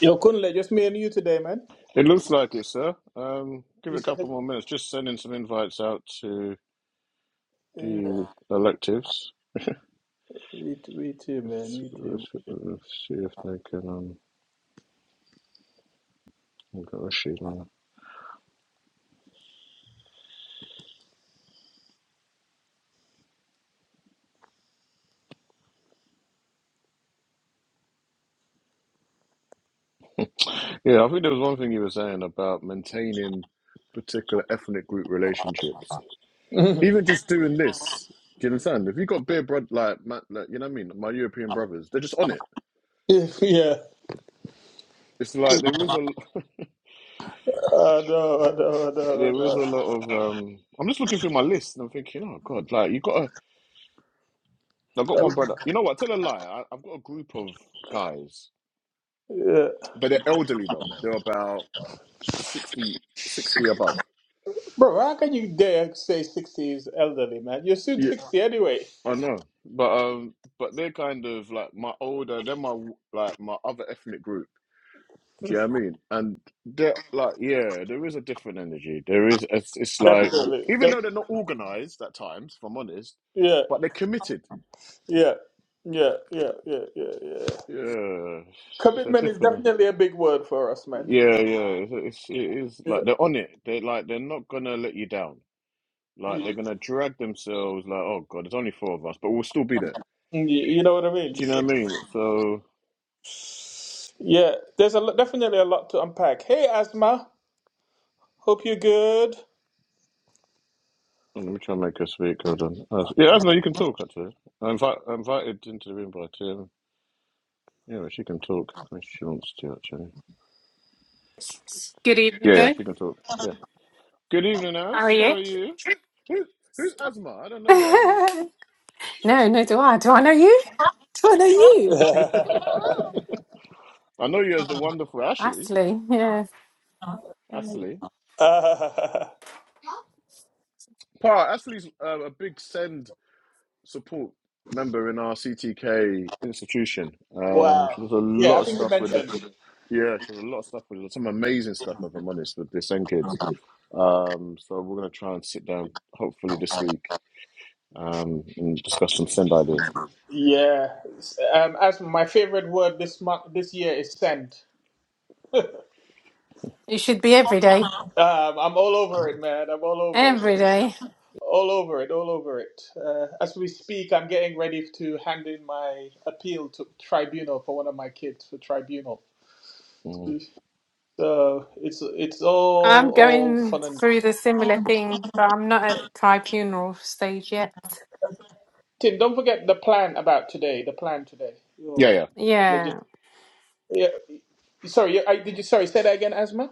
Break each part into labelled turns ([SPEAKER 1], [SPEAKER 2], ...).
[SPEAKER 1] Yo, Kunle, just me and you today, man.
[SPEAKER 2] It looks like it, sir. Um, give
[SPEAKER 1] You
[SPEAKER 2] it a
[SPEAKER 1] said,
[SPEAKER 2] couple more minutes. Just sending some invites out to
[SPEAKER 1] yeah,
[SPEAKER 2] the electives.
[SPEAKER 1] me, t- me too, man.
[SPEAKER 2] Let's,
[SPEAKER 1] Me too.
[SPEAKER 2] let's- let's see if they can. Um, I've got a sheet now. Yeah, I think there was one thing you were saying about maintaining particular ethnic group relationships.
[SPEAKER 1] Mhm.
[SPEAKER 2] Even just doing this, do you understand? If you got beer, bro, like, ma- like you know what I mean, my European brothers, they're just on it.
[SPEAKER 1] yeah. yeah.
[SPEAKER 2] It's like there was a
[SPEAKER 1] I know, I know, I
[SPEAKER 2] there
[SPEAKER 1] know,
[SPEAKER 2] was a lot of um I'm just looking through my list and I'm thinking, oh God, like you gotta I've got
[SPEAKER 1] I
[SPEAKER 2] one
[SPEAKER 1] know.
[SPEAKER 2] brother. You know what? Tell a lie. I, I've got a group of guys,
[SPEAKER 1] Yeah.
[SPEAKER 2] but they're elderly though. They're about 60, 60 above.
[SPEAKER 1] Bro, how can you dare say 60 is elderly, man? You're soon
[SPEAKER 2] Yeah,
[SPEAKER 1] 60 anyway.
[SPEAKER 2] I know. But um, but they're kind of like my older. They're my like my other ethnic group. Do you know what I mean? And they're like, yeah, there is a different energy. There is. It's, it's like
[SPEAKER 1] Definitely.
[SPEAKER 2] even
[SPEAKER 1] Def-
[SPEAKER 2] though they're not organized at times, if I'm honest,
[SPEAKER 1] yeah,
[SPEAKER 2] but they're committed.
[SPEAKER 1] yeah, yeah, yeah, yeah, yeah, yeah.
[SPEAKER 2] Yeah, it's a
[SPEAKER 1] Commitment is
[SPEAKER 2] different.
[SPEAKER 1] definitely a big word for us, man.
[SPEAKER 2] Yeah, yeah, it's, it's it is
[SPEAKER 1] Yeah.
[SPEAKER 2] like they're on it. They like they're not gonna let you down. Like they're gonna drag themselves. Like oh god, there's only four of us, but we'll still be there.
[SPEAKER 1] You you know what I
[SPEAKER 2] Do
[SPEAKER 1] mean?
[SPEAKER 2] you know
[SPEAKER 1] So-
[SPEAKER 2] what I mean? So oh,
[SPEAKER 1] Yeah, there's a lo- definitely a lot to unpack. Hey, Asma, hope you're good.
[SPEAKER 2] let me try and make her speak. Hold on. As- Yeah, Asma, you can talk actually. I invite I invited into the room by Tim. Yeah, she can talk when she wants to actually.
[SPEAKER 3] Good evening,
[SPEAKER 2] Yeah, yeah,
[SPEAKER 3] Bo.
[SPEAKER 2] she can talk. Yeah. Good evening, As. How are you? Who, who's Asma? I don't know you, Asma.
[SPEAKER 3] no, no, do I? Do I know you? Do I know you?
[SPEAKER 2] I know you as the wonderful Ashley.
[SPEAKER 3] Actually, yeah. Um,
[SPEAKER 2] Ashley. Pa, Ashley's uh, a big send support member in our CTK institution. Um, she
[SPEAKER 1] Wow.
[SPEAKER 2] does a
[SPEAKER 1] Yeah,
[SPEAKER 2] lot
[SPEAKER 1] I
[SPEAKER 2] of
[SPEAKER 1] think.
[SPEAKER 2] stuff with the yeah, she does a lot of stuff with some amazing stuff. If I'm honest, with the Sen kids. Um, so we're gonna try and sit down hopefully this week um, and discuss some Send ideas.
[SPEAKER 1] Yeah. Um, as my favorite word this month, this year is send.
[SPEAKER 3] It should be every day.
[SPEAKER 1] Um, I'm all over it, man. I'm all over it.
[SPEAKER 3] Every day.
[SPEAKER 1] All over it. All over it. Uh, as we speak, I'm getting ready to hand in my appeal to tribunal for one of my kids for tribunal.
[SPEAKER 2] Mm.
[SPEAKER 1] So it's it's all
[SPEAKER 3] I'm
[SPEAKER 1] all
[SPEAKER 3] going
[SPEAKER 1] fun and.
[SPEAKER 3] through the similar thing, but I'm not at tribunal stage yet.
[SPEAKER 1] Tim, don't forget the plan about today. The plan today.
[SPEAKER 2] Yeah,
[SPEAKER 1] Your
[SPEAKER 2] yeah,
[SPEAKER 1] logis-
[SPEAKER 3] Yeah,
[SPEAKER 1] yeah. Sorry, I, did you? Sorry, say that again, Asma.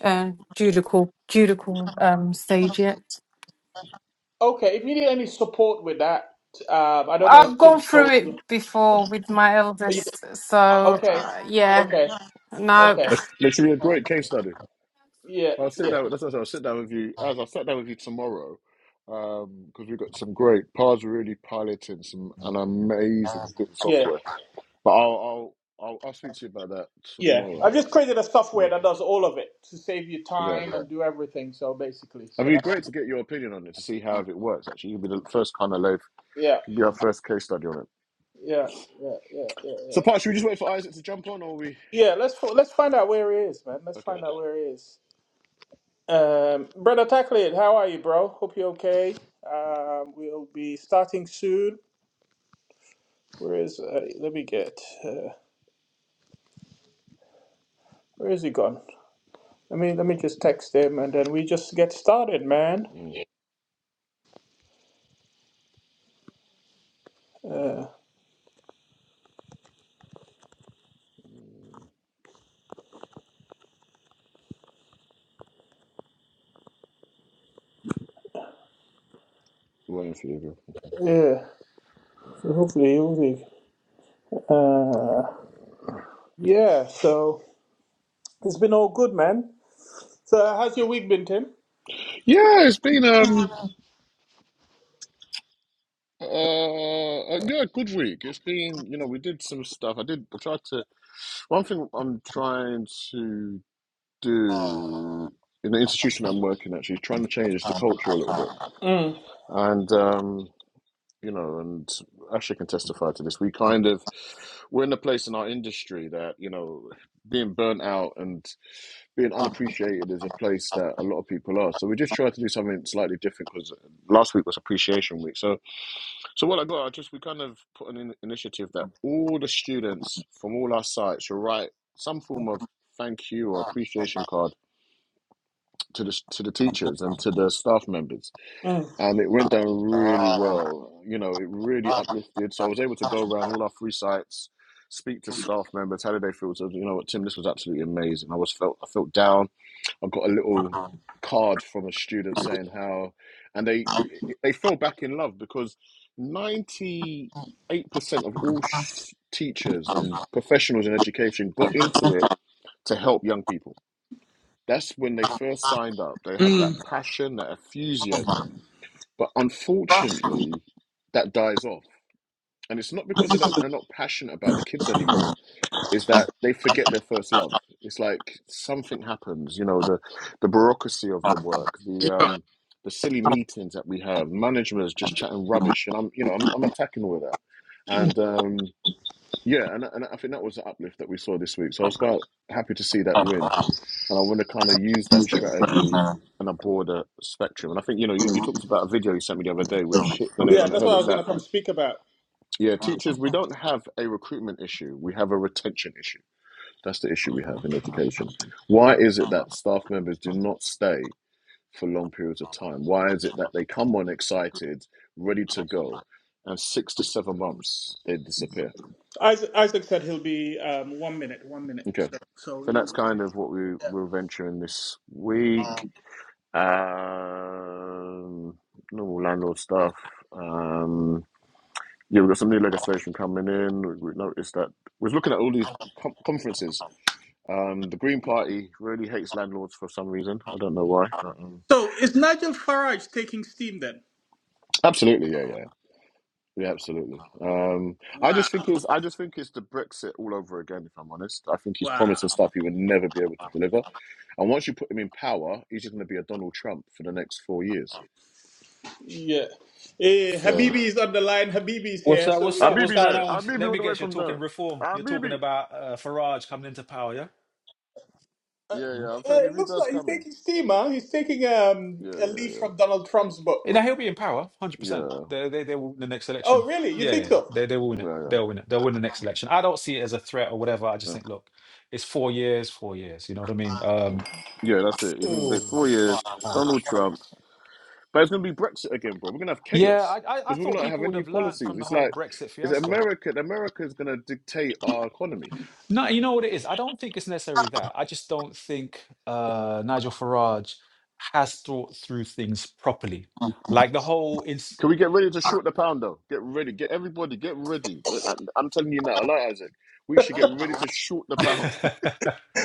[SPEAKER 3] uh, judicial, judicial um, stage yet.
[SPEAKER 1] Okay, if you need any support with that, um, I don't know
[SPEAKER 3] I've
[SPEAKER 1] if
[SPEAKER 3] gone
[SPEAKER 1] Tim's
[SPEAKER 3] through
[SPEAKER 1] told you.
[SPEAKER 3] it before with my
[SPEAKER 1] Are you
[SPEAKER 3] eldest, so
[SPEAKER 1] okay,
[SPEAKER 3] uh, yeah.
[SPEAKER 1] okay,
[SPEAKER 3] No.
[SPEAKER 1] okay.
[SPEAKER 2] That's- that should be a great case study.
[SPEAKER 1] Yeah,
[SPEAKER 2] I'll sit down. That's what I will sit down with you as I sat down with you tomorrow because we've got some great Pars really piloting some an amazing bit of
[SPEAKER 1] yeah,
[SPEAKER 2] software. But I'll I'll I'll, I'll speak to you about that
[SPEAKER 1] yeah.
[SPEAKER 2] tomorrow.
[SPEAKER 1] I just created a software
[SPEAKER 2] Mm,
[SPEAKER 1] that does all of it to save you
[SPEAKER 2] Yeah.
[SPEAKER 1] time Yeah. and do everything. So basically,
[SPEAKER 2] I mean,
[SPEAKER 1] so
[SPEAKER 2] it'd be
[SPEAKER 1] that
[SPEAKER 2] great to get your opinion on it to see how it works. Actually, you'd be the first kind of loaf.
[SPEAKER 1] yeah,
[SPEAKER 2] You'd be our first case study on it.
[SPEAKER 1] yeah, yeah, yeah, yeah,
[SPEAKER 2] So,
[SPEAKER 1] yeah.
[SPEAKER 2] Pat, should we just wait for Isaac to jump on, or are we?
[SPEAKER 1] Yeah, let's fo- let's find out where he is, man. Let's
[SPEAKER 2] Okay.
[SPEAKER 1] find out where he is. Um, brother Tacklid, how are you, bro? Hope you're okay. Um, we'll be starting soon. Where is? Uh, let me get. Uh, where is he gone? Let me let me just text him and then we just get started, man.
[SPEAKER 2] Mm.
[SPEAKER 1] Uh,
[SPEAKER 2] We're Waiting for you. bro. Okay.
[SPEAKER 1] yeah, so hopefully, hopefully. Uh, yeah. So it's been all good, man. So how's your week been, Tim?
[SPEAKER 2] Yeah, it's been um uh a- yeah good week. It's been you know we did some stuff. I did. I tried to. One thing I'm trying to do in the institution I'm working actually is trying to change the culture a little bit
[SPEAKER 1] Mm.
[SPEAKER 2] and. um you know, and Ashley can testify to this. We kind of we're in a place in our industry that you know being burnt out and being unappreciated is a place that a lot of people are. So we just try to do something slightly different because last week was appreciation week. So so what I got, I just we kind of put an in- initiative that all the students from all our sites should write some form of thank you or appreciation card to the to the teachers and to the staff members
[SPEAKER 1] Mm.
[SPEAKER 2] and it went down really well. You know, it really uplifted. So I was able to go around all our three sites, speak to staff members, how did they feel? So you know what, Tim, this was absolutely amazing. I was felt I felt down. I got a little card from a student saying how, and they they fell back in love because ninety eight percent of all sh- teachers and professionals in education got into it to help young people. That's when they first signed up. They had that passion, that enthusiasm but unfortunately, that dies off. And it's not because they don't, they're not passionate about the kids anymore. It's that they forget their first love. It's like something happens, you know, the, the bureaucracy of the work, the, um, the silly meetings that we have, management is just chatting rubbish. And I'm, you know, I'm, I'm attacking all of that. And, um, yeah, and, and I think that was the uplift that we saw this week. So I was quite happy to see that win and I want to kind of use that strategy on a broader spectrum. And I think, you know, you, you talked about a video you sent me the other day, which hit the nail
[SPEAKER 1] Yeah,
[SPEAKER 2] on the
[SPEAKER 1] that's
[SPEAKER 2] head
[SPEAKER 1] what I
[SPEAKER 2] is
[SPEAKER 1] was
[SPEAKER 2] that,
[SPEAKER 1] gonna come speak about.
[SPEAKER 2] yeah, teachers, we don't have a recruitment issue. We have a retention issue. That's the issue we have in education. Why is it that staff members do not stay for long periods of time? Why is it that they come on excited, ready to go, and six to seven months they disappear?
[SPEAKER 1] Isaac, Isaac said he'll be um, one minute, one minute.
[SPEAKER 2] Okay.
[SPEAKER 1] So, we
[SPEAKER 2] So that's
[SPEAKER 1] will-
[SPEAKER 2] kind of what we, we're venturing this week. Um, normal landlord stuff. Um, yeah, we've got some new legislation coming in. We we noticed that we are looking at all these com- conferences. Um, the Green Party really hates landlords for some reason. I don't know why. But, um,
[SPEAKER 1] so is Nigel Farage taking steam then?
[SPEAKER 2] absolutely, yeah, yeah, yeah, absolutely. Um, I
[SPEAKER 1] Wow,
[SPEAKER 2] just think it's I just think it's the Brexit all over again. If I'm honest, I think he's
[SPEAKER 1] wow.
[SPEAKER 2] promising stuff he would never be able to deliver, and once you put him in power, he's just going to be a Donald Trump for the next four years.
[SPEAKER 1] Yeah. Eh,
[SPEAKER 2] So,
[SPEAKER 1] Habibi is on the line. Habibi's
[SPEAKER 4] What's
[SPEAKER 1] here,
[SPEAKER 4] up?
[SPEAKER 1] so
[SPEAKER 4] What's
[SPEAKER 1] we can
[SPEAKER 4] up? What's
[SPEAKER 2] Abibi's
[SPEAKER 1] start.
[SPEAKER 4] going
[SPEAKER 2] here.
[SPEAKER 4] on?
[SPEAKER 2] Abibi
[SPEAKER 4] Let me
[SPEAKER 2] went away
[SPEAKER 4] guess. You're
[SPEAKER 2] from
[SPEAKER 4] talking
[SPEAKER 2] dunk.
[SPEAKER 4] reform. You're talking
[SPEAKER 2] Abibi.
[SPEAKER 4] about uh, Farage coming into power, yeah?
[SPEAKER 1] Uh, uh,
[SPEAKER 2] Yeah,
[SPEAKER 4] Mm.
[SPEAKER 2] yeah. I'm saying if
[SPEAKER 1] it
[SPEAKER 2] he
[SPEAKER 1] looks
[SPEAKER 2] does
[SPEAKER 1] like he's
[SPEAKER 2] coming.
[SPEAKER 1] taking steam, huh? He's taking um,
[SPEAKER 2] Yeah, yeah,
[SPEAKER 1] a leaf from
[SPEAKER 2] yeah,
[SPEAKER 1] Donald Trump's
[SPEAKER 4] Eh,
[SPEAKER 1] book.
[SPEAKER 4] Now he'll be in power, hundred
[SPEAKER 2] yeah,
[SPEAKER 4] percent. They they they will win the next
[SPEAKER 1] Oh,
[SPEAKER 4] election.
[SPEAKER 1] really? You
[SPEAKER 4] Yeah, yeah,
[SPEAKER 1] think
[SPEAKER 4] yeah.
[SPEAKER 1] so?
[SPEAKER 4] They they will win it.
[SPEAKER 2] yeah, yeah.
[SPEAKER 4] They'll win it. They'll win the next election. I don't see it as a threat or whatever. I just
[SPEAKER 2] Yeah,
[SPEAKER 4] think, look, it's four years, four years. You know what I mean? Um,
[SPEAKER 2] Yeah, that's it. He's gonna
[SPEAKER 4] Oh,
[SPEAKER 2] take four years. Donald
[SPEAKER 4] ouch.
[SPEAKER 2] Trump, but it's gonna be Brexit again, bro. We're gonna have
[SPEAKER 4] Yeah, I
[SPEAKER 2] chaos
[SPEAKER 4] I, I
[SPEAKER 2] because we're
[SPEAKER 4] thought
[SPEAKER 2] gonna have
[SPEAKER 4] people would
[SPEAKER 2] any
[SPEAKER 4] have learnt
[SPEAKER 2] policies.
[SPEAKER 4] from the
[SPEAKER 2] It's
[SPEAKER 4] whole
[SPEAKER 2] like
[SPEAKER 4] Brexit
[SPEAKER 2] it's
[SPEAKER 4] fiasco.
[SPEAKER 2] America. America is gonna dictate our economy.
[SPEAKER 4] No, you know what it is? I don't think it's necessarily that. I just don't think uh, Nigel Farage has thought through things properly. Like the whole ins-
[SPEAKER 2] Can we get ready to short the pound though? Get ready. Get everybody. Get ready. Look, I- I'm telling you now. I like Isaac. We should get ready to short the pound.
[SPEAKER 4] it's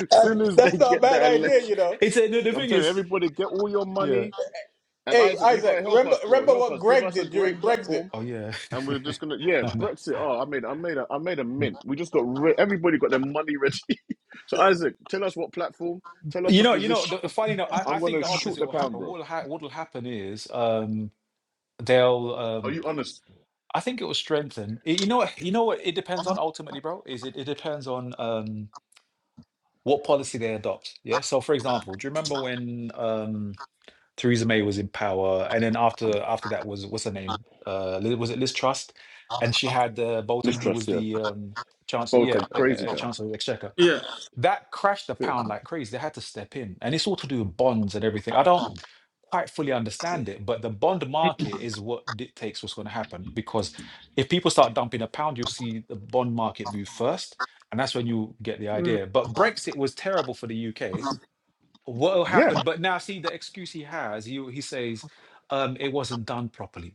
[SPEAKER 2] as soon as they
[SPEAKER 1] that's not a
[SPEAKER 2] get
[SPEAKER 1] bad
[SPEAKER 2] that
[SPEAKER 1] idea,
[SPEAKER 2] election,
[SPEAKER 1] you know.
[SPEAKER 4] a, the, the
[SPEAKER 2] I'm
[SPEAKER 4] thing
[SPEAKER 2] telling you,
[SPEAKER 4] is,
[SPEAKER 2] everybody. Get all your money.
[SPEAKER 4] yeah.
[SPEAKER 2] And
[SPEAKER 1] Hey,
[SPEAKER 2] Isaac, you
[SPEAKER 1] Isaac,
[SPEAKER 2] gotta help
[SPEAKER 1] remember
[SPEAKER 2] us, bro.
[SPEAKER 1] remember
[SPEAKER 2] Help
[SPEAKER 1] what
[SPEAKER 2] us. Give
[SPEAKER 1] Greg
[SPEAKER 2] us a
[SPEAKER 1] did during
[SPEAKER 2] great
[SPEAKER 1] Brexit?
[SPEAKER 2] platform,
[SPEAKER 4] Oh yeah.
[SPEAKER 2] and we're just gonna yeah,
[SPEAKER 4] I know.
[SPEAKER 2] Brexit. Oh, I made, I made a, I made a mint. We just got re- everybody got their money ready. so Isaac, tell us what platform. Tell us
[SPEAKER 4] You
[SPEAKER 2] the
[SPEAKER 4] know, you know, the,
[SPEAKER 2] position.
[SPEAKER 4] funny enough, I, I
[SPEAKER 2] I'm
[SPEAKER 4] think
[SPEAKER 2] gonna
[SPEAKER 4] the
[SPEAKER 2] shoot
[SPEAKER 4] opposite
[SPEAKER 2] the
[SPEAKER 4] will
[SPEAKER 2] pound,
[SPEAKER 4] happen.
[SPEAKER 2] bro.
[SPEAKER 4] What will ha- what will happen is um they'll
[SPEAKER 2] Are
[SPEAKER 4] um
[SPEAKER 2] you honest?
[SPEAKER 4] I think it will strengthen. Y- you know what you know what it depends on ultimately, bro, is it, it depends on um what policy they adopt. Yeah. So for example, do you remember when um Theresa May was in power, and then after after that was what's her name? Uh, Li- was it Liz Truss? And she had uh, Bolton, who was
[SPEAKER 2] Mistrust, yeah.
[SPEAKER 4] the um, chancellor, yeah,
[SPEAKER 2] Bolton,
[SPEAKER 4] uh,
[SPEAKER 2] crazy
[SPEAKER 4] uh,
[SPEAKER 2] guy.
[SPEAKER 4] chancellor of the exchequer.
[SPEAKER 1] Yeah.
[SPEAKER 4] That crashed the
[SPEAKER 2] Yeah,
[SPEAKER 4] pound like crazy. They had to step in, and it's all to do with bonds and everything. I don't quite fully
[SPEAKER 2] yeah.
[SPEAKER 4] understand it, but the bond market is what dictates what's going to happen because if people start dumping a pound, you'll see the bond market move first, and that's when you get the
[SPEAKER 1] Mm,
[SPEAKER 4] idea. But Brexit was terrible for the UK what will
[SPEAKER 2] Yeah,
[SPEAKER 4] happen but now see the excuse he has he, he says um, it wasn't done properly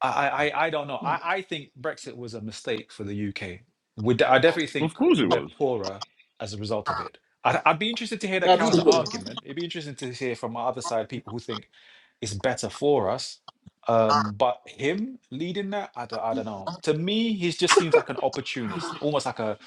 [SPEAKER 4] I, I, I don't know. I, I think Brexit was a mistake for the UK. We, de- I definitely think
[SPEAKER 2] of course it
[SPEAKER 4] we're
[SPEAKER 2] was.
[SPEAKER 4] poorer as a result of it. I'd, I'd be interested to hear that
[SPEAKER 2] Yeah,
[SPEAKER 4] counter
[SPEAKER 1] absolutely.
[SPEAKER 4] argument. It'd be interesting to hear from our other side people who think it's better for us. Um, but him leading that, I don't, I don't know. To me, he just seems like an opportunist, almost like a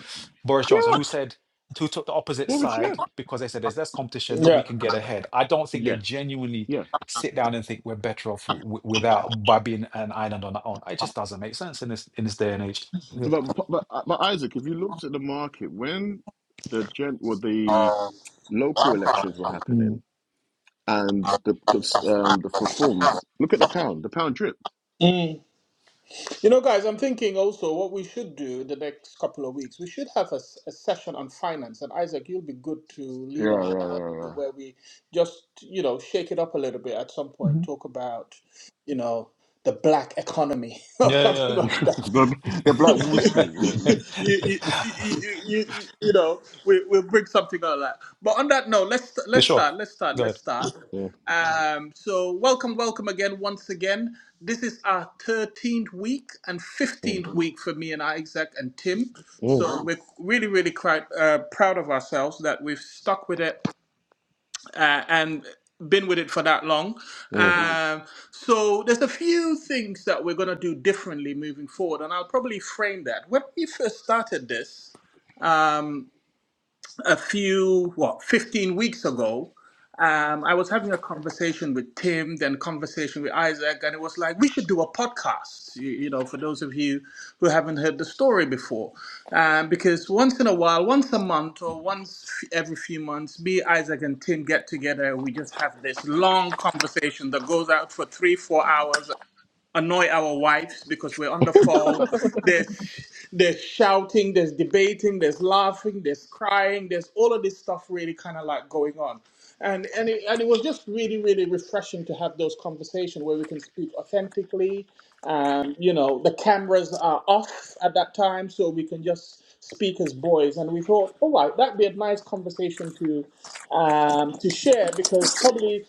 [SPEAKER 4] Boris Johnson
[SPEAKER 2] yeah,
[SPEAKER 4] who said, who took the opposite
[SPEAKER 2] Boris, yeah.
[SPEAKER 4] side because they said there's less competition, we
[SPEAKER 1] Yeah.
[SPEAKER 4] can get ahead. I don't think they
[SPEAKER 2] Yes,
[SPEAKER 4] genuinely
[SPEAKER 2] yeah.
[SPEAKER 4] sit down and think we're better off w- without by being an island on our own. It just doesn't make sense in this in this day and age. Yeah.
[SPEAKER 2] But, but but Isaac, if you looked at the market when the gen, well, the local elections were happening
[SPEAKER 4] Mm.
[SPEAKER 2] and the the, um, the reforms. Look at the pound. The pound dripped.
[SPEAKER 1] Mm. You know, guys, I'm thinking also what we should do the next couple of weeks. We should have a, s- a session on finance, and Isaac, you'll be good to
[SPEAKER 2] Yeah,
[SPEAKER 1] lead on
[SPEAKER 2] yeah, yeah,
[SPEAKER 1] to
[SPEAKER 2] yeah.
[SPEAKER 1] where we just, you know, shake it up a little bit at some point.
[SPEAKER 4] Mhm.
[SPEAKER 1] Talk about, you know, the black economy or
[SPEAKER 4] Yeah,
[SPEAKER 1] something
[SPEAKER 4] yeah.
[SPEAKER 1] like
[SPEAKER 2] the, the Black Wall Street. Yeah,
[SPEAKER 4] yeah.
[SPEAKER 1] you, you, you, you, you, you you know, we, we'll bring something out of that. But on that note, let's
[SPEAKER 4] Yeah,
[SPEAKER 1] let's
[SPEAKER 4] sure.
[SPEAKER 1] start. Let's start.
[SPEAKER 4] Go
[SPEAKER 1] Let's
[SPEAKER 4] ahead.
[SPEAKER 1] start.
[SPEAKER 2] yeah,
[SPEAKER 1] Um, so welcome, welcome again, once again. This is our thirteenth week and
[SPEAKER 2] yeah,
[SPEAKER 1] fifteenth week for me and Isaac and Tim.
[SPEAKER 2] yeah.
[SPEAKER 1] So we're really, really quite uh, proud of ourselves that we've stuck with it uh, and been with it for that long. Mm.
[SPEAKER 2] yeah.
[SPEAKER 1] Um, so there's a few things that we're going to do differently moving forward, and I'll probably frame that. When we first started this, um, a few, what, 15 weeks ago, um, I was having a conversation with Tim, then conversation with Isaac, and it was like, we should do a podcast, you, you know, for those of you who haven't heard the story before. Um, because once in a while, once a month or once f- every few months, me, Isaac, and Tim get together. We just have this long conversation that goes out for three, four hours, annoy our wives because we're on the phone there's there's shouting, there's debating, there's laughing, there's crying, there's all of this stuff really kind of like going on. And and it, and it was just really really refreshing to have those conversations where we can speak authentically. Um, you know, the cameras are off at that time, so we can just speak as boys. And we thought, all right, that'd be a nice conversation to um, to share because probably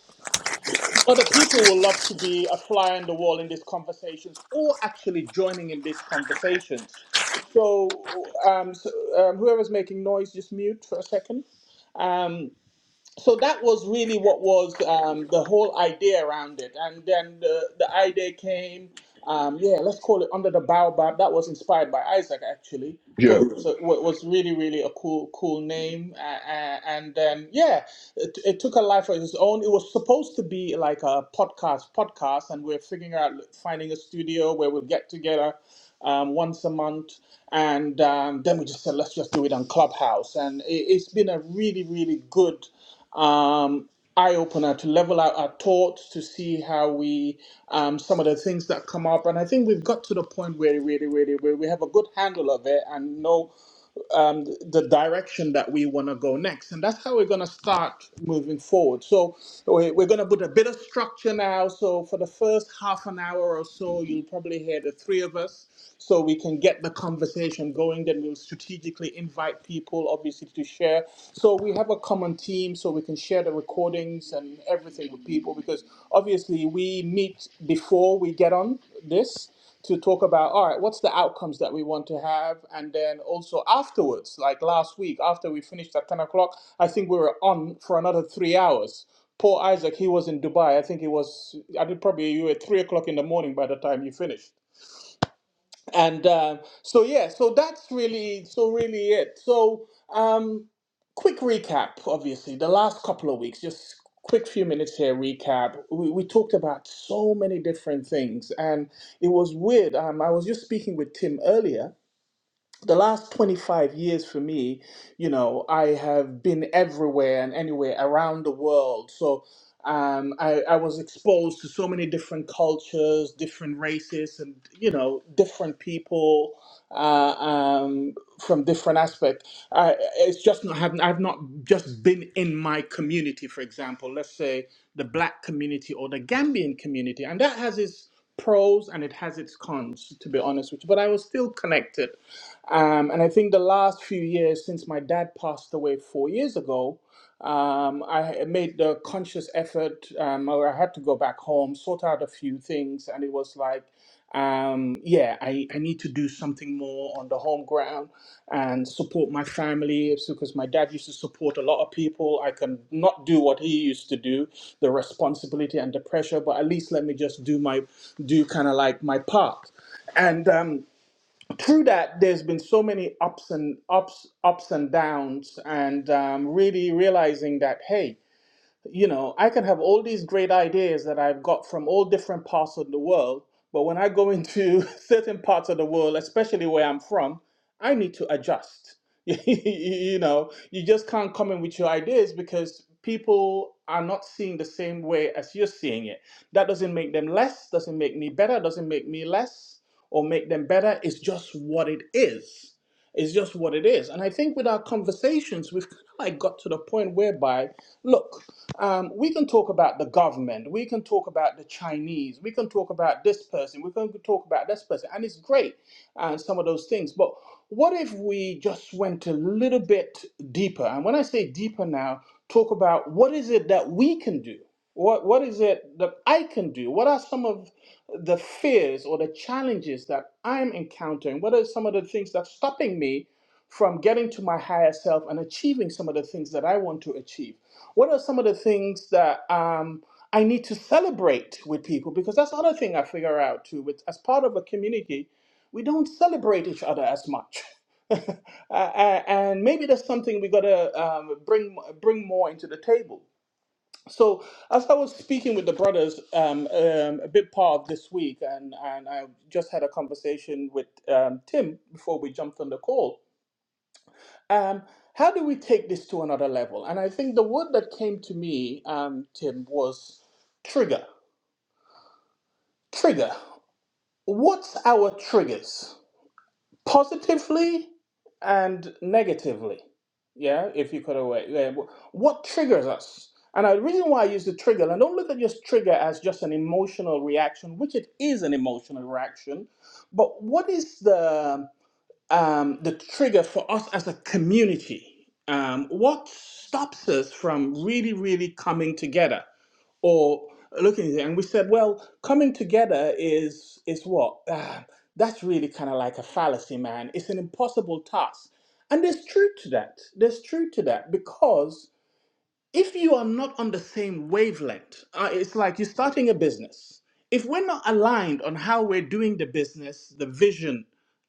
[SPEAKER 1] other people will love to be a fly on the wall in these conversations or actually joining in these conversations. So, um, so um, whoever's making noise, just mute for a second. Um, so that was really what was um, the whole idea around it. And then the, the idea came, um, yeah, let's call it Under the Baobab. That was inspired by Isaac, actually.
[SPEAKER 2] Yeah,
[SPEAKER 1] Thought it was, a, wa- was really, really a cool, cool name. Uh, uh, and then, yeah, it, it took a life of its own. It was supposed to be like a podcast, podcast, and we're figuring out finding a studio where we'll get together um, once a month. And um, then we just said, let's just do it on Clubhouse. And it, it's been a really, really good um, eye opener to level out our thoughts to see how we um, some of the things that come up. And I think we've got to the point where really, really, where we have a good handle of it and know um, the direction that we want to go next. And that's how we're going to start moving forward. So we- we're going to put a bit of structure now. So for the first half an hour or so, you'll probably hear the three of us so we can get the conversation going. Then we'll strategically invite people, obviously, to share. So we have a common team so we can share the recordings and everything with people because obviously we meet before we get on this to talk about all right what's the outcomes that we want to have and then also afterwards like last week after we finished at 10 o'clock i think we were on for another three hours Poor isaac he was in dubai i think it was i did probably you were at three o'clock in the morning by the time you finished and uh, so yeah so that's really so really it so um quick recap obviously the last couple of weeks just quick few minutes here recap we, we talked about so many different things and it was weird um, i was just speaking with tim earlier the last 25 years for me, you know, I have been everywhere and anywhere around the world. So um, I, I was exposed to so many different cultures, different races, and, you know, different people uh, um, from different aspects. I, it's just not having, I've not just been in my community, for example, let's say the black community or the Gambian community. And that has its pros and it has its cons, to be honest with you. But I was still connected um, and I think the last few years, since my dad passed away four years ago, um, I made the conscious effort, um, or I had to go back home, sort out a few things, and it was like, um, yeah, I, I need to do something more on the home ground and support my family It's because my dad used to support a lot of people. I can not do what he used to do, the responsibility and the pressure, but at least let me just do my do kind of like my part. And um, through that, there's been so many ups and ups, ups and downs, and um, really realizing that hey, you know, I can have all these great ideas that I've got from all different parts of the world, but when I go into certain parts of the world, especially where I'm from, I need to adjust. you know, you just can't come in with your ideas because people are not seeing the same way as you're seeing it. That doesn't make them less, doesn't make me better, doesn't make me less or make them better. It's just what it is. It's just what it is. And I think with our conversations, we've kind of like got to the point whereby, look, um, we can talk about the government, we can talk about the Chinese, we can talk about this person, we can talk about this person, and it's great and some of those things. But what if we just went a little bit deeper? And when I say deeper now, talk about what is it that we can do? What what is it that I can do? What are some of the fears or the challenges that I'm encountering? What are some of the things that's stopping me from getting to my higher self and achieving some of the things that I want to achieve? What are some of the things that um, I need to celebrate with people? Because that's another thing I figure out too. With as part of a community, we don't celebrate each other as much. Uh, uh, and maybe that's something we gotta um, bring bring more into the table. So as I was speaking with the brothers um, um, a bit part of this week, and, and I just had a conversation with um, Tim before we jumped on the call, um, how do we take this to another level? And I think the word that came to me, um, Tim, was trigger. Trigger. What's our triggers? Positively and negatively. Yeah, if you could away. Yeah. wh- What triggers us? And the reason why I use the trigger, and don't look at just trigger as just an emotional reaction, which it is an emotional reaction, but what is the um, the trigger for us as a community? Um, what stops us from really, really coming together or looking at it? And we said, well, coming together is is what? Ah, that's really kind of like a fallacy, man. It's an impossible task. And there's truth to that. There's truth to that because if you are not on the same wavelength, uh, it's like you're starting a business. If we're not aligned on how we're doing the business, the vision,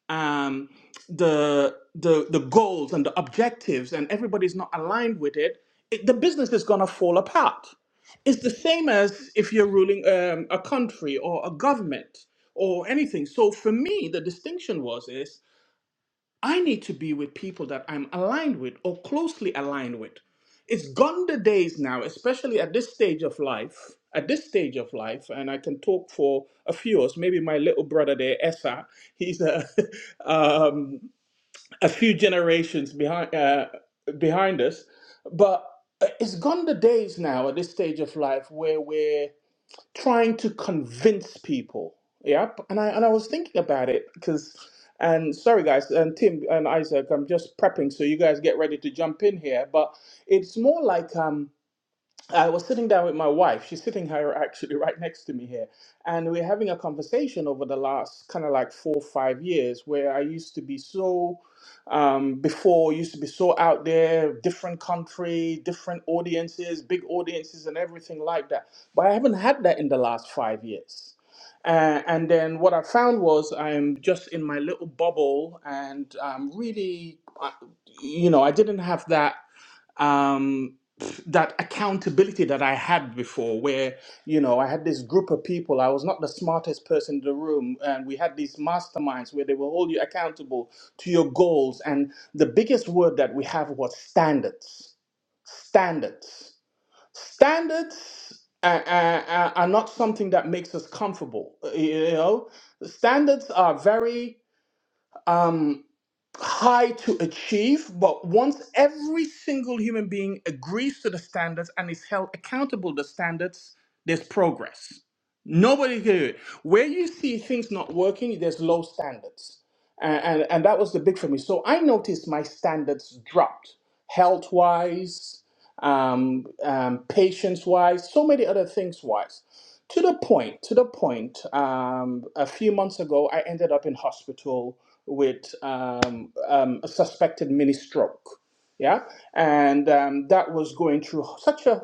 [SPEAKER 1] um, the, the the goals and the objectives, and everybody's not aligned with it, it the business is gonna fall apart. It's the same as if you're ruling um, a country or a government or anything. So for me, the distinction was is I need to be with people that I'm aligned with or closely aligned with. It's gone the days now, especially at this stage of life. At this stage of life, and I can talk for a few of us. Maybe my little brother there, Essa, he's a, um, a few generations behind uh, behind us. But uh, it's gone the days now at this stage of life where we're trying to convince people. Yep. And I and I was thinking about it because and sorry guys, and Tim and Isaac, I'm just prepping so you guys get ready to jump in here. But it's more like um I was sitting down with my wife. She's sitting here actually right next to me here. And we're having a conversation over the last kind of like four or five years where I used to be so, um, before, used to be so out there, different country, different audiences, big audiences, and everything like that. But I haven't had that in the last five years. Uh, and then what I found was I'm just in my little bubble and um, really, uh, you know, I didn't have that um, that accountability that I had before, where you know I had this group of people. I was not the smartest person in the room, and we had these masterminds where they will hold you accountable to your goals. And the biggest word that we have was standards. Standards. Standards. Uh, uh, uh, are not something that makes us comfortable. uh, You know, standards are very um, high to achieve, but once every single human being agrees to the standards and is held accountable to the standards, there's progress. Nobody can do it. Where you see things not working, there's low standards. And, and, and that was the big for me. So I noticed my standards dropped health wise, um, um, patience wise, so many other things wise. To the point, to the point, um, a few months ago, I ended up in hospital with um, um, a suspected mini stroke. Yeah. And um, that was going through such a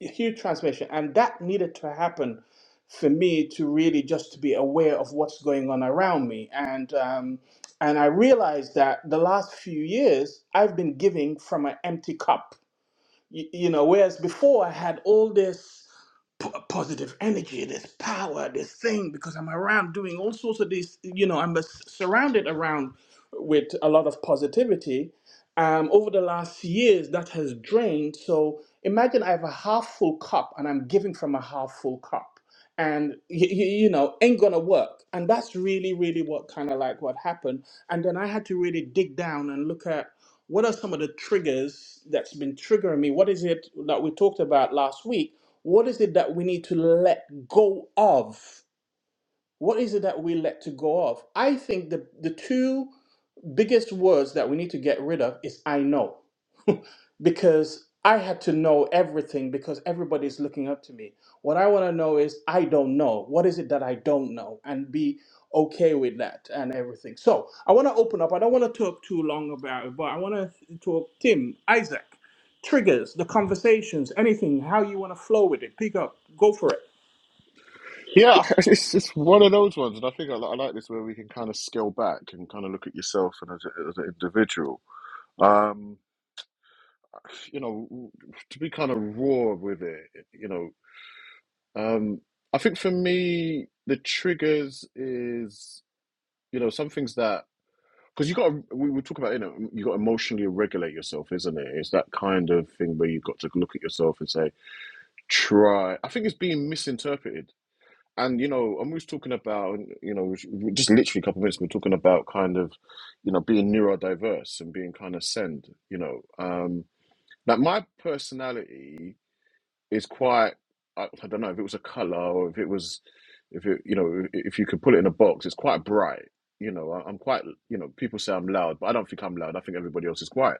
[SPEAKER 1] huge transformation. And that needed to happen for me to really just to be aware of what's going on around me. And, um, and I realized that the last few years, I've been giving from an empty cup. You, you know, whereas before I had all this p- positive energy, this power, this thing, because I'm around doing all sorts of these, you know, I'm s- surrounded around with a lot of positivity. Um, over the last years, that has drained. So imagine I have a half full cup and I'm giving from a half full cup and y- y- you know ain't gonna work and that's really really what kind of like what happened and then i had to really dig down and look at what are some of the triggers that's been triggering me what is it that we talked about last week what is it that we need to let go of? What is it that we let to go of? I think the the two biggest words that we need to get rid of is I know. because I had to know everything because everybody's looking up to me. What I want to know is I don't know. What is it that I don't know? And be okay with that and everything. So I want to open up. I don't want to talk too long about it, but I want to talk Tim, Isaac, triggers, the conversations, anything, how you want to flow with it. Pick up, go for it.
[SPEAKER 2] Yeah, it's it's one of those ones, and I think I, I like this where we can kind of scale back and kind of look at yourself and as, a, as an individual. Um, you know, to be kind of raw with it, you know, um, I think for me the triggers is you know some things that because you got to, we we talk about you know you got to emotionally regulate yourself isn't it it's that kind of thing where you've got to look at yourself and say try i think it's being misinterpreted and you know and we was talking about you know we- just literally a couple of minutes we we're talking about kind of you know being neurodiverse and being kind of send you know um that my personality it's quite I, I don't know if it was a color or if it was if it you know if you could put it in a box it's quite bright you know I, i'm quite you know people say i'm loud but i don't think i'm loud i think everybody else is quiet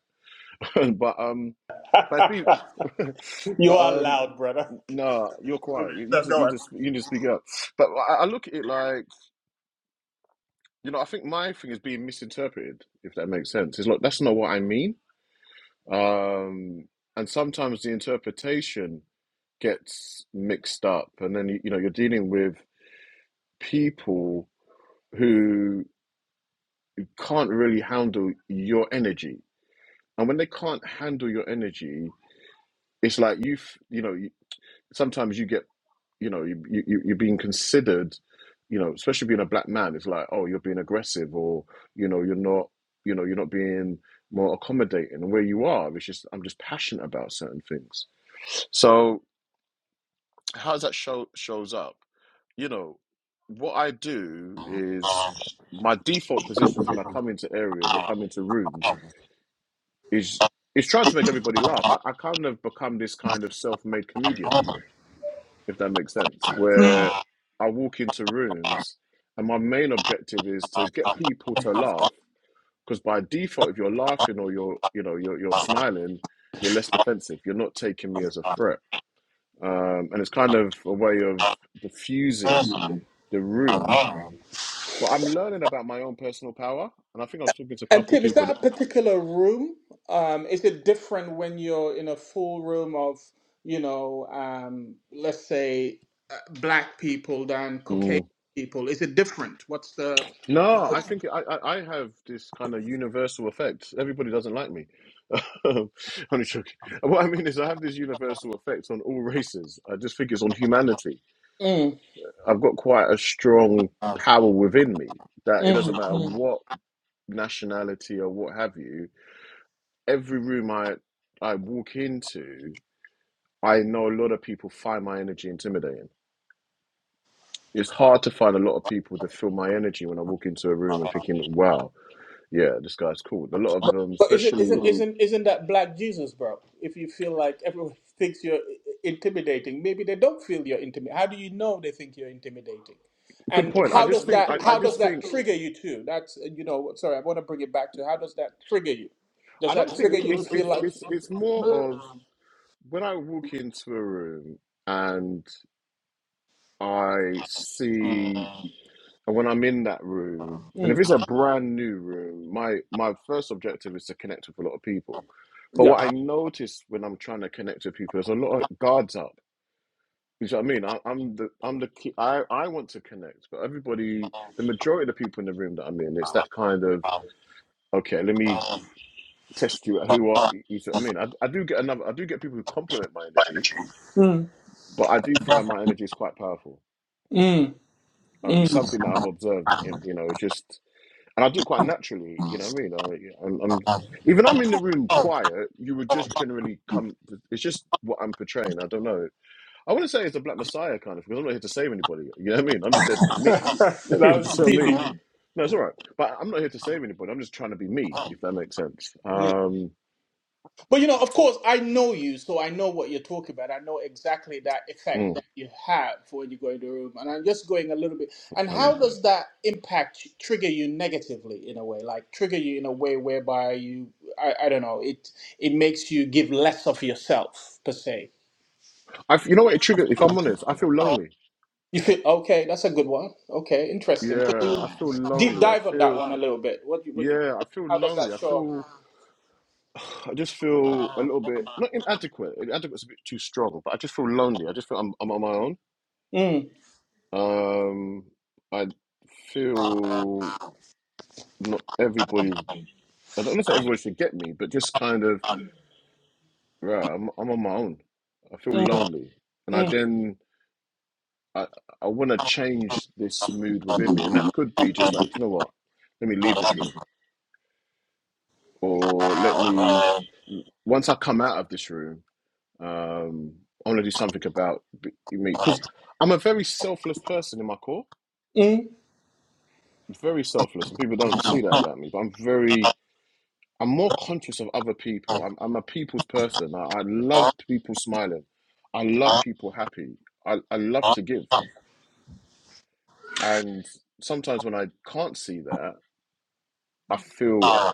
[SPEAKER 2] but um but it's been but
[SPEAKER 1] you are
[SPEAKER 2] um
[SPEAKER 1] loud, brother.
[SPEAKER 2] no you're quiet you, you
[SPEAKER 1] No,
[SPEAKER 2] just you
[SPEAKER 1] go
[SPEAKER 2] just you need to speak up but I, I look at it like you know i think my thing is being misinterpreted if that makes sense it's like that's not what i mean um and sometimes the interpretation gets mixed up and then you, know you're dealing with people who can't really handle your energy and when they can't handle your energy it's like you've you know you, sometimes you get you know you, you you- you're being considered you know especially being a black man it's like oh you're being aggressive or you know you're not you know you're not being more accommodating and where you are it's just i'm just passionate about certain things so how does that show shows up? You know, what I do is my default positions when I come into areas or come into rooms is is trying to make everybody laugh. I, I kind of become this kind of self-made comedian,
[SPEAKER 1] on.
[SPEAKER 2] if that makes sense, where I walk into rooms and my main objective is to get people to laugh. Because by default, if you're laughing or you're you know you're you're smiling, you're less defensive. You're not taking me as a threat, um, and it's kind of a way of diffusing
[SPEAKER 1] And
[SPEAKER 2] the room. But I'm learning about my own personal power, and I think I was talking to a couple of
[SPEAKER 1] Tim, is
[SPEAKER 2] people that.
[SPEAKER 1] that a particular room? Um, is it different when you're in a full room of, you know, um, let's say uh, black people than Caucasian
[SPEAKER 2] Mm.
[SPEAKER 1] people? Is it different? What's the?
[SPEAKER 2] No, I think I, I I have this kind of universal effect. Everybody doesn't like me. Only joking. What I mean is, I have this universal effect on all races. I just think it's on humanity.
[SPEAKER 1] Mm,
[SPEAKER 2] I've got quite a strong power within me that it doesn't matter
[SPEAKER 1] mhm,
[SPEAKER 2] what nationality or what have you. Every room I I walk into, I know a lot of people find my energy intimidating it's hard to find a lot of people that feel my energy when I walk into a room and thinking, wow, yeah, this guy's cool. A lot of them,
[SPEAKER 1] But isn't
[SPEAKER 2] especially,
[SPEAKER 1] isn't isn't isn't that black Jesus, bro? If you feel like everyone thinks you're intimidating, maybe they don't feel you're intimidating. How do you know they think you're intimidating?
[SPEAKER 2] good
[SPEAKER 1] And
[SPEAKER 2] point. I
[SPEAKER 1] how does
[SPEAKER 2] just think, I,
[SPEAKER 1] that
[SPEAKER 2] I
[SPEAKER 1] how does
[SPEAKER 2] just
[SPEAKER 1] that
[SPEAKER 2] think,
[SPEAKER 1] trigger you too? That's uh, you know. Sorry, I want to bring it back to how does that trigger you? Does
[SPEAKER 2] I don't
[SPEAKER 1] that
[SPEAKER 2] think
[SPEAKER 1] trigger
[SPEAKER 2] it-
[SPEAKER 1] you to
[SPEAKER 2] it's,
[SPEAKER 1] feel
[SPEAKER 2] it's,
[SPEAKER 1] like
[SPEAKER 2] it's, it's more
[SPEAKER 1] mm,
[SPEAKER 2] of when I walk into a room and I see, and when I'm in that room, and if it's a brand new room, my, my first objective is to connect with a lot of people. But what I
[SPEAKER 1] yeah?
[SPEAKER 2] notice when I'm trying to connect with people, is a lot of guards up You see what I mean? I, I'm the I'm the key. I I want to connect, but everybody, the majority of the people in the room that I'm in, it's that kind of okay. Let me test you at who are you. you See what I mean? I, I do get another. I do get people who compliment my energy,
[SPEAKER 1] Mm,
[SPEAKER 2] but I do find my energy is quite powerful.
[SPEAKER 1] mm,
[SPEAKER 2] Uh, it's
[SPEAKER 1] mm.
[SPEAKER 2] something that I've observed, in, in, you know, it's just, and I do it quite naturally. You know what I mean? I, yeah, I'm, I'm even I'm in the room
[SPEAKER 1] that
[SPEAKER 2] quiet. You would just generally come. It's just what I'm portraying. I don't know. I wouldn't say it's a Black Messiah kind of because I'm not here to save anybody. You know what I mean? I'm just here to be me. Just
[SPEAKER 1] was
[SPEAKER 2] so
[SPEAKER 1] teasing.
[SPEAKER 2] mean. No, it's all right. But I'm not here to save anybody. I'm just trying to be me, if that makes sense. Um,
[SPEAKER 1] But you know, of course, I know you, so I know what you're talking about. I know exactly that effect
[SPEAKER 2] mm,
[SPEAKER 1] that you have when you go in the room. And I'm just going a little bit. And
[SPEAKER 2] challenge.
[SPEAKER 1] how does that impact you- trigger you negatively in a way? Like trigger you in a way whereby you, I, I don't know, it it makes you give less of yourself per se.
[SPEAKER 2] I, f- you know what it triggered? If I'm honest, I feel lonely.
[SPEAKER 1] You feel okay. That's a good one. Okay, interesting. So
[SPEAKER 2] Yeah, I feel
[SPEAKER 1] deep
[SPEAKER 2] lonely. I
[SPEAKER 1] dive on that
[SPEAKER 2] feel,
[SPEAKER 1] one a little bit. What you, what you,
[SPEAKER 2] yeah, I feel
[SPEAKER 1] how does
[SPEAKER 2] lonely.
[SPEAKER 1] that
[SPEAKER 2] I
[SPEAKER 1] show up?
[SPEAKER 2] feel, I just feel a little bit, not inadequate. Inadequate's a bit too strong, but I just feel lonely. I just feel I'm, I'm on
[SPEAKER 1] Mm,
[SPEAKER 2] my own. Um, I feel not everybody's, I don't want to say everybody should get me, but just kind of, Right, I'm I'm on my own. I feel
[SPEAKER 1] mm,
[SPEAKER 2] lonely, and I then I I want to change this mood within me, and that could be just like, you know what? Let me leave this room, or let me
[SPEAKER 1] mm,
[SPEAKER 2] once I come out of this room, um, I want to do something about b- me because I'm a very selfless person in my core. very selfless, and people don't see that about me. But I'm very, I'm more conscious of other people. I'm, I'm a people's person. I, I love people smiling. I love
[SPEAKER 1] mm.
[SPEAKER 2] people happy. I, I love to give. And sometimes when I can't see that, I feel uh,
[SPEAKER 1] Mm,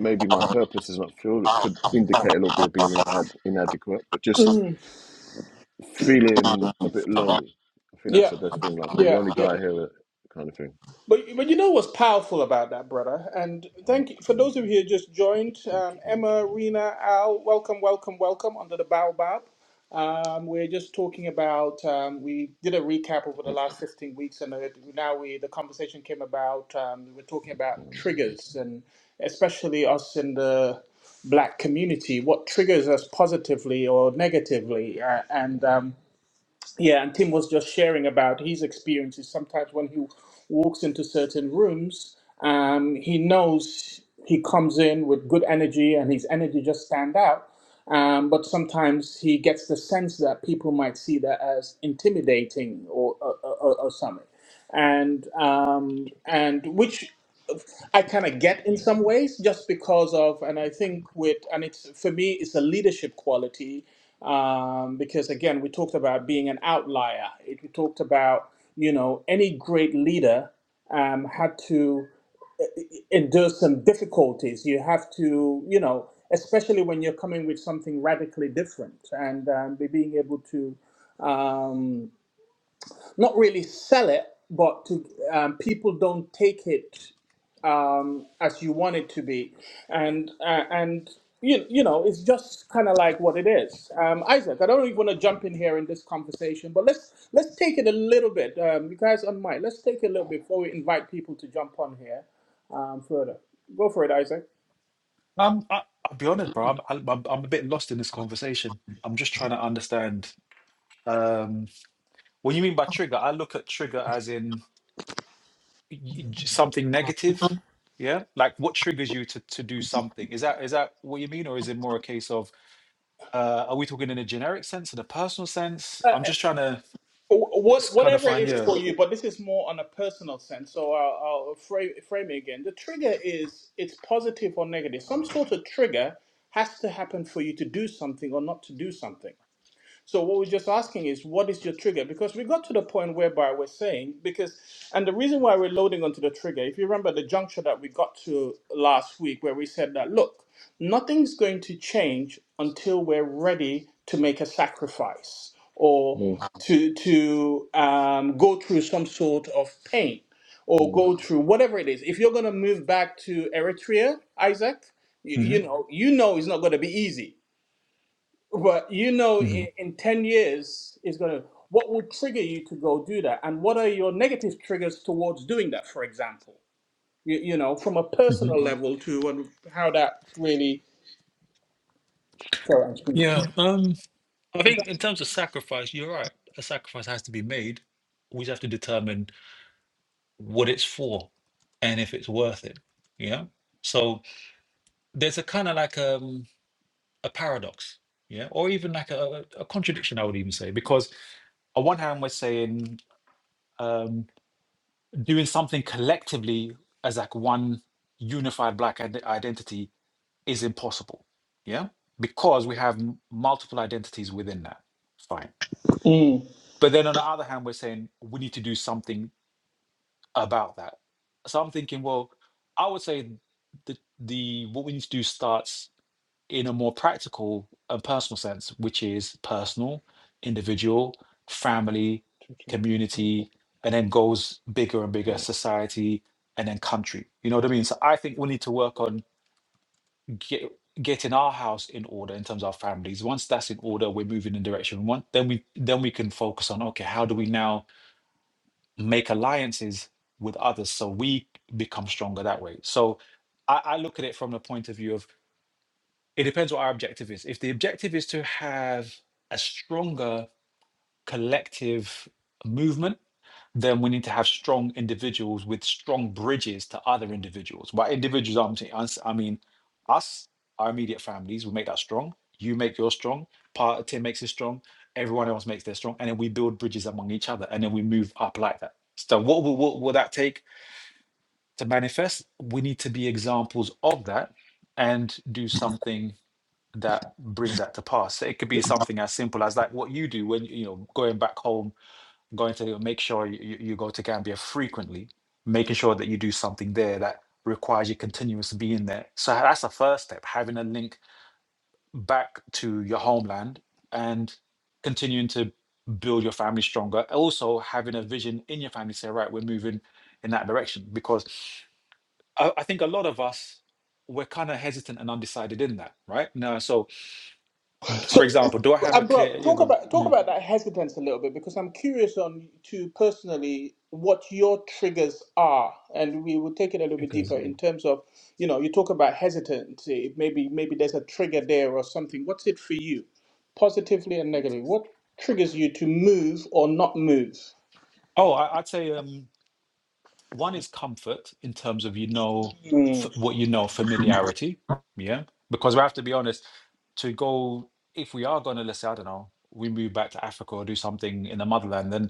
[SPEAKER 2] maybe my purpose is not filled. It could indicate a little bit of being inadequate, but just
[SPEAKER 1] yeah,
[SPEAKER 2] feeling a bit lonely. I think that's the best thing. Like I'm the
[SPEAKER 1] yeah.
[SPEAKER 2] only guy here, that kind of thing.
[SPEAKER 1] But but you know what's powerful about that, brother? And thank you for those of you who just joined. Um, Emma, Rena, Al, welcome, welcome, welcome under the baobab. Um, we're just talking about. Um, we did a recap over the last fifteen weeks, and uh, now we the conversation came about. Um, we we're talking about triggers, and especially us in the black community, what triggers us positively or negatively, uh, and um, Yeah, and Tim was just sharing about his experiences. Sometimes when he walks into certain rooms, um, he knows he comes in with good energy and his energy just stand out. Um, but sometimes he gets the sense that people might see that as intimidating or or, or, or something, and um, and which I kind of get in some ways just because of, and I think with, and it's for me, it's a leadership quality um, because again, we talked about being an outlier. It, we talked about you know any great leader um, had to uh, e, e, endure some difficulties. You have to you know especially when you're coming with something radically different and um, being able to. Um, not really sell it, but to, um, people don't take it um, as you want it to be, and uh, and you you know it's just kind of like what it is. Um, Isaac, I don't even want to jump in here in this conversation, but let's let's take it a little bit. Um, you guys on mic, let's take it a little bit before we invite people to jump on here um, further. Go for it, Isaac.
[SPEAKER 4] Um, I, I'll be honest, bro. I'm, I'm I'm I'm a bit lost in this conversation. I'm just trying to understand. Um, what you mean by trigger? I look at trigger as in y- y- j- something negative. Yeah, like what triggers you to to do something? Is that is that what you mean, or is it more a case of Uh, are we talking in a generic sense, in a personal sense? I'm just trying to
[SPEAKER 1] What,
[SPEAKER 4] s- kind of
[SPEAKER 1] whatever it
[SPEAKER 4] find
[SPEAKER 1] is
[SPEAKER 4] your.
[SPEAKER 1] for you, but this is more on a personal sense. So I'll, I'll frame, frame it again. The trigger is it's positive or negative. Some sort of trigger has to happen for you to do something or not to do something. So what we're just asking is, what is your trigger? Because we got to the point whereby we're saying because, and the reason why we're loading onto the trigger, if you remember the juncture that we got to last week, where we said that look, nothing's going to change until we're ready to make a sacrifice or to to um, go through some sort of pain or
[SPEAKER 2] Mm.
[SPEAKER 1] go through whatever it is. If you're going to move back to Eritrea, Isaac, you,
[SPEAKER 4] hmm
[SPEAKER 1] you know, you know it's not going to be easy. But you know,
[SPEAKER 4] hmm
[SPEAKER 1] in, in 10 years, is going to, what will trigger you to go do that? And what are your negative triggers towards doing that, for example? You, you know, from a
[SPEAKER 4] hmm
[SPEAKER 1] personal Mm. level to and how that really.
[SPEAKER 4] Yeah. Um. I think in terms of sacrifice, you're right. A sacrifice has to be made. We just have to determine what it's for and if it's worth it. Yeah. So there's a kind of like um a paradox. Yeah. Or even like a, a contradiction, I would even say, because on one hand we're saying um doing something collectively as like one unified black ide- identity is impossible. Yeah. Because we have multiple identities within that. Fine.
[SPEAKER 1] Mm.
[SPEAKER 4] But then on the other hand, we're saying we need to do something about that. So I'm thinking, well, I would say the the what we need to do starts in a more practical and personal sense, which is personal, individual, family, community, and then goes bigger and bigger,
[SPEAKER 2] Uh,
[SPEAKER 4] society, and then country. You know what I mean? So I think we need to work on get, getting our house in order in terms of our families. Once that's in order, we're moving in direction. One, then we then we can focus on okay, how do we now make alliances with others so we become stronger that way. So I, I look at it from the point of view of it depends what our objective is. If the objective is to have a stronger collective movement, then we need to have strong individuals with strong bridges to other individuals. By individuals, I'm saying, us- I mean us, our immediate families, we make that strong. You make yours strong. Part team makes it strong. Everyone else makes their strong, and then we build bridges among each other, and then we move up like that. So, what will, what will that take to manifest? We need to be examples of that and do something that brings that to pass. So it could be something as simple as like what you do when you know going back home going to make sure you, you you go to Gambia frequently, making sure that you do something there that requires you continuous being there. So that's the first step, having a link back to your homeland and continuing to build your family stronger. Also having a vision in your family, say, right, we're moving in that direction. Because I, I think a lot of us we're kind of hesitant and undecided in that, right? Now, so for
[SPEAKER 1] So,
[SPEAKER 4] example, do I have a
[SPEAKER 1] and bro,
[SPEAKER 4] clear? You're
[SPEAKER 1] talk
[SPEAKER 4] going,
[SPEAKER 1] about talk
[SPEAKER 4] yeah.
[SPEAKER 1] about that hesitance a little bit because I'm curious on to personally what your triggers are, and we will take it a little bit
[SPEAKER 4] Because
[SPEAKER 1] deeper in terms of you know you talk about hesitancy. Maybe maybe there's a trigger there or something. What's it for you, positively and negatively? What triggers you to move or not move?
[SPEAKER 4] Oh, I, I'd say um, one is comfort in terms of you know f-
[SPEAKER 1] Mm.
[SPEAKER 4] what you know familiarity yeah because we have to be honest to go if we are going to let's say i don't know we move back to africa or do something in the motherland then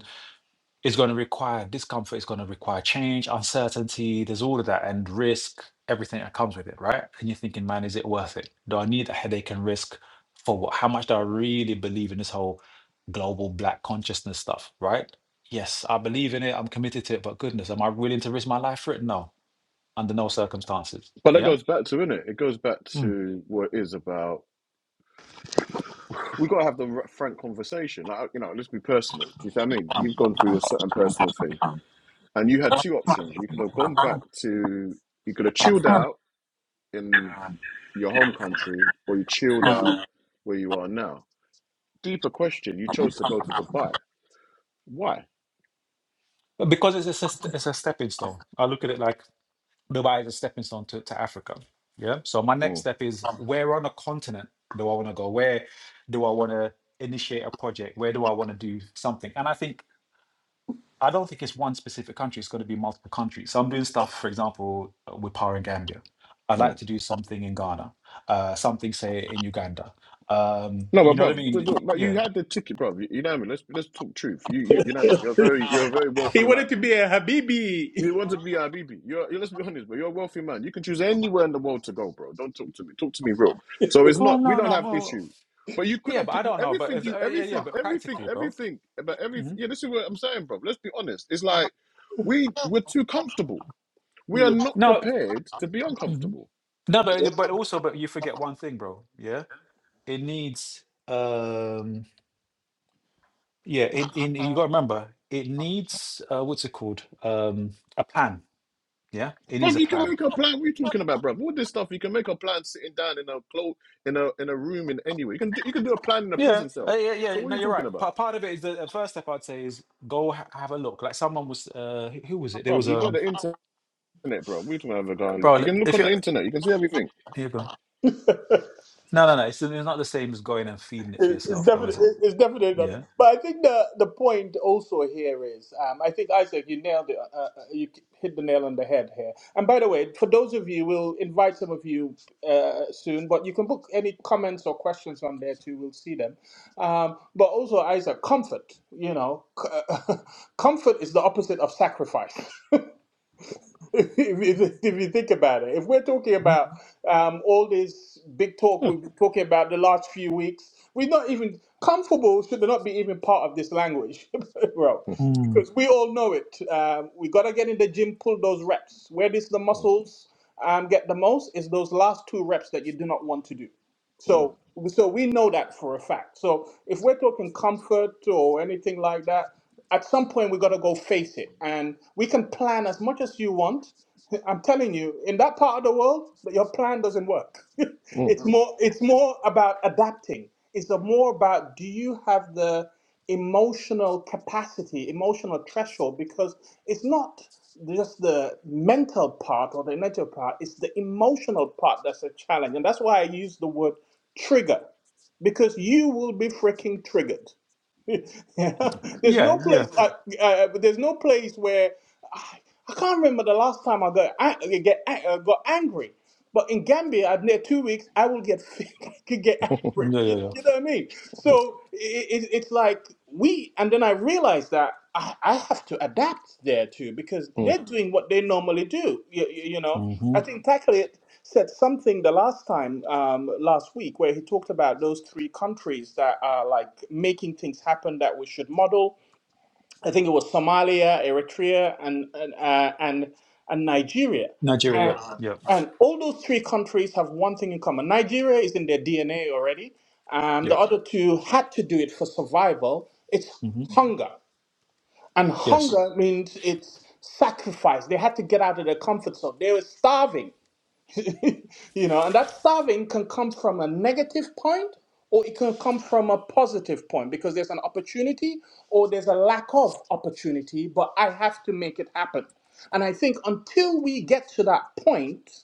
[SPEAKER 4] is going to require discomfort. It's going to require change, uncertainty. There's all of that and risk, everything that comes with it, right? And you're thinking, man, is it worth it? Do I need a headache and risk for what? How much do I really believe in this whole global black consciousness stuff, right? Yes, I believe in it. I'm committed to it. But goodness, am I willing to risk my life for it? No, under no circumstances.
[SPEAKER 2] But that
[SPEAKER 4] Yeah.
[SPEAKER 2] goes back to innit? It It goes back
[SPEAKER 4] Mm.
[SPEAKER 2] to what it is about. We got to have the frank conversation. Like uh, you know, let's be personal. Do you see what I mean? You've gone through a certain personal thing, and you had two options. You could have gone back to. You could have chilled out in. your home country or you chilled out where you are now? Deeper question. You chose to go to Dubai. Why?
[SPEAKER 4] But Because it's a, s- it's a stepping stone. I look at it like Dubai is a stepping stone to, to Africa. Yeah. So my next step is where on a continent do I want to go? Where do I want to initiate a project? Where do I want to do something? And I think I don't think it's one specific country. It's going to be multiple countries. So I'm doing stuff, for example, uh, with Power in Gambia. I'd like to do something in Ghana, uh, something say in Uganda. Um,
[SPEAKER 2] No,
[SPEAKER 4] you
[SPEAKER 2] but
[SPEAKER 4] know what I
[SPEAKER 2] bruv, the-
[SPEAKER 4] mean?
[SPEAKER 2] the- but
[SPEAKER 4] Yeah.
[SPEAKER 2] you had the ticket, bruv. You, you know what I mean? Let's let's talk truth. You, you you know what I mean? You're a very you're a very
[SPEAKER 1] He
[SPEAKER 2] wealthy man.
[SPEAKER 1] wanted to be a Habibi.
[SPEAKER 2] You want to be IBB. You're, you're let's be honest, but you're a wealthy man. You can choose anywhere in the world to go, bro. Don't talk to me. Talk to me real. So it's
[SPEAKER 4] Oh
[SPEAKER 2] not we
[SPEAKER 4] no,
[SPEAKER 2] don't
[SPEAKER 4] no,
[SPEAKER 2] have
[SPEAKER 4] no.
[SPEAKER 2] issue. But you could
[SPEAKER 4] Yeah,
[SPEAKER 2] have
[SPEAKER 4] but I
[SPEAKER 2] picked-
[SPEAKER 4] don't know.
[SPEAKER 2] everything
[SPEAKER 4] But
[SPEAKER 2] you
[SPEAKER 4] uh, yeah, yeah,
[SPEAKER 2] everything
[SPEAKER 4] but
[SPEAKER 2] everything
[SPEAKER 4] practically, bro.
[SPEAKER 2] everything about everything.
[SPEAKER 4] Mhm.
[SPEAKER 2] Yeah, this is what I'm saying, bro. Let's be honest. It's like we we're too comfortable. We are not
[SPEAKER 4] No.
[SPEAKER 2] prepared to be uncomfortable.
[SPEAKER 4] No, but uh, but also, but you forget one thing, bro. Yeah, it needs. um Yeah, it, it you got to remember it needs uh what's it called? Um A plan. Yeah, it needs
[SPEAKER 2] Bruv,
[SPEAKER 4] a
[SPEAKER 2] you can
[SPEAKER 4] plan.
[SPEAKER 2] make a plan. What are you talking about, bruv? All this stuff, you can make a plan sitting down in a clo- in a in a room in anywhere. You can do, you can do a plan in a
[SPEAKER 4] Yeah,
[SPEAKER 2] prison
[SPEAKER 4] uh,
[SPEAKER 2] cell.
[SPEAKER 4] yeah,
[SPEAKER 2] So
[SPEAKER 4] yeah.
[SPEAKER 2] what are
[SPEAKER 4] No,
[SPEAKER 2] you
[SPEAKER 4] you're
[SPEAKER 2] talking
[SPEAKER 4] right.
[SPEAKER 2] about?
[SPEAKER 4] Part part of it is the, the first step I'd say is go ha have a look. Like someone was, uh who who was it? There
[SPEAKER 2] Bruv,
[SPEAKER 4] was
[SPEAKER 2] you got
[SPEAKER 4] um,
[SPEAKER 2] the internet, bro. We don't have a guy and look.
[SPEAKER 4] bro.
[SPEAKER 2] You
[SPEAKER 4] look,
[SPEAKER 2] can look
[SPEAKER 4] If
[SPEAKER 2] on
[SPEAKER 4] you
[SPEAKER 2] the internet, you can see everything.
[SPEAKER 4] here you go. No, no, no. It's, it's not the same as going and feeding it for
[SPEAKER 1] It- It's
[SPEAKER 4] yourself, though, is
[SPEAKER 1] definitely,
[SPEAKER 4] it?
[SPEAKER 1] it's definitely not.
[SPEAKER 4] Yeah.
[SPEAKER 1] But I think the the point also here is, um, I think Isaac, you nailed it. Uh, uh, you hit the nail on the head here. And by the way, for those of you, we'll invite some of you uh, soon. But you can book any comments or questions on there too. We'll see them. Um, but also, Isaac, comfort. You know, c- comfort is the opposite of sacrifice. if, you- if you think about it, if we're talking
[SPEAKER 4] Mhm.
[SPEAKER 1] about um, all this big talk we've
[SPEAKER 2] Huh.
[SPEAKER 1] been talking about the last few weeks, we're not even comfortable, should not be even part of this language, bro,
[SPEAKER 4] Mm.
[SPEAKER 1] because we all know it. Um, we got to get in the gym, pull those reps. Where does the muscles um, get the most is those last two reps that you do not want to do. So, so we know that for a fact. So, if we're talking comfort or anything like that, at some point we got to go face it and we can plan as much as you want i'm telling you in that part of the world but your plan doesn't work it's more it's more about adapting it's a more about do you have the emotional capacity emotional threshold because it's not just the mental part or the intellectual part it's the emotional part that's a challenge and that's why i use the word trigger because you will be freaking triggered Yeah, there's
[SPEAKER 4] Yeah,
[SPEAKER 1] no place.
[SPEAKER 4] yeah,
[SPEAKER 1] I, uh, there's no place where I, I can't remember the last time I got I get an- uh, got angry. But in Gambia, I've near two weeks, I will get I could get
[SPEAKER 4] yeah, yeah,
[SPEAKER 1] you,
[SPEAKER 4] yeah.
[SPEAKER 1] you know what I mean? So it, it, it's like we, and then I realized that I, I have to adapt there too because they're doing what they normally do. You, you, you know, I
[SPEAKER 4] hmm
[SPEAKER 1] think Tacklet said something the last time, um, last week, where he talked about those three countries that are like making things happen that we should model I think it was Somalia, Eritrea, and and uh, and, and Nigeria. And,
[SPEAKER 4] Nigeria. Yeah,
[SPEAKER 1] and all those three countries have one thing in common. Nigeria is in their DNA already. Um,
[SPEAKER 4] yeah,
[SPEAKER 1] the
[SPEAKER 4] yeah.
[SPEAKER 1] other two had to do it for survival. It's
[SPEAKER 4] Mm-hmm.
[SPEAKER 1] hunger, and
[SPEAKER 4] Yes.
[SPEAKER 1] hunger means it's sacrifice. They had to get out of their comfort zone. They were starving. you know, and that serving can come from a negative point or it can come from a positive point because there's an opportunity or there's a lack of opportunity, but I have to make it happen. And I think until we get to that point,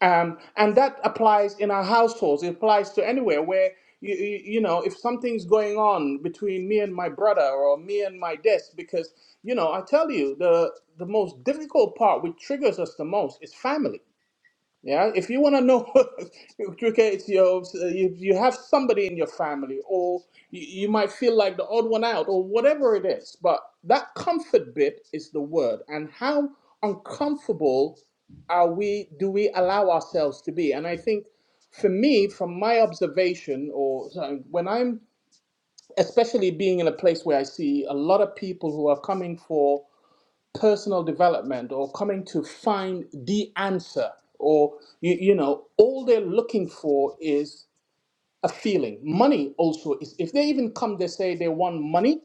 [SPEAKER 1] um, and that applies in our households, it applies to anywhere where you, you, you know, if something's going on between me and my brother or me and my desk, because, you know, I tell you, the, the most difficult part, which triggers us the most, is family yeah, if you want to know, cricket, you, you you have somebody in your family, or you, you might feel like the odd one out, or whatever it is. But that comfort bit is the word, and how uncomfortable are we? Do we allow ourselves to be? And I think, for me, from my observation, or so when I'm especially being in a place where I see a lot of people who are coming for personal development or coming to find the answer or you, you know all they're looking for is a feeling money also is if they even come they say they want money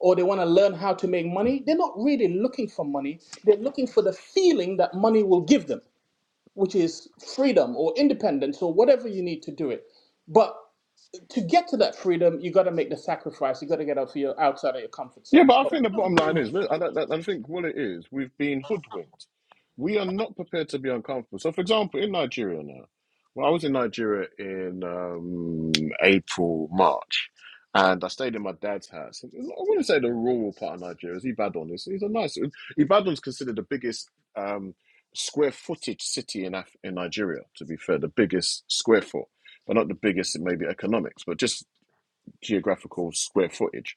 [SPEAKER 1] or they want to learn how to make money they're not really looking for money they're looking for the feeling that money will give them which is freedom or independence or whatever you need to do it but to get to that freedom you got to make the sacrifice you got to get out of your outside of your comfort
[SPEAKER 2] Yeah,
[SPEAKER 1] zone
[SPEAKER 2] but I think the bottom line is, I, I, I think what it is, we've been hoodwinked. We are not prepared to be uncomfortable. So, for example, in Nigeria now, well, I was in Nigeria in um, April, March, and I stayed in my dad's house. I wouldn't say the rural part of Nigeria is Ibadan. It's, it's a nice, Ibadan's considered the biggest um, square footage city in, Af- in Nigeria, to be fair, the biggest square foot, but not the biggest in maybe economics, but just geographical square footage.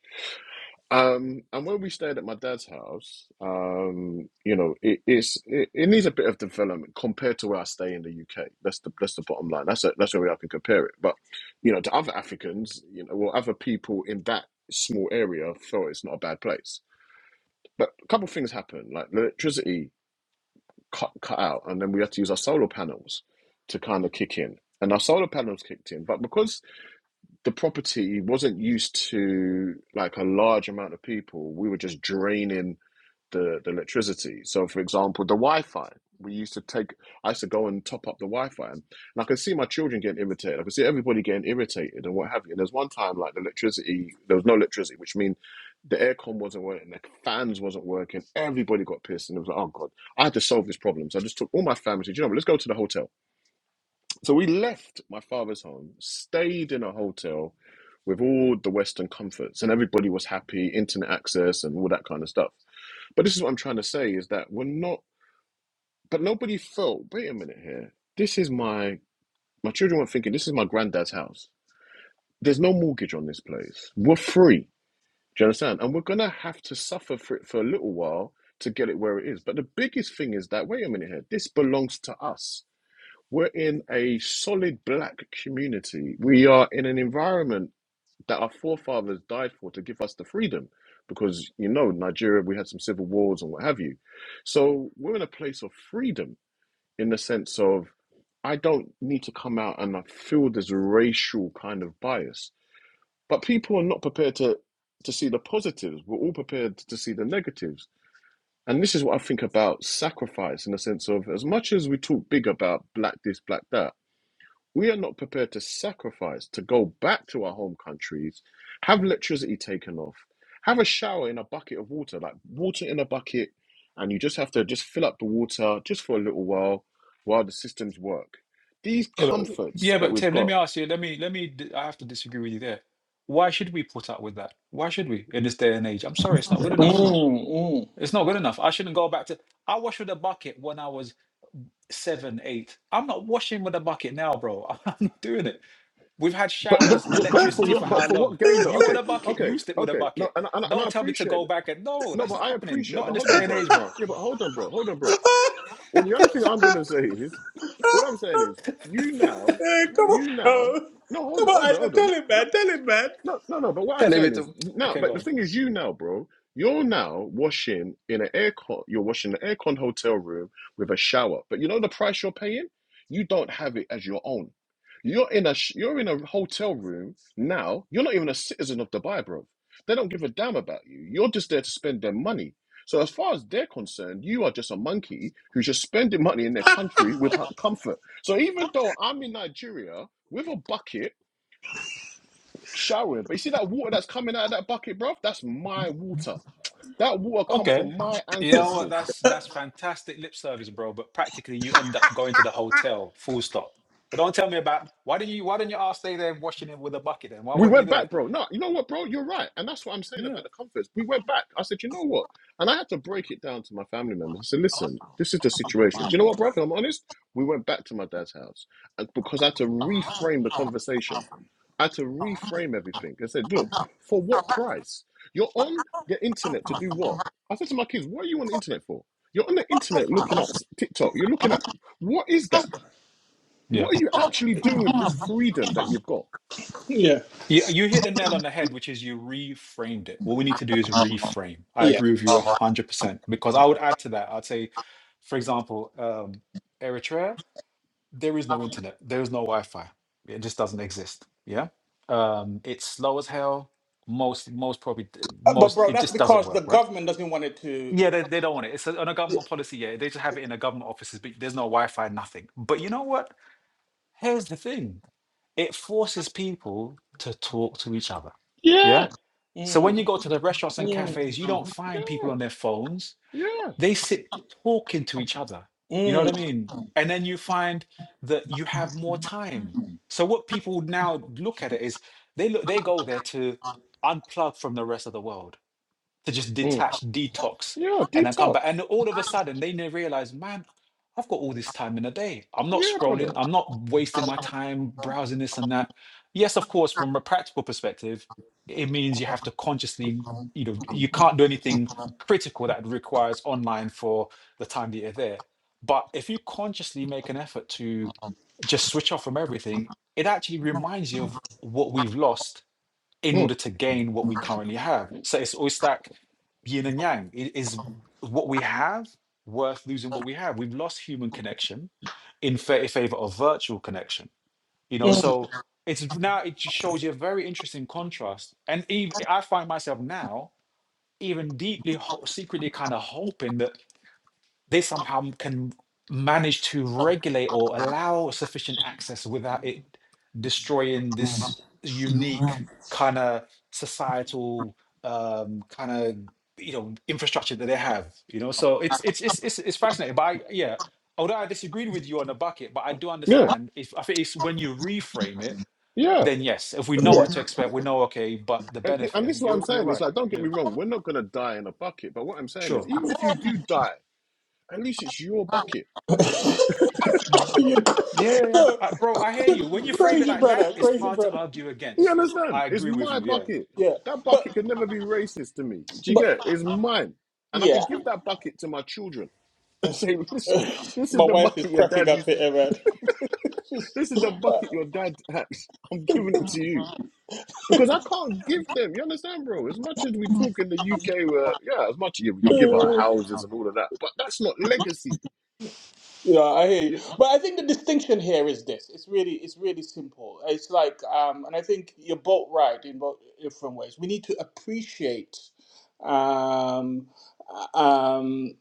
[SPEAKER 2] Um, and when we stayed at my dad's house, um, you know, it, it's it, it needs a bit of development compared to where I stay in the UK. That's the that's the bottom line. That's a, that's the way I can compare it. But you know, to other Africans, you know, well, other people in that small area felt it's not a bad place. But a couple of things happened, like the electricity cut cut out, and then we had to use our solar panels to kind of kick in. And our solar panels kicked in, but because the property wasn't used to like a large amount of people, we were just draining the, the electricity. So, for example, the Wi Fi. We used to take, I used to go and top up the Wi Fi. And I could see my children getting irritated. I could see everybody getting irritated and what have you. And there's one time, like, the electricity, there was no electricity, which means the aircon wasn't working, the fans wasn't working. Everybody got pissed. And it was like, oh, God, I had to solve this problem. So I just took all my family, said, you know what, let's go to the hotel. So we left my father's home, stayed in a hotel with all the Western comforts, and everybody was happy, internet access, and all that kind of stuff. But this is what I'm trying to say is that we're not, but nobody felt, wait a minute here. This is my, my children weren't thinking, this is my granddad's house. There's no mortgage on this place. We're free. Do you understand? And we're going to have to suffer for it for a little while to get it where it is. But the biggest thing is that, wait a minute here, this belongs to us. We're in a solid black community. We are in an environment that our forefathers died for to give us the freedom. Because, you know, Nigeria, we had some civil wars and what have you. So we're in a place of freedom in the sense of I don't need to come out and I feel this racial kind of bias. But people are not prepared to, to see the positives. We're all prepared to see the negatives. And this is what I think about sacrifice in the sense of as much as we talk big about black this, black that, we are not prepared to sacrifice to go back to our home countries, have electricity taken off, have a shower in a bucket of water, like water in a bucket, and you just have to just fill up the water just for a little while while the systems work. These
[SPEAKER 4] Yeah, but
[SPEAKER 2] comforts
[SPEAKER 4] yeah,
[SPEAKER 2] that
[SPEAKER 4] but
[SPEAKER 2] we've
[SPEAKER 4] Tim, let me
[SPEAKER 2] got,
[SPEAKER 4] ask you. Let me let me. d- I have to disagree with you there. Why should we put up with that? Why should we in this day and age? I'm sorry, it's not good enough.
[SPEAKER 1] Mm, mm.
[SPEAKER 4] It's not good enough. I shouldn't go back to. I washed with a bucket when I was seven, eight. I'm not washing with a bucket now, bro. I'm not doing it. We've had
[SPEAKER 2] but but
[SPEAKER 4] showers,
[SPEAKER 2] but for
[SPEAKER 4] electricity
[SPEAKER 2] what?
[SPEAKER 4] for how
[SPEAKER 2] But for
[SPEAKER 4] long?
[SPEAKER 2] what gain though?
[SPEAKER 4] You want
[SPEAKER 2] Okay,
[SPEAKER 4] a bucket?
[SPEAKER 2] okay,
[SPEAKER 4] Used it with a
[SPEAKER 2] okay. No,
[SPEAKER 4] bucket.
[SPEAKER 2] and, and, and I
[SPEAKER 4] Don't tell me to
[SPEAKER 2] appreciate
[SPEAKER 4] go
[SPEAKER 2] it.
[SPEAKER 4] back and no,
[SPEAKER 2] No,
[SPEAKER 4] that's
[SPEAKER 2] but
[SPEAKER 4] not
[SPEAKER 2] I
[SPEAKER 4] happening.
[SPEAKER 2] appreciate it.
[SPEAKER 4] Not in
[SPEAKER 2] But
[SPEAKER 4] this
[SPEAKER 2] hold on,
[SPEAKER 4] day and
[SPEAKER 2] bro.
[SPEAKER 4] age, bro.
[SPEAKER 2] Yeah, but hold on, bro. Hold on, bro. Well, the only thing I'm gonna say is, what I'm saying is, you now,
[SPEAKER 1] Eh, come on
[SPEAKER 2] you now,
[SPEAKER 1] bro.
[SPEAKER 2] no, hold
[SPEAKER 1] Come
[SPEAKER 2] on,
[SPEAKER 1] on,
[SPEAKER 2] hold on,
[SPEAKER 1] Isaac,
[SPEAKER 2] hold on.
[SPEAKER 1] tell him,
[SPEAKER 2] no.
[SPEAKER 1] man. Tell him, man.
[SPEAKER 2] No, no, no. But what I'm
[SPEAKER 4] Telling me
[SPEAKER 2] saying is,
[SPEAKER 4] to.
[SPEAKER 2] no.
[SPEAKER 4] Okay,
[SPEAKER 2] But
[SPEAKER 4] go
[SPEAKER 2] the
[SPEAKER 4] on.
[SPEAKER 2] thing is, you now, bro, you're now washing in an aircon. You're washing an aircon hotel room with a shower. But you know the price you're paying. You don't have it as your own. You're in a sh- you're in a hotel room now. You're not even a citizen of Dubai, bro. They don't give a damn about you. You're just there to spend their money. So as far as they're concerned, you are just a monkey who's just spending money in their country with comfort. So even though I'm in Nigeria with a bucket showering. But you see that water that's coming out of that bucket, bro? That's my water. That water come
[SPEAKER 4] Okay.
[SPEAKER 2] from my
[SPEAKER 4] You know what?
[SPEAKER 2] ancestors.
[SPEAKER 4] That's that's fantastic lip service, bro. But practically, you end up going to the hotel. Full stop. So don't tell me about why did not you why didn't you ass stay there washing it with a bucket? Then why
[SPEAKER 2] We
[SPEAKER 4] weren't you
[SPEAKER 2] went
[SPEAKER 4] there?
[SPEAKER 2] back, bro. No, you know what, bro? You're right. And that's what I'm saying about
[SPEAKER 4] No,
[SPEAKER 2] the comforts. We went back. I said, you know what? And I had to break it down to my family members. I said, listen, this is the situation. Do you know what, bro? If I'm honest, we went back to my dad's house and- because I had to reframe the conversation. I had to reframe everything and said, look, for what price? You're on the internet to do what? I said to my kids, what are you on the internet for? You're on the internet looking at TikTok. You're looking at what is that?
[SPEAKER 4] yeah.
[SPEAKER 2] What are you actually doing with this freedom that you've got?
[SPEAKER 1] Yeah.
[SPEAKER 4] You, you hit the nail on the head, which is you reframed it. What we need to do is reframe. I
[SPEAKER 1] Yeah.
[SPEAKER 4] agree with you one
[SPEAKER 1] right.
[SPEAKER 4] hundred percent. Because I would add to that. I'd say, for example, um, Eritrea. there is no internet there is no wi-fi it just doesn't exist yeah um it's slow as hell most most probably d-
[SPEAKER 1] Uh, But
[SPEAKER 4] most
[SPEAKER 1] bro,
[SPEAKER 4] it
[SPEAKER 1] that's
[SPEAKER 4] just doesn't
[SPEAKER 1] because the
[SPEAKER 4] work right
[SPEAKER 1] government doesn't want it to.
[SPEAKER 4] yeah they, they don't want it it's a, on a government policy yeah they just have it in the government offices but there's no wi-fi nothing but you know what here's the thing it forces people to talk to each other
[SPEAKER 2] Yeah,
[SPEAKER 4] yeah so when
[SPEAKER 1] Mm,
[SPEAKER 4] you go to the restaurants and
[SPEAKER 1] mm,
[SPEAKER 4] cafes you don't find people
[SPEAKER 2] yeah,
[SPEAKER 4] on their phones
[SPEAKER 2] yeah,
[SPEAKER 4] they sit talking to each other. You know what I
[SPEAKER 1] mm,
[SPEAKER 4] mean? And then you find that you have more time. So what people now look at it is they look they go there to unplug from the rest of the world to just
[SPEAKER 2] mm.
[SPEAKER 4] detach, detox,
[SPEAKER 2] yeah.
[SPEAKER 4] and then come
[SPEAKER 2] Detox.
[SPEAKER 4] back. And all of a sudden, they now realize, man, I've got all this time in a day. I'm not
[SPEAKER 2] Yeah,
[SPEAKER 4] scrolling.
[SPEAKER 2] brother.
[SPEAKER 4] I'm not wasting my time browsing this and that. Yes, of course, from a practical perspective, it means you have to consciously, you know, you can't do anything critical that requires online for the time that you're there. But if you consciously make an effort to just switch off from everything, it actually reminds you of what we've lost in
[SPEAKER 2] Mm.
[SPEAKER 4] order to gain what we currently have. So it's always like yin and yang. I- Is what we have worth losing what we have? We've lost human connection in fa- favor of virtual connection. You know,
[SPEAKER 1] mm.
[SPEAKER 4] so it's now it just shows you a very interesting contrast. And even I find myself now even deeply ho- secretly kind of hoping that they somehow can manage to regulate or allow sufficient access without it destroying this unique kind of societal um, kind of you know infrastructure that they have. You know, so it's it's it's it's, it's fascinating. But I, yeah, although I disagreed with you on the bucket, but I do
[SPEAKER 2] Yeah,
[SPEAKER 4] understand. If I think it's when you reframe it,
[SPEAKER 2] yeah.
[SPEAKER 4] then yes, if we know what to expect, we know okay. But the
[SPEAKER 2] And,
[SPEAKER 4] benefit
[SPEAKER 2] and
[SPEAKER 4] of
[SPEAKER 2] this is what I'm
[SPEAKER 4] you're you're
[SPEAKER 2] saying. It's
[SPEAKER 4] right.
[SPEAKER 2] like, don't get
[SPEAKER 4] Yeah,
[SPEAKER 2] me wrong. We're not gonna die in a bucket. But what I'm saying
[SPEAKER 4] sure.
[SPEAKER 2] is, even if you do die, at least it's your bucket.
[SPEAKER 1] Yeah.
[SPEAKER 4] Yeah, yeah, yeah.
[SPEAKER 1] No,
[SPEAKER 4] Uh, bro, I hear you. When you frame it
[SPEAKER 1] crazy
[SPEAKER 4] like that,
[SPEAKER 1] brother,
[SPEAKER 4] it's
[SPEAKER 1] crazy
[SPEAKER 4] hard to
[SPEAKER 1] brother.
[SPEAKER 4] argue
[SPEAKER 2] You
[SPEAKER 4] against.
[SPEAKER 2] understand?
[SPEAKER 4] I
[SPEAKER 2] It's
[SPEAKER 4] agree with
[SPEAKER 2] my
[SPEAKER 4] you. Yeah.
[SPEAKER 2] bucket.
[SPEAKER 1] Yeah,
[SPEAKER 2] That
[SPEAKER 1] but
[SPEAKER 2] bucket could never be racist to me. Do you get it?
[SPEAKER 1] but
[SPEAKER 2] It's mine. And I
[SPEAKER 1] yeah,
[SPEAKER 2] can give that bucket to my children and say, listen, this is
[SPEAKER 1] my
[SPEAKER 2] the
[SPEAKER 1] wife is
[SPEAKER 2] bucket your dad used.
[SPEAKER 1] happy ever.
[SPEAKER 2] This is the bucket your dad had. I'm giving it to you. Because I can't give them. You understand, bro? As much as we talk in the UK, where, yeah, as much as yeah, we can give our houses and all of that, but that's not legacy.
[SPEAKER 1] Yeah, I hear you.
[SPEAKER 2] Yeah.
[SPEAKER 1] But I think the distinction here is this. It's really it's really simple. It's like um and I think you're both right in both different ways. We need to appreciate um uh, um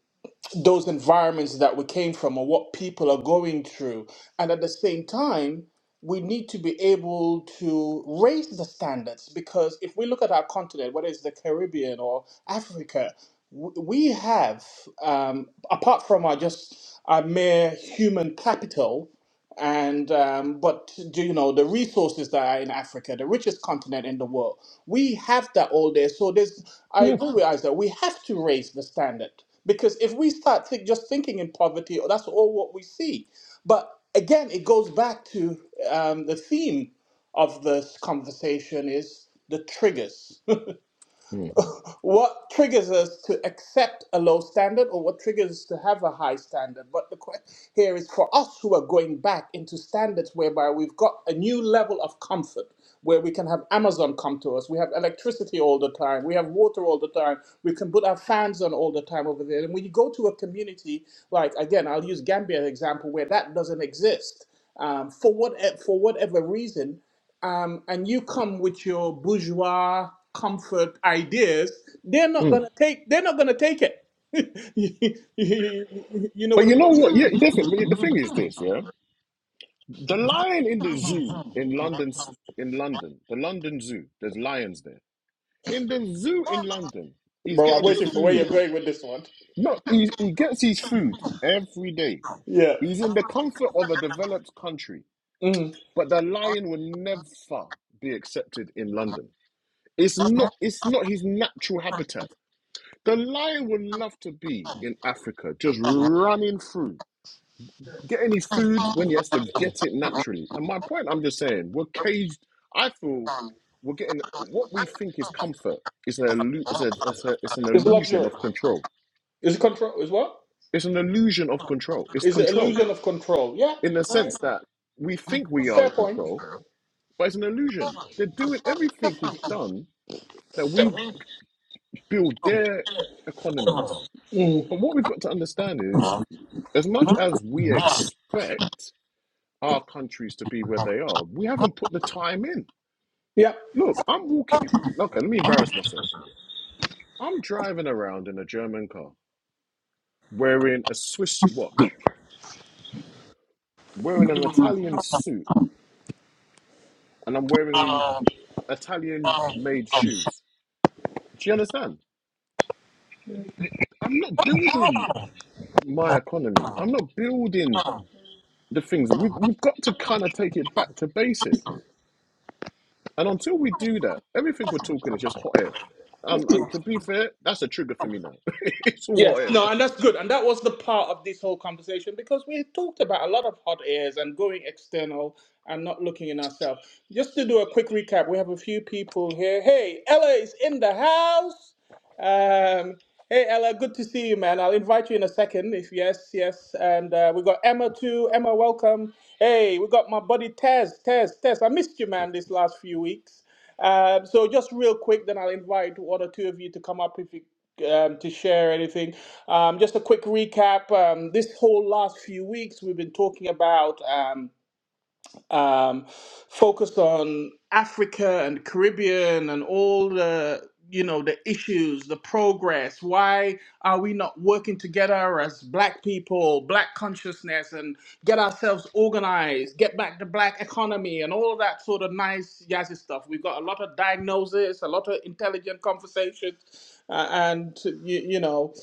[SPEAKER 1] those environments that we came from or what people are going through. And at the same time, we need to be able to raise the standards because if we look at our continent, whether it's the Caribbean or Africa, w- we have, um, apart from our just our mere human capital, and um, but do you know the resources that are in Africa, the richest continent in the world, we have that all there. So there's I
[SPEAKER 2] yeah.
[SPEAKER 1] agree with Isaac. We have to raise the standard because if we start think, just thinking in poverty, that's all what we see. But again, it goes back to um, the theme of this conversation is the triggers
[SPEAKER 2] Mm,
[SPEAKER 1] what triggers us to accept a low standard or what triggers us to have a high standard but the question here is for us who are going back into standards whereby we've got a new level of comfort where we can have amazon come to us we have electricity all the time we have water all the time we can put our fans on all the time over there and when you go to a community like again i'll use gambia as an example where that doesn't exist um, for what for whatever reason um, and you come with your bourgeois comfort ideas, they're not
[SPEAKER 2] mm.
[SPEAKER 1] gonna take. They're not gonna take it. you you- you know
[SPEAKER 2] But
[SPEAKER 1] what I
[SPEAKER 2] you
[SPEAKER 1] mean?
[SPEAKER 2] know what? Yeah, different. the thing is this, yeah? The lion in the zoo in London, in London, the London Zoo. There's lions there. In the zoo in London, he's
[SPEAKER 1] Bro, I'm
[SPEAKER 2] getting his
[SPEAKER 1] waiting for where you're
[SPEAKER 2] food.
[SPEAKER 1] going with this one.
[SPEAKER 2] No, he, he gets his food every day.
[SPEAKER 1] Yeah.
[SPEAKER 2] He's in the comfort of a developed country,
[SPEAKER 1] Mm.
[SPEAKER 2] but the lion will never be accepted in London. It's not. It's not his natural habitat. The lion would love to be in Africa, just running through Get any food when he has to get it naturally. And my point, I'm just saying, we're caged. I feel we're getting what we think is comfort It's an illu- a, it's a it's an
[SPEAKER 1] It's
[SPEAKER 2] illusion
[SPEAKER 1] luxury.
[SPEAKER 2] of control.
[SPEAKER 1] It's control. Is what?
[SPEAKER 2] It's an illusion of control. It's
[SPEAKER 1] Is the
[SPEAKER 2] control
[SPEAKER 1] illusion of control. Yeah.
[SPEAKER 2] in the sense that we think we are
[SPEAKER 1] Fair
[SPEAKER 2] in
[SPEAKER 1] point.
[SPEAKER 2] control, but it's an illusion. They're doing everything is done that we build their economies.
[SPEAKER 1] Mm.
[SPEAKER 2] But what we've got to understand is, as much as we expect our countries to be where they are, we haven't put the time in. Look, I'm walking. Okay, let me embarrass myself. I'm driving around in a German car, wearing a Swiss watch, wearing an
[SPEAKER 1] Yeah.
[SPEAKER 2] Italian suit, and I'm wearing Italian-made shoes. Do you understand? It- I'm not building my economy. I'm not building the things. We've, we've got to kind of take it back to basics. And until we do that, everything we're talking is just hot air. Um, and to be fair, that's a trigger for me now. it's all hot
[SPEAKER 1] Yes,
[SPEAKER 2] air,
[SPEAKER 1] no,
[SPEAKER 2] bro.
[SPEAKER 1] and that's good. And that was the part of this whole conversation because we talked about a lot of hot airs and going external and not looking in ourselves. Just to do a quick recap, we have a few people here. Hey, Ella is in the house. Um, hey, Ella, good to see you, man. I'll invite you in a second if yes, yes. And uh, we got Emma too. Emma, welcome. Hey, we got my buddy Tez. Tez, Tez, I missed you, man, these last few weeks. Um, so just real quick, then I'll invite one or two of you to come up if you um, to share anything. Um, just a quick recap. Um, this whole last few weeks, we've been talking about. um, um, focused on Africa and Caribbean and all the you know the issues, the progress. Why are we not working together as Black people, Black consciousness, and get ourselves organized, get back the Black economy, and all of that sort of nice jazzy stuff? We've got a lot of diagnosis, a lot of intelligent conversations, uh, and you, you know,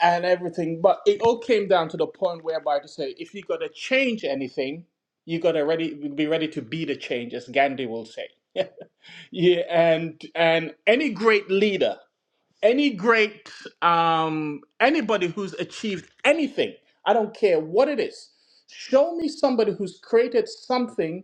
[SPEAKER 1] and everything. But it all came down to the point whereby to say, if you're gonna change anything you gotta ready be ready to be the change, as Gandhi will say. Yeah, and and any great leader, any great um anybody who's achieved anything, I don't care what it is. Show me somebody who's created something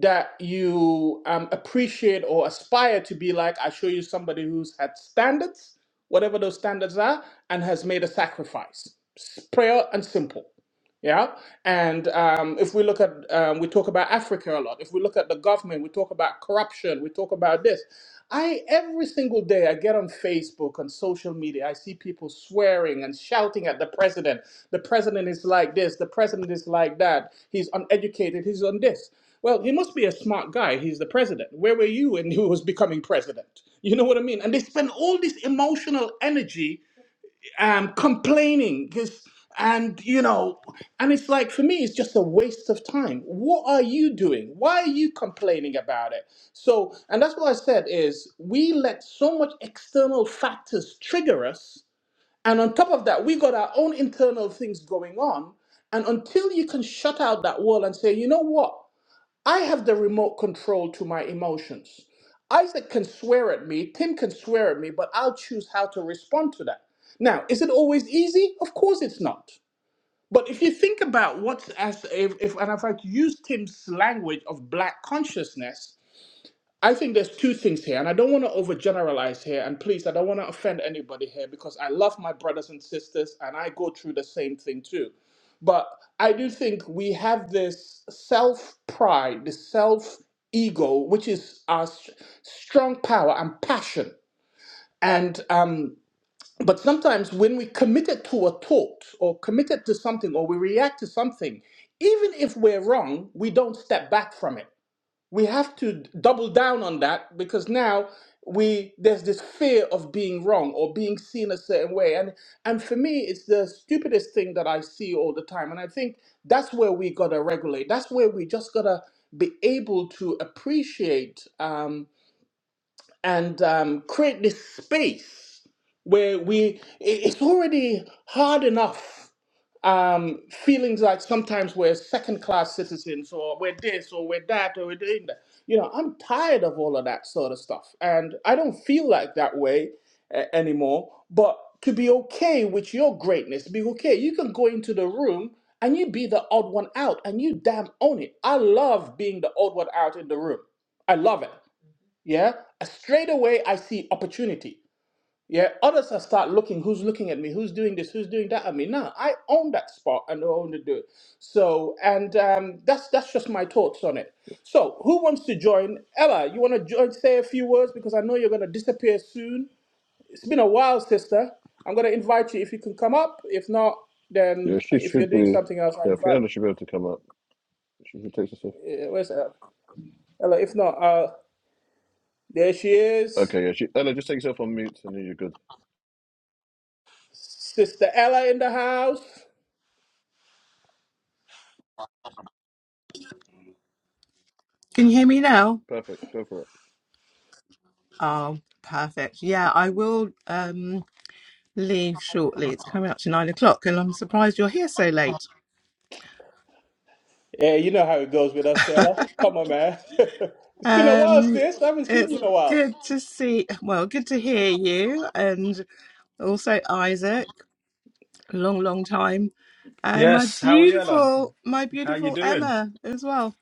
[SPEAKER 1] that you um, appreciate or aspire to be like. I show you somebody who's had standards, whatever those standards are, and has made a sacrifice. S- Prayer and simple. Yeah. And um, if we look at, um, we talk about Africa a lot. If we look at the government, we talk about corruption, we talk about this. I, every single day, I get on Facebook and social media, I see people swearing and shouting at the president. The president is like this, the president is like that. He's uneducated, he's on this. Well, he must be a smart guy. He's the president. Where were you when he was becoming president? You know what I mean? And they spend all this emotional energy um, complaining this and you know and it's like for me it's just a waste of time what are you doing why are you complaining about it so and that's what i said is we let so much external factors trigger us and on top of that we got our own internal things going on and until you can shut out that wall and say you know what I have the remote control to my emotions. Isaac can swear at me, Tim can swear at me, but I'll choose how to respond to that. Now, is it always easy? Of course it's not. But if you think about what's as if, if and if I could use Tim's language of black consciousness, I think there's two things here, and I don't want to overgeneralize here. And please, I don't want to offend anybody here because I love my brothers and sisters, and I go through the same thing too. But I do think we have this self pride, this self ego, which is our s- strong power and passion. And um, but sometimes when we committed to a thought or committed to something or we react to something, even if we're wrong, we don't step back from it we have to double down on that because now we there's this fear of being wrong or being seen a certain way and and for me it's the stupidest thing that i see all the time and i think that's where we gotta regulate that's where we just gotta be able to appreciate Um, and um, create this space where we i- it's already hard enough um, feelings like sometimes we're second class citizens or we're this or we're that or we're doing that. You know, I'm tired of all of that sort of stuff. And I don't feel like that way uh, anymore. But to be okay with your greatness, be okay. You can go into the room and you be the odd one out and you damn own it. I love being the odd one out in the room. I love it yeah straight away i see opportunity yeah others i start looking who's looking at me who's doing this who's doing that at me now i own that spot and I own to do it so and um, that's that's just my thoughts on it so who wants to join ella you want to join say a few words because i know you're going to disappear soon it's been a while sister i'm going to invite you if you can come up if not then
[SPEAKER 2] Yeah, she
[SPEAKER 1] if you're
[SPEAKER 2] should
[SPEAKER 1] doing
[SPEAKER 2] be.
[SPEAKER 1] something else i
[SPEAKER 2] Yeah,
[SPEAKER 1] invite
[SPEAKER 2] Fiona should be able to come up. She, she takes herself.
[SPEAKER 1] eh, where's ella ella if not uh there she is
[SPEAKER 2] Okay, yeah. She, Ella, just take yourself on mute, and then you're good.
[SPEAKER 1] sister ella in the house
[SPEAKER 5] Can you hear me now?
[SPEAKER 2] Perfect. Go for it.
[SPEAKER 5] Oh, perfect. Yeah, I will um leave shortly. It's coming up to nine o'clock, and I'm surprised you're here so late.
[SPEAKER 1] Yeah, you know how it goes with us, Sailor. Come on, man. it's been a while,
[SPEAKER 5] Um,
[SPEAKER 1] sis. I haven't seen
[SPEAKER 5] it's
[SPEAKER 1] you in a while.
[SPEAKER 5] good to see. Well, good to hear you, and also Isaac. Long, long time. And my
[SPEAKER 4] Yes. How are you, Ella?
[SPEAKER 5] beautiful, my
[SPEAKER 4] How you
[SPEAKER 5] beautiful
[SPEAKER 4] doing?
[SPEAKER 5] Emma as well.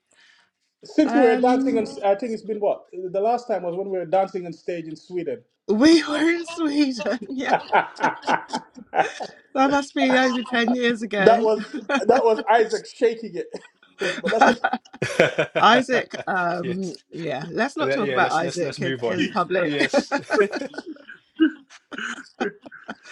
[SPEAKER 1] Since we were dancing,
[SPEAKER 5] Um,
[SPEAKER 1] on, I think it's been what? The last time was when we were dancing on stage in Sweden.
[SPEAKER 5] we were in Sweden. Yeah,
[SPEAKER 1] that
[SPEAKER 5] that must be over ten years ago
[SPEAKER 1] was that was Isaac shaking it. but that's just,
[SPEAKER 5] Isaac, um,
[SPEAKER 4] yes.
[SPEAKER 5] yeah, let's not
[SPEAKER 4] Uh,
[SPEAKER 5] talk
[SPEAKER 4] Yeah.
[SPEAKER 5] about
[SPEAKER 4] Let's let's let's
[SPEAKER 5] Isaac in,
[SPEAKER 4] move on.
[SPEAKER 5] in public.
[SPEAKER 4] Yes.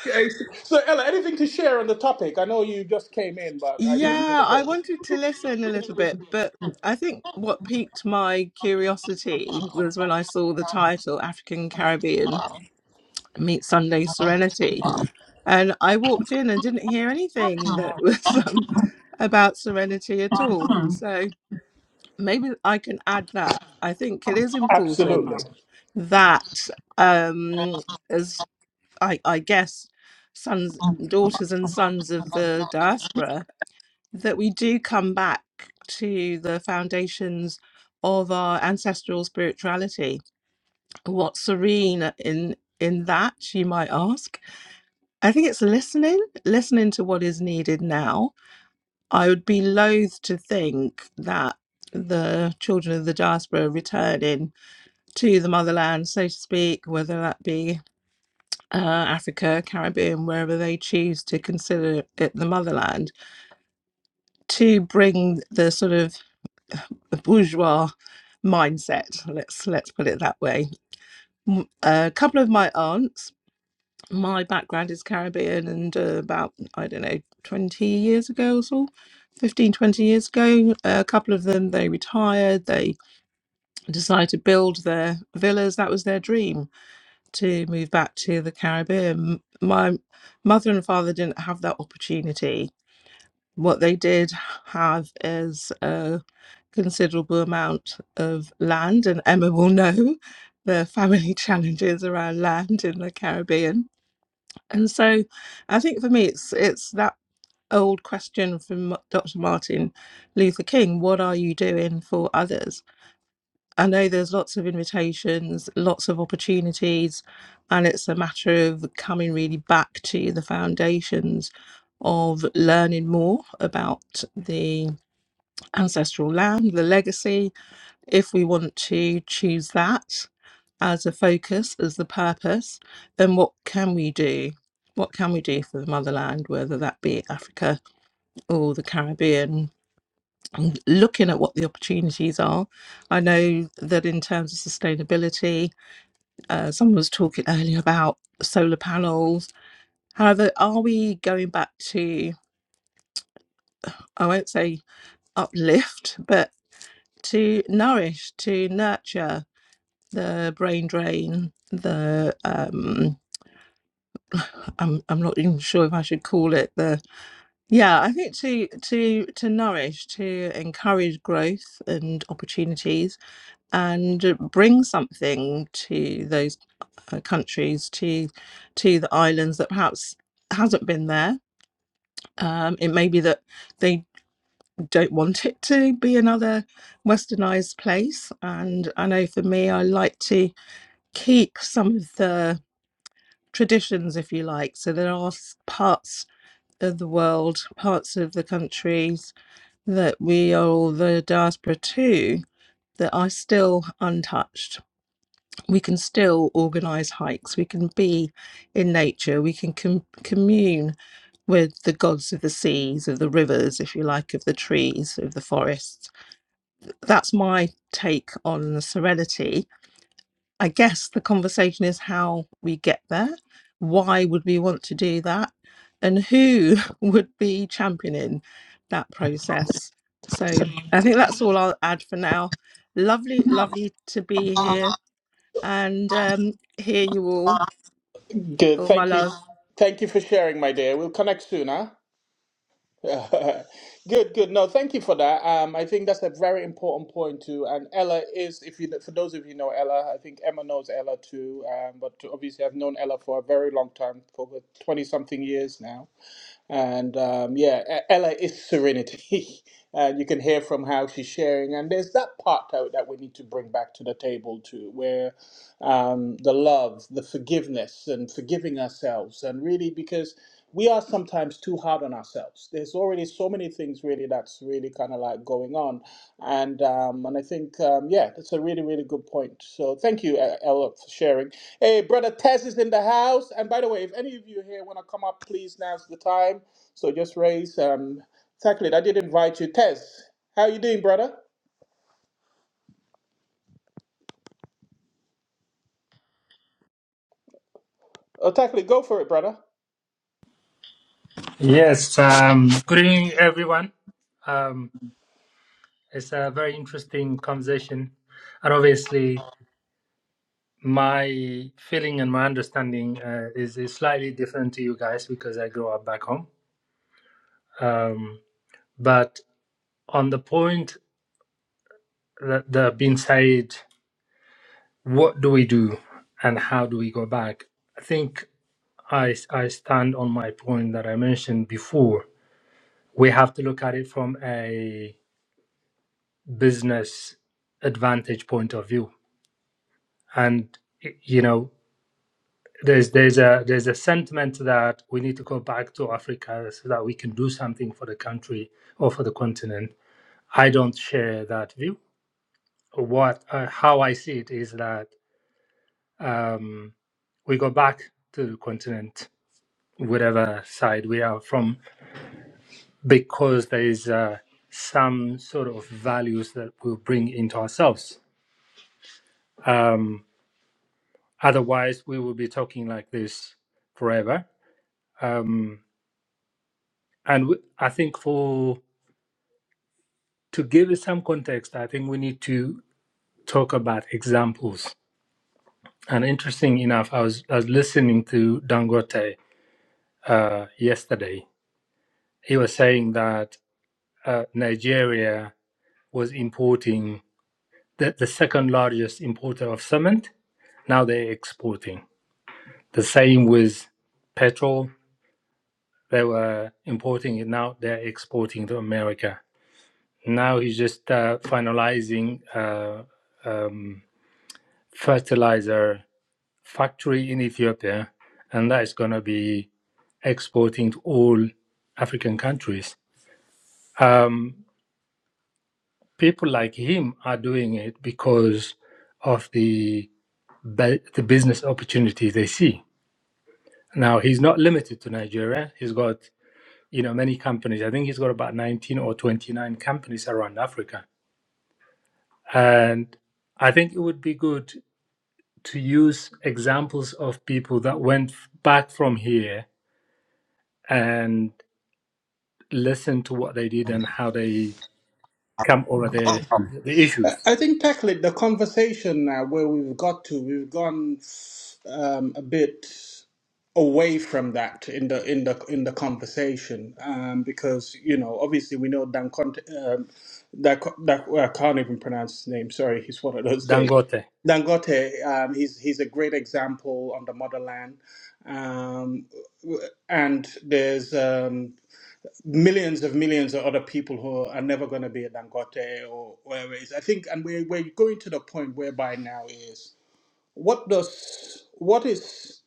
[SPEAKER 1] yeah, it's- so, Ella, anything to share on the topic? I know you just came in, but I know you.
[SPEAKER 5] yeah, I wanted to listen a little bit, but I think what piqued my curiosity was when I saw the title African Caribbean Meet Sunday Serenity. And I walked in and didn't hear anything that was um, about serenity at all. So maybe I can add that. I think it is
[SPEAKER 1] Absolutely.
[SPEAKER 5] important that um, I, I guess, sons, daughters, and sons of the diaspora, that we do come back to the foundations of our ancestral spirituality. What's serene in in that, you might ask? I think it's listening, listening to what is needed now. I would be loath to think that the children of the diaspora returning to the motherland, so to speak, whether that be uh, Africa, Caribbean, wherever they choose to consider it the motherland, to bring the sort of bourgeois mindset. Let's let's put it that way. A couple of my aunts. My background is Caribbean, and uh, about I don't know, twenty years ago or so. 15 20 years ago a couple of them they retired they decided to build their villas that was their dream to move back to the Caribbean. My mother and father didn't have that opportunity. What they did have is a considerable amount of land, and Emma will know the family challenges around land in the Caribbean. And so I think for me, it's, it's that old question from Dr. Martin Luther King what are you doing for others? I know there's lots of invitations, lots of opportunities, and it's a matter of coming really back to the foundations of learning more about the ancestral land, the legacy, if we want to choose that as a focus, as the purpose, then what can we do? What can we do for the motherland, whether that be Africa or the Caribbean looking at what the opportunities are. I know that in terms of sustainability, uh, someone was talking earlier about solar panels. However, are we going back to, I won't say uplift, but to nourish, to nurture the brain drain, the, um, I'm, I'm not even sure if I should call it the, yeah, I think to, to, to nourish, to encourage growth and opportunities and bring something to those uh, countries to to the islands that perhaps hasn't been there um, it may be that they don't want it to be another westernized place and i know for me i like to keep some of the traditions if you like so there are parts of the world parts of the countries that we are all the diaspora to that are still untouched we can still organize hikes we can be in nature we can com- commune with the gods of the seas of the rivers if you like of the trees of the forests that's my take on serenity i guess the conversation is how we get there why would we want to do that and who would be championing that process so i think that's all i'll add for now lovely lovely to be here and um, hear you all.
[SPEAKER 1] Good.
[SPEAKER 5] All my
[SPEAKER 1] Thank you.
[SPEAKER 5] love.
[SPEAKER 1] Thank you for sharing, my dear. We'll connect soon, huh? Uh, Good, good. No, thank you for that. Um, I think that's a very important point too. And Ella is, if you for those of you know Ella, I think Emma knows Ella too. Um, but obviously I've known Ella for a very long time, for twenty something years now. And um, yeah, E- Ella is serenity. and you can hear from how she's sharing. And there's that part that, that we need to bring back to the table too, where um, the love, the forgiveness, and forgiving ourselves. And really, because we are sometimes too hard on ourselves. There's already so many things really that's really kind of like going on. And um, and I think, um, yeah, that's a really, really good point. So thank you, E- Ella, for sharing. Hey, brother Tez is in the house. And by the way, if any of you here want to come up, please now's the time. So just raise um Tacklet. I did invite you. Tez, how you doing, brother? Oh, Tacklet, go for it, brother.
[SPEAKER 6] Yes, um, good evening, everyone. Um, it's a very interesting conversation, and obviously, my feeling and my understanding uh, is, is slightly different to you guys because I grew up back home. Um, but on the point that, that being said, what do we do and how do we go back? I think I, I stand on my point that I mentioned before. We have to look at it from a business advantage point of view and you know there's there's a there's a sentiment that we need to go back to Africa so that we can do something for the country or for the continent. I don't share that view. What uh, how I see it is that um, we go back to the continent, whatever side we are from, because there is uh, some sort of values that we'll bring into ourselves. Um, otherwise, we will be talking like this forever. Um, And w- I think for to give it some context, I think we need to talk about examples. And interesting enough, I was I was listening to Dangote uh, yesterday. He was saying that uh, Nigeria was importing the, the second largest importer of cement. Now they're exporting. The same with petrol. They were importing it. Now they're exporting to America. Now he's just uh, finalizing. Uh, um, fertilizer factory in Ethiopia, and that is going to be exporting to all African countries. Um, people like him are doing it because of the the business opportunities they see. Now he's not limited to Nigeria. He's got you know many companies. I think he's got about 19 or 29 companies around Africa, and I think it would be good to use examples of people that went back from here and listen to what they did and how they come over the
[SPEAKER 1] Um,
[SPEAKER 6] the
[SPEAKER 1] I
[SPEAKER 6] issues.
[SPEAKER 1] I think tackling the conversation now where we've got to, we've gone um, a bit away from that in the in the in the conversation um, because you know obviously we know Dan Conte, um, that that well, I can't even pronounce his name. Sorry, he's one of those days.
[SPEAKER 6] Dangote.
[SPEAKER 1] Dangote, um, he's he's a great example on the motherland, um, and there's um, millions of millions of other people who are never going to be a Dangote or whatever it is. I think, and we're we're going to the point whereby now is what does what is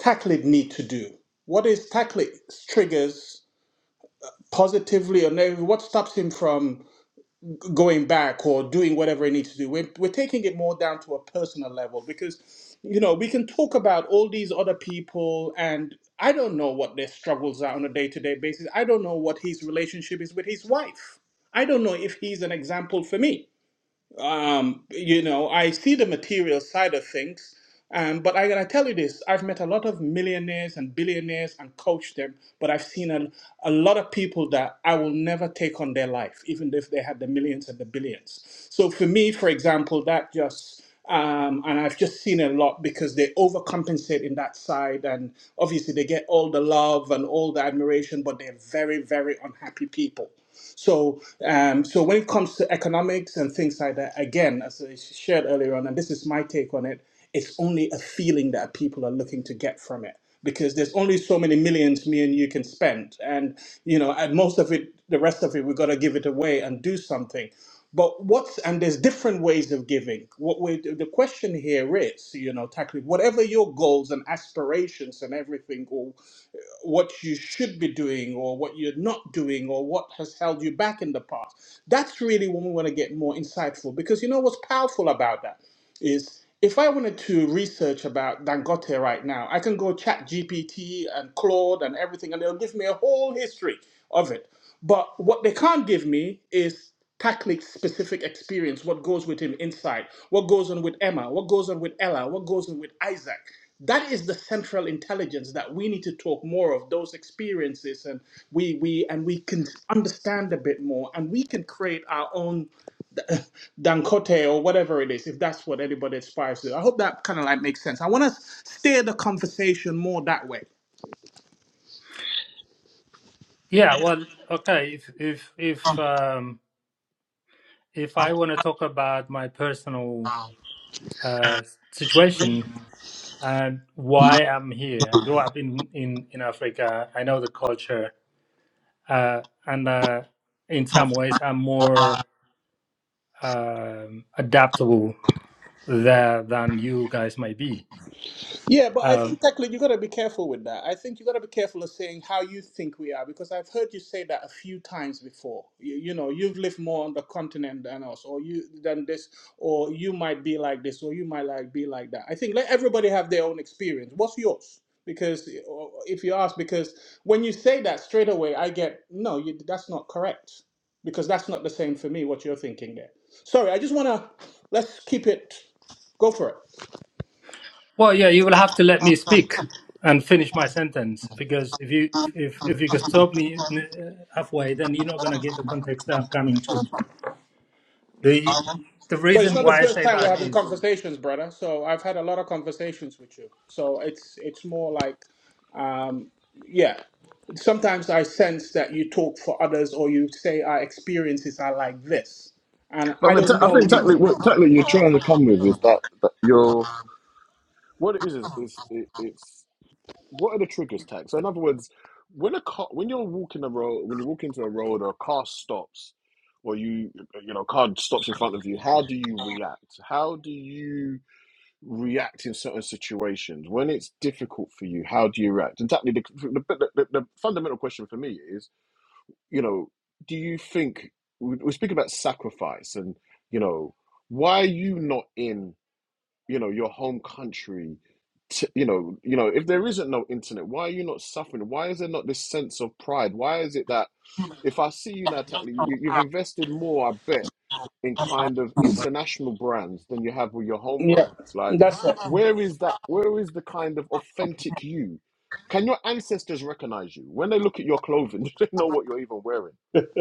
[SPEAKER 1] Taclit need to do? What is Taclit's triggers positively or negatively? What stops him from going back or doing whatever it needs to do. We're, we're taking it more down to a personal level because, you know, we can talk about all these other people and I don't know what their struggles are on a day to day basis. I don't know what his relationship is with his wife. I don't know if he's an example for me. Um, you know, I see the material side of things, um, but I gotta tell you this: I've met a lot of millionaires and billionaires and coached them, but I've seen a, a lot of people that I will never take on their life, even if they had the millions and the billions. So for me, for example, that just um, and I've just seen a lot because they overcompensate in that side, and obviously they get all the love and all the admiration, but they're very, very unhappy people. So, um, so when it comes to economics and things like that, again, as I shared earlier on, and this is my take on it, it's only a feeling that people are looking to get from it because there's only so many millions me and you can spend, and you know, and most of it, the rest of it, we've got to give it away and do something. But what's and there's different ways of giving. What we the question here is, you know, tackling whatever your goals and aspirations and everything, or what you should be doing or what you're not doing or what has held you back in the past. That's really when we want to get more insightful because you know what's powerful about that? is if I wanted to research about Dangote right now, I can go chat GPT and Claude and everything, and they'll give me a whole history of it. But what they can't give me is tactic specific experience, what goes with him inside, what goes on with Emma, what goes on with Ella, what goes on with Isaac. That is the central intelligence that we need to talk more of those experiences, and we we and we can understand a bit more, and we can create our own Dancote or whatever it is, if that's what anybody aspires to. I hope that kind of like makes sense. I want to steer the conversation more that way.
[SPEAKER 6] Yeah, well, okay. If if if um, if I want to talk about my personal uh, situation and why I'm here, I grew up in in in Africa. I know the culture, uh, and uh, in some ways, I'm more um, adaptable there than you guys might be.
[SPEAKER 1] Yeah, but I
[SPEAKER 6] Um,
[SPEAKER 1] think technically you got to be careful with that. I think you got to be careful of saying how you think we are because I've heard you say that a few times before. You, you know, you've lived more on the continent than us, or you than this, or you might be like this, or you might like be like that. I think let everybody have their own experience. What's yours? Because or if you ask, because when you say that straight away, I get no, you, that's not correct because that's not the same for me. What you're thinking there. Sorry, I just wanna let's keep it. Go for it.
[SPEAKER 6] Well, yeah, you will have to let me speak and finish my sentence because if you if if you could stop me n- halfway, then you're not going to get the context that I'm coming to. The the
[SPEAKER 1] But it's
[SPEAKER 6] reason
[SPEAKER 1] not the
[SPEAKER 6] why I
[SPEAKER 1] first
[SPEAKER 6] say
[SPEAKER 1] time we're
[SPEAKER 6] that
[SPEAKER 1] having
[SPEAKER 6] is,
[SPEAKER 1] conversations, brother. So I've had a lot of conversations with you. So it's it's more like, um, yeah. Sometimes I sense that you talk for others, or you say our experiences are like this, and
[SPEAKER 2] But I
[SPEAKER 1] I
[SPEAKER 2] think,
[SPEAKER 1] don't.
[SPEAKER 2] ta- I think tactically, what tactically you're trying to come with is that that you're what it is is, is it, it's what are the triggers tax. So in other words, when a car, when you're walking a road, when you walk into a road or a car stops, or you you know a car stops in front of you, how do you react? How do you react in certain situations when it's difficult for you? How do you react? And tactically, the, the, the, the fundamental question for me is you know, do you think we- we're speaking about sacrifice and, you know, why are you not in, you know, your home country? To, you know, you know, if there isn't no internet, why are you not suffering? Why is there not this sense of pride? Why is it that if I see you now, you, you've invested more, I bet, in kind of international brands than you have with your home
[SPEAKER 1] Yeah,
[SPEAKER 2] brands. Like,
[SPEAKER 1] that's it.
[SPEAKER 2] where is that? Where is the kind of authentic you? Can your ancestors recognize you when they look at your clothing? Do they know what you're even wearing?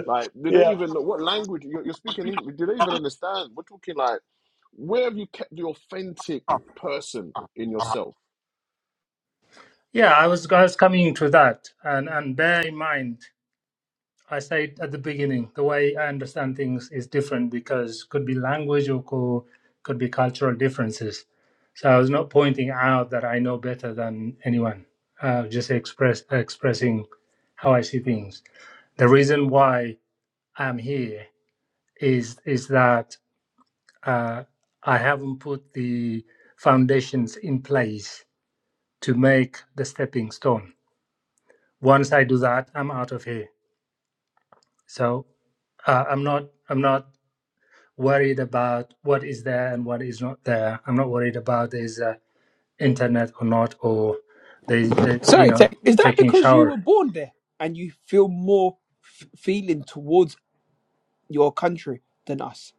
[SPEAKER 2] Like, do they
[SPEAKER 1] Yeah,
[SPEAKER 2] even know what language you're, you're speaking English? Do they even understand? We're talking like, where have you kept the authentic person in yourself?
[SPEAKER 6] yeah, I was I was coming to that, and and bear in mind, I said at the beginning, the way I understand things is different because could be language or co- could be cultural differences. So I was not pointing out that I know better than anyone. Uh, just express expressing how I see things. The reason why I'm here is is that uh, I haven't put the foundations in place to make the stepping stone. Once I do that, I'm out of here. So uh, I'm not I'm not worried about what is there and what is not there. I'm not worried about there's uh, internet or not or there's uh, you
[SPEAKER 7] Sorry,
[SPEAKER 6] know
[SPEAKER 7] Tech. Is that
[SPEAKER 6] taking a
[SPEAKER 7] because you were
[SPEAKER 6] shower.
[SPEAKER 7] born there and you feel more f- feeling towards your country than us?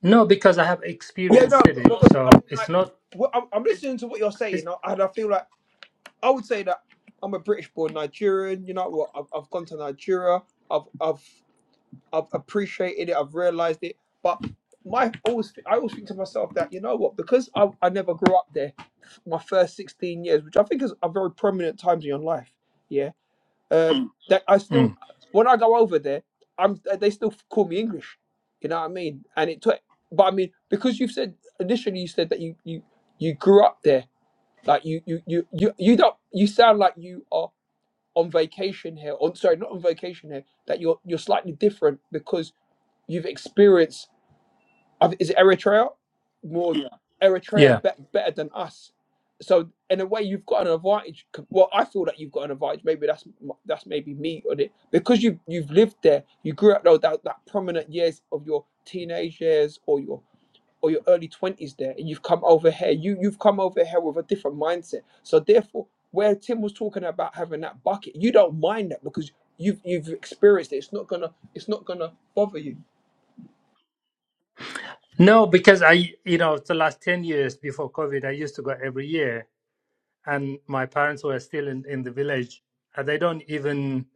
[SPEAKER 6] No, because I have
[SPEAKER 7] Yeah, no,
[SPEAKER 6] experienced it.
[SPEAKER 7] because I
[SPEAKER 6] So
[SPEAKER 7] mean,
[SPEAKER 6] it's
[SPEAKER 7] like,
[SPEAKER 6] not.
[SPEAKER 7] what, I'm, I'm listening to what you're
[SPEAKER 6] It's
[SPEAKER 7] saying, uh, and I feel like I would say that I'm a British-born Nigerian. You know what? I've, I've gone to Nigeria. I've, I've, I've appreciated it. I've realised it. But my always, I always think to myself that you know what? Because I, I never grew up there. My first 16 years, which I think is a very prominent times in your life. yeah, Uh, Mm. that I still,
[SPEAKER 6] mm,
[SPEAKER 7] when I go over there, I'm they still call me English. You know what I mean? And it took, but I mean, because you've said initially, you said that you you you grew up there, like you you you you you don't you sound like you are on vacation here. On sorry, not on vacation here. That you're you're slightly different because you've experienced I th- is it Eritrea more Yeah.
[SPEAKER 6] yeah.
[SPEAKER 7] Eritrea be- better than us? So in a way, you've got an advantage. c- Well, I feel that you've got an advantage. Maybe that's m- that's maybe me on it because you you've lived there. You grew up those that, that prominent years of your teenage years or your or your early twenties there, and you've come over here. You you've come over here with a different mindset. So therefore, where Tim was talking about having that bucket, you don't mind that because you've you've experienced it. It's not gonna it's not gonna bother you.
[SPEAKER 6] No, because I, you know, the last 10 years before COVID, I used to go every year, and my parents were still in, in the village. And they don't even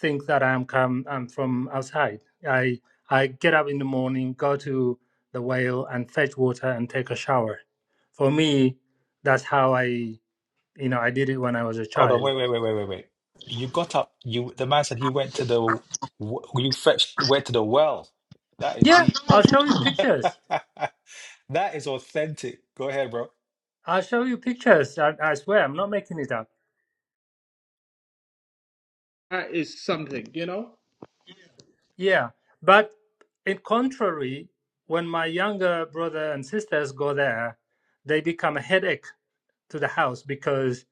[SPEAKER 6] think that I'm come I'm from outside. I I get up in the morning, go to the well and fetch water and take a shower. For me, that's how I, you know, I did it when I was a
[SPEAKER 4] Hold on,
[SPEAKER 6] child.
[SPEAKER 4] wait, wait, wait, wait, wait, wait. You got up. You the man said he went to the w- you fetched went to the well. That is
[SPEAKER 6] Yeah,
[SPEAKER 4] deep.
[SPEAKER 6] I'll show you pictures.
[SPEAKER 4] That is authentic. Go ahead, bro.
[SPEAKER 6] I'll show you pictures. I, I swear, I'm not making it up.
[SPEAKER 1] that is something, you know.
[SPEAKER 6] Yeah, but in contrary, when my younger brother and sisters go there, they become a headache to the house because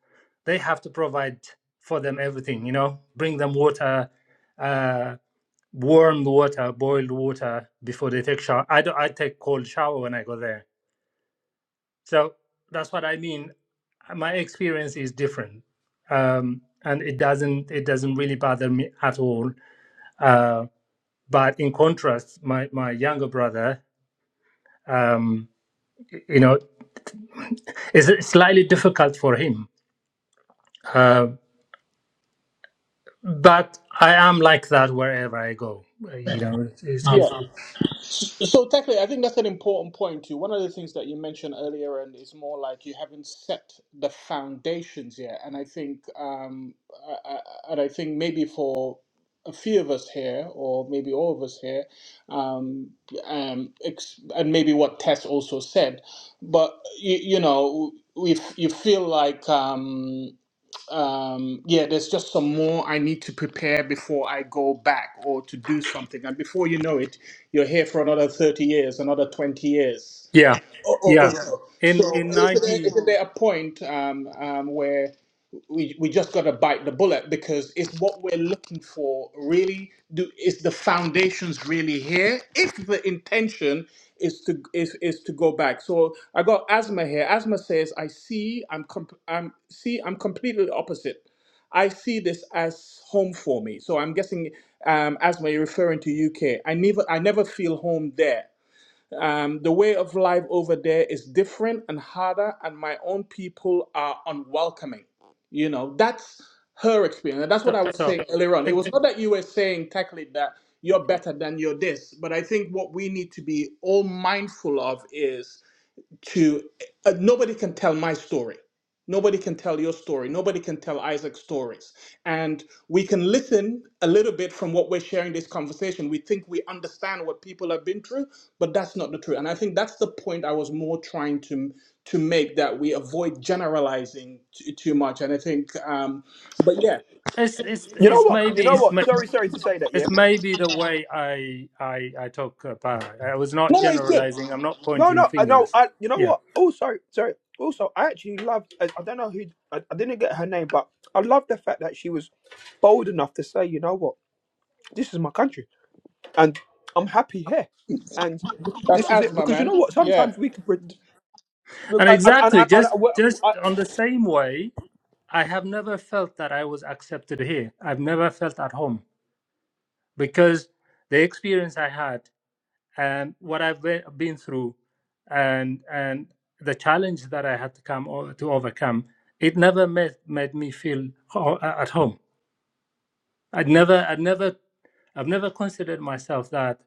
[SPEAKER 6] they have to provide for them everything. You know, bring them water, uh, warm water, boiled water before they take shower. I do, I take cold shower when I go there, so that's what I mean. My experience is different, um, and it doesn't it doesn't really bother me at all Uh, but in contrast, my, my younger brother, um, you know, is slightly difficult for him. Uh, but I am like that wherever I go. Uh, You know, it's, it's, it's
[SPEAKER 1] So technically, I think that's an important point too. One of the things that you mentioned earlier, and is more like you haven't set the foundations yet. And I think, um, I, I, and I think maybe for a few of us here, or maybe all of us here, um, um, ex- and maybe what Tess also said, but you, you know, we f- you feel like. Um, um, yeah, there's just some more I need to prepare before I go back or to do something. And before you know it, you're here for another 30 years, another 20 years.
[SPEAKER 6] yeah,
[SPEAKER 1] Oh, oh, oh,
[SPEAKER 6] yeah.
[SPEAKER 1] yeah.
[SPEAKER 6] In
[SPEAKER 1] So
[SPEAKER 6] in
[SPEAKER 1] isn't there,
[SPEAKER 6] ninety,
[SPEAKER 1] isn't there a point um, um, where we, we just got to bite the bullet because it's what we're looking for really do is the foundations really here if the intention is to is, is to go back so i got asthma here asthma says i see i'm comp- i'm see i'm completely opposite I see this as home for me. So I'm guessing, um, Asma, you're referring to UK. I never, I never feel home there. Um, the way of life over there is different and harder, and my own people are unwelcoming. You know, that's her experience. And that's what
[SPEAKER 6] so,
[SPEAKER 1] I was
[SPEAKER 6] so
[SPEAKER 1] saying earlier on. It was
[SPEAKER 6] it's,
[SPEAKER 1] not that you were saying, technically, that you're better than you're this, but I think what we need to be all mindful of is to uh, nobody can tell my story nobody can tell your story nobody can tell isaac's stories and we can listen a little bit from what we're sharing this conversation we think we understand what people have been through but that's not the truth and i think that's the point i was more trying to to make that we avoid generalizing t- too much and i think um but yeah
[SPEAKER 6] it's it's
[SPEAKER 7] You know
[SPEAKER 6] it's
[SPEAKER 7] what? You
[SPEAKER 6] maybe
[SPEAKER 7] know
[SPEAKER 6] it's
[SPEAKER 7] what?
[SPEAKER 6] ma-
[SPEAKER 7] Sorry, sorry to say that.
[SPEAKER 6] it's
[SPEAKER 7] Yeah.
[SPEAKER 6] maybe the way I I I talk about. I was not
[SPEAKER 1] no no, it's good
[SPEAKER 6] generalizing. I'm not
[SPEAKER 7] No,
[SPEAKER 6] pointing
[SPEAKER 7] no, I no.
[SPEAKER 6] fingers.
[SPEAKER 7] I. You know
[SPEAKER 6] Yeah,
[SPEAKER 7] what? Oh, sorry, sorry. Also, I actually loved. I, I don't know who. I, I didn't get her name, but I love the fact that she was bold enough to say, you know what? This is my country, and I'm happy here, and
[SPEAKER 1] that's
[SPEAKER 7] this is it.
[SPEAKER 1] asthma
[SPEAKER 7] Because you know
[SPEAKER 1] man
[SPEAKER 7] what?
[SPEAKER 1] yeah
[SPEAKER 7] Sometimes we can. pre- Look,
[SPEAKER 6] and
[SPEAKER 7] And and and,
[SPEAKER 6] exactly
[SPEAKER 7] and,
[SPEAKER 6] just
[SPEAKER 7] and,
[SPEAKER 6] just
[SPEAKER 7] I,
[SPEAKER 6] on the same way I have never felt that I was accepted here. I've never felt at home because the experience I had and what I've be- been through and and the challenge that I had to come o- to overcome, it never made, made me feel ho- at home. I'd never, I'd never, I've never considered myself that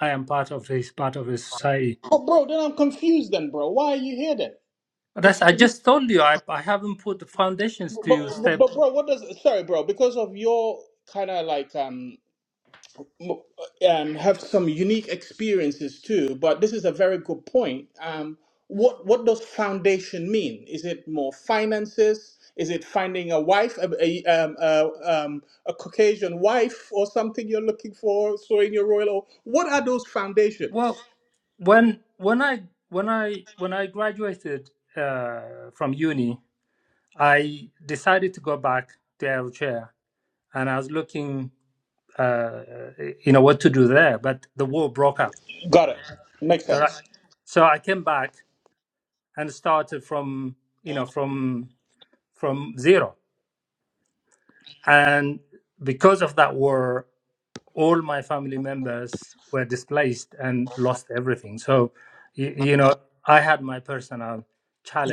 [SPEAKER 6] I am part of this part of the society.
[SPEAKER 1] oh bro then i'm confused then bro why are you here then
[SPEAKER 6] That's
[SPEAKER 1] If
[SPEAKER 6] I just told you I, I haven't put the foundations
[SPEAKER 1] But,
[SPEAKER 6] to
[SPEAKER 1] but
[SPEAKER 6] step
[SPEAKER 1] but bro, what does sorry, bro? Because of your kind of like um m- um have some unique experiences too. But this is a very good point. Um, what what does foundation mean? Is it more finances? Is it finding a wife, a, a, um, a, um, a Caucasian wife, or something you're looking for? So in your royal, o- what are those foundations?
[SPEAKER 6] Well, when when I when I when I graduated uh, from uni, I decided to go back to Eritrea, and I was looking, uh, you know, what to do there. But the war broke up,
[SPEAKER 1] Got it. Makes
[SPEAKER 6] so I,
[SPEAKER 1] sense.
[SPEAKER 6] so I came back and started from you know from from zero, and because of that war. all my family members were displaced and lost everything. So, y- you know, I had my personal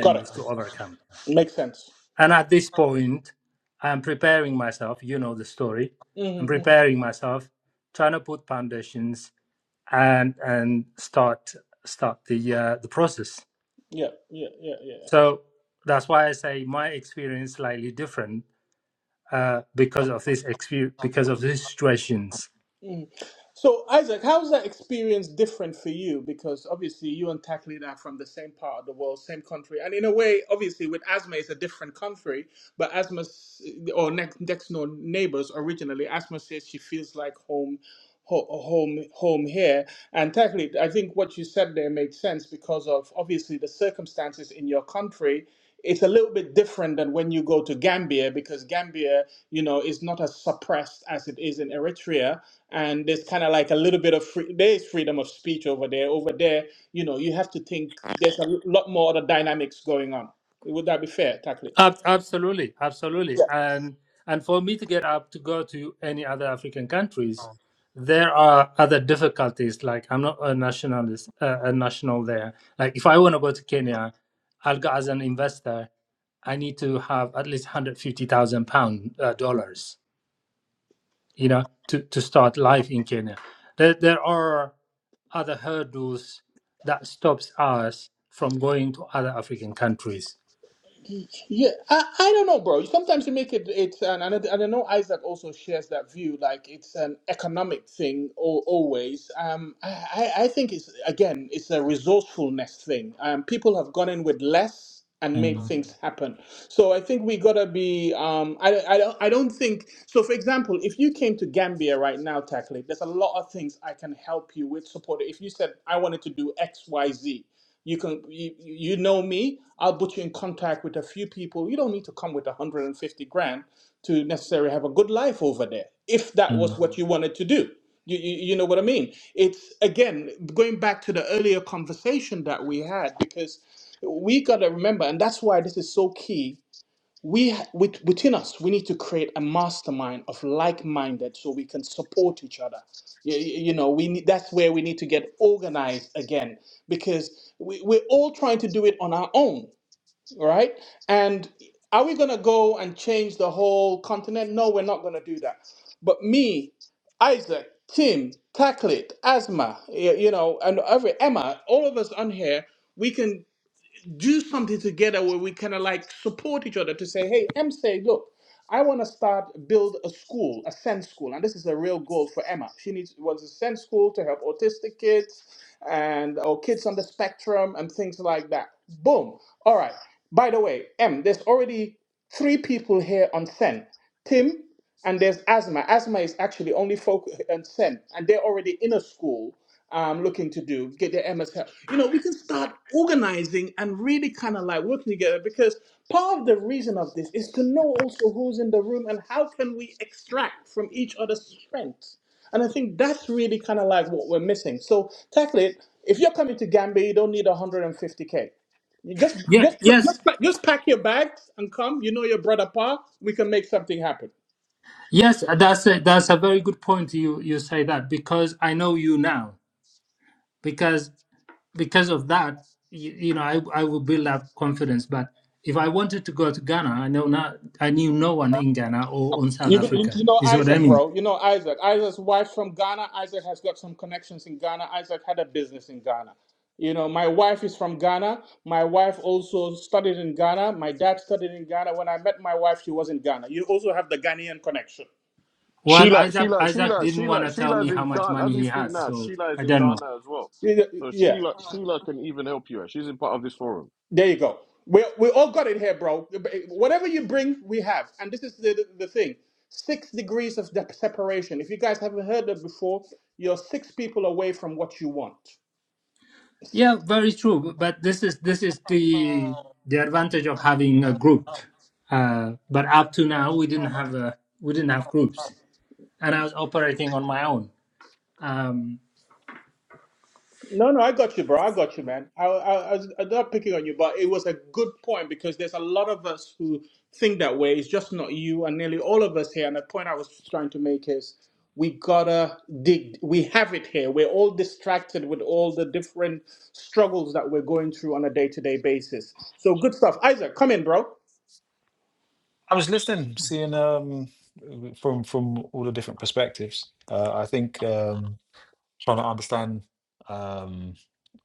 [SPEAKER 1] Got it.
[SPEAKER 6] to overcome.
[SPEAKER 1] Makes sense.
[SPEAKER 6] And at this point, I'm preparing myself, you know the story. I'm
[SPEAKER 1] hmm
[SPEAKER 6] preparing myself, trying to put foundations and and start start the uh, the process.
[SPEAKER 1] Yeah, yeah, yeah, yeah.
[SPEAKER 6] So that's why I say my experience slightly different uh, because of this experience, because of these situations
[SPEAKER 1] Mm. So, Isaac, how's that experience different for you? Because obviously, you and Taklid are from the same part of the world, same country, and in a way, obviously, with asthma, it's a different country. But Asma's or next next door neighbors originally, asthma says she feels like home, ho- home, home here. And Taklid, I think what you said there made sense because of obviously the circumstances in your country it's a little bit different than when you go to Gambia because Gambia, you know, is not as suppressed as it is in Eritrea and there's kind of like a little bit of free, there is freedom of speech over there. Over there, you know, you have to think there's a lot more other dynamics going on. Would that be fair, Takli?
[SPEAKER 6] Ab- absolutely, absolutely. And and for me to get up to go to any other African countries, there are other difficulties. Like I'm not a nationalist, uh, a national there. Like if I want to go to Kenya, I'll go as an investor. I need to have at least one hundred fifty thousand pound uh, dollars, you know, to to start life in Kenya. There there are other hurdles that stops us from going to other African countries.
[SPEAKER 1] Yeah, I, I don't know, bro. Sometimes you make it it's an and I, and I know Isaac also shares that view, like it's an economic thing al always. Um, I I I think it's again it's a resourcefulness thing. Um, people have gone in with less and made Mm.
[SPEAKER 4] Mm,
[SPEAKER 1] things happen. So I think we gotta be. Um, I I don't I don't think so. For example, if you came to Gambia right now, Tackling, there's a lot of things I can help you with support. If you said I wanted to do X Y Z. You can you, you know me. I'll put you in contact with a few people. You don't need to come with 150 grand to necessarily have a good life over there. If that
[SPEAKER 4] mm.
[SPEAKER 1] was what you wanted to do, you, you, you know what I mean. It's again going back to the earlier conversation that we had because we got to remember, and that's why this is so key we with, within us we need to create a mastermind of like-minded so we can support each other you, you know we need, that's where we need to get organized again because we, we're all trying to do it on our own right and are we going to go and change the whole continent no we're not going to do that but me isaac tim taklit asma y- you know and every emma all of us on here we can do something together where we kind of like support each other to say, hey, Em say, look, I want to start build a school, a sense school, and this is a real goal for Emma. She needs wants a sense school to help autistic kids and or kids on the spectrum and things like that. Boom. All right. By the way, Em, there's already three people here on Sen. Tim, and there's Asma. Asma is actually only focused on Sen, and they're already in a school um, looking to do, get their MS help. You know, we can start organizing and really kind of like working together because part of the reason of this is to know also who's in the room and how can we extract from each other's strengths. And I think that's really kind of like what we're missing. So tackle it. If you're coming to Gambia, you don't need 150k. You just,
[SPEAKER 6] Yeah.
[SPEAKER 1] just,
[SPEAKER 6] Yes.
[SPEAKER 1] just, pack- just pack your bags and come. You know your brother Pa. We can make something happen.
[SPEAKER 6] Yes, that's a, that's a very good point. You you say that because I know you now. Because because of that, you, you know, I I will build up confidence. But if I wanted to go to Ghana, I know not I knew no one in Ghana or on South
[SPEAKER 1] You, you
[SPEAKER 6] Africa.
[SPEAKER 1] you know
[SPEAKER 6] Is what I
[SPEAKER 1] Isaac,
[SPEAKER 6] mean.
[SPEAKER 1] bro. You know Isaac. Isaac's wife's from Ghana. Isaac has got some connections in Ghana. Isaac had a business in Ghana. You know, my wife is from Ghana. My wife also studied in Ghana. My dad studied in Ghana. When I met my wife, she was in Ghana. You also have the Ghanaian connection.
[SPEAKER 6] Well,
[SPEAKER 2] Sheila,
[SPEAKER 6] Isaac
[SPEAKER 2] Sheila,
[SPEAKER 6] Isaac
[SPEAKER 2] Sheila,
[SPEAKER 6] didn't want
[SPEAKER 2] Sheila,
[SPEAKER 6] to tell me
[SPEAKER 2] Sheila's
[SPEAKER 6] how
[SPEAKER 2] in
[SPEAKER 6] much
[SPEAKER 2] Ghana.
[SPEAKER 6] money
[SPEAKER 2] As we
[SPEAKER 6] he
[SPEAKER 2] speak
[SPEAKER 6] has,
[SPEAKER 2] now,
[SPEAKER 6] so
[SPEAKER 2] Sheila is
[SPEAKER 6] I
[SPEAKER 2] in
[SPEAKER 6] don't know.
[SPEAKER 2] Ghana as well.
[SPEAKER 1] Yeah,
[SPEAKER 2] So
[SPEAKER 1] yeah.
[SPEAKER 2] Sheila, Sheila can even help you. out. She's in part of this forum.
[SPEAKER 1] there you go. We, we all got it here, bro. Whatever you bring, we have. And this is the, the, the thing six degrees of de- separation. If you guys haven't heard that before, you're six people away from what you want
[SPEAKER 6] Yeah, very true. But but this is this is the the advantage of having a group. Uh, but up to now, we didn't have a we didn't have groups. and I was operating on my own. Um,
[SPEAKER 1] No, no, I got you, bro. I got you, man. I, I, I was I'm not picking on you, but it was a good point because there's a lot of us who think that way. It's just not you, and nearly all of us here. And the point I was trying to make is we gotta dig. We have it here. We're all distracted with all the different struggles that we're going through on a day to day basis. So good stuff, Isaac. Come in, bro.
[SPEAKER 4] I was listening, seeing um from from all the different perspectives. Uh, I think um, trying to understand um,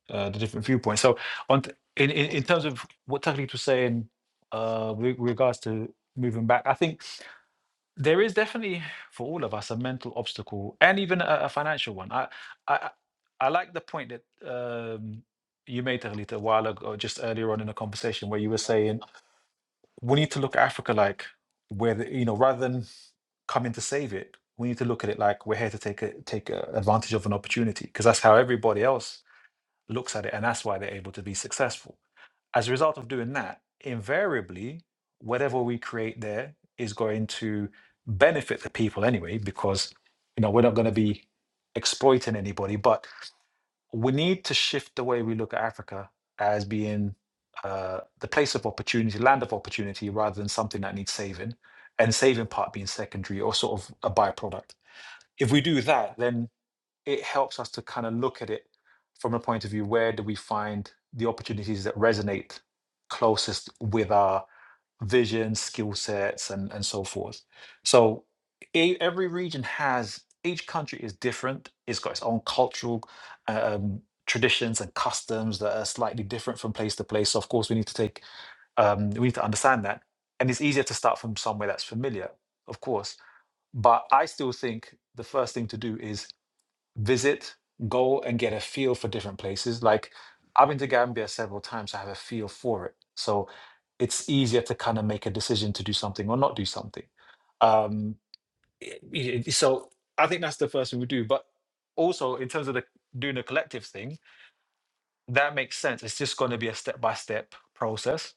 [SPEAKER 4] uh, the different viewpoints. So, on t- in, in in terms of what Taklit was saying uh, with regards to moving back, I think there is definitely for all of us a mental obstacle and even a, a financial one. I I I I like the point that um, you made Taklit a while ago, just earlier on in the conversation, where you were saying we need to look at Africa like where the, you know rather than come in to save it. We need to look at it like we're here to take a, take a advantage of an opportunity because that's how everybody else looks at it, and that's why they're able to be successful. As a result of doing that, invariably, whatever we create there is going to benefit the people anyway because you know we're not going to be exploiting anybody, but we need to shift the way we look at Africa as being uh, the place of opportunity, land of opportunity, rather than something that needs saving, and saving part being secondary or sort of a byproduct. If we do that, then it helps us to kind of look at it from a point of view where do we find the opportunities that resonate closest with our vision, skill sets, and, and so forth. So e- every region has, each country is different. It's got its own cultural um, traditions and customs that are slightly different from place to place. So of course, we need to take, um, we need to understand that. And it's easier to start from somewhere that's familiar, of course. But I still think the first thing to do is visit, go and get a feel for different places. Like I've been to Gambia several times, so I have a feel for it. So it's easier to kind of make a decision to do something or not do something. Um, i- i- i- so I think that's the first thing we do. But also in terms of the doing the collective thing, that makes sense. It's just going to be a step by step process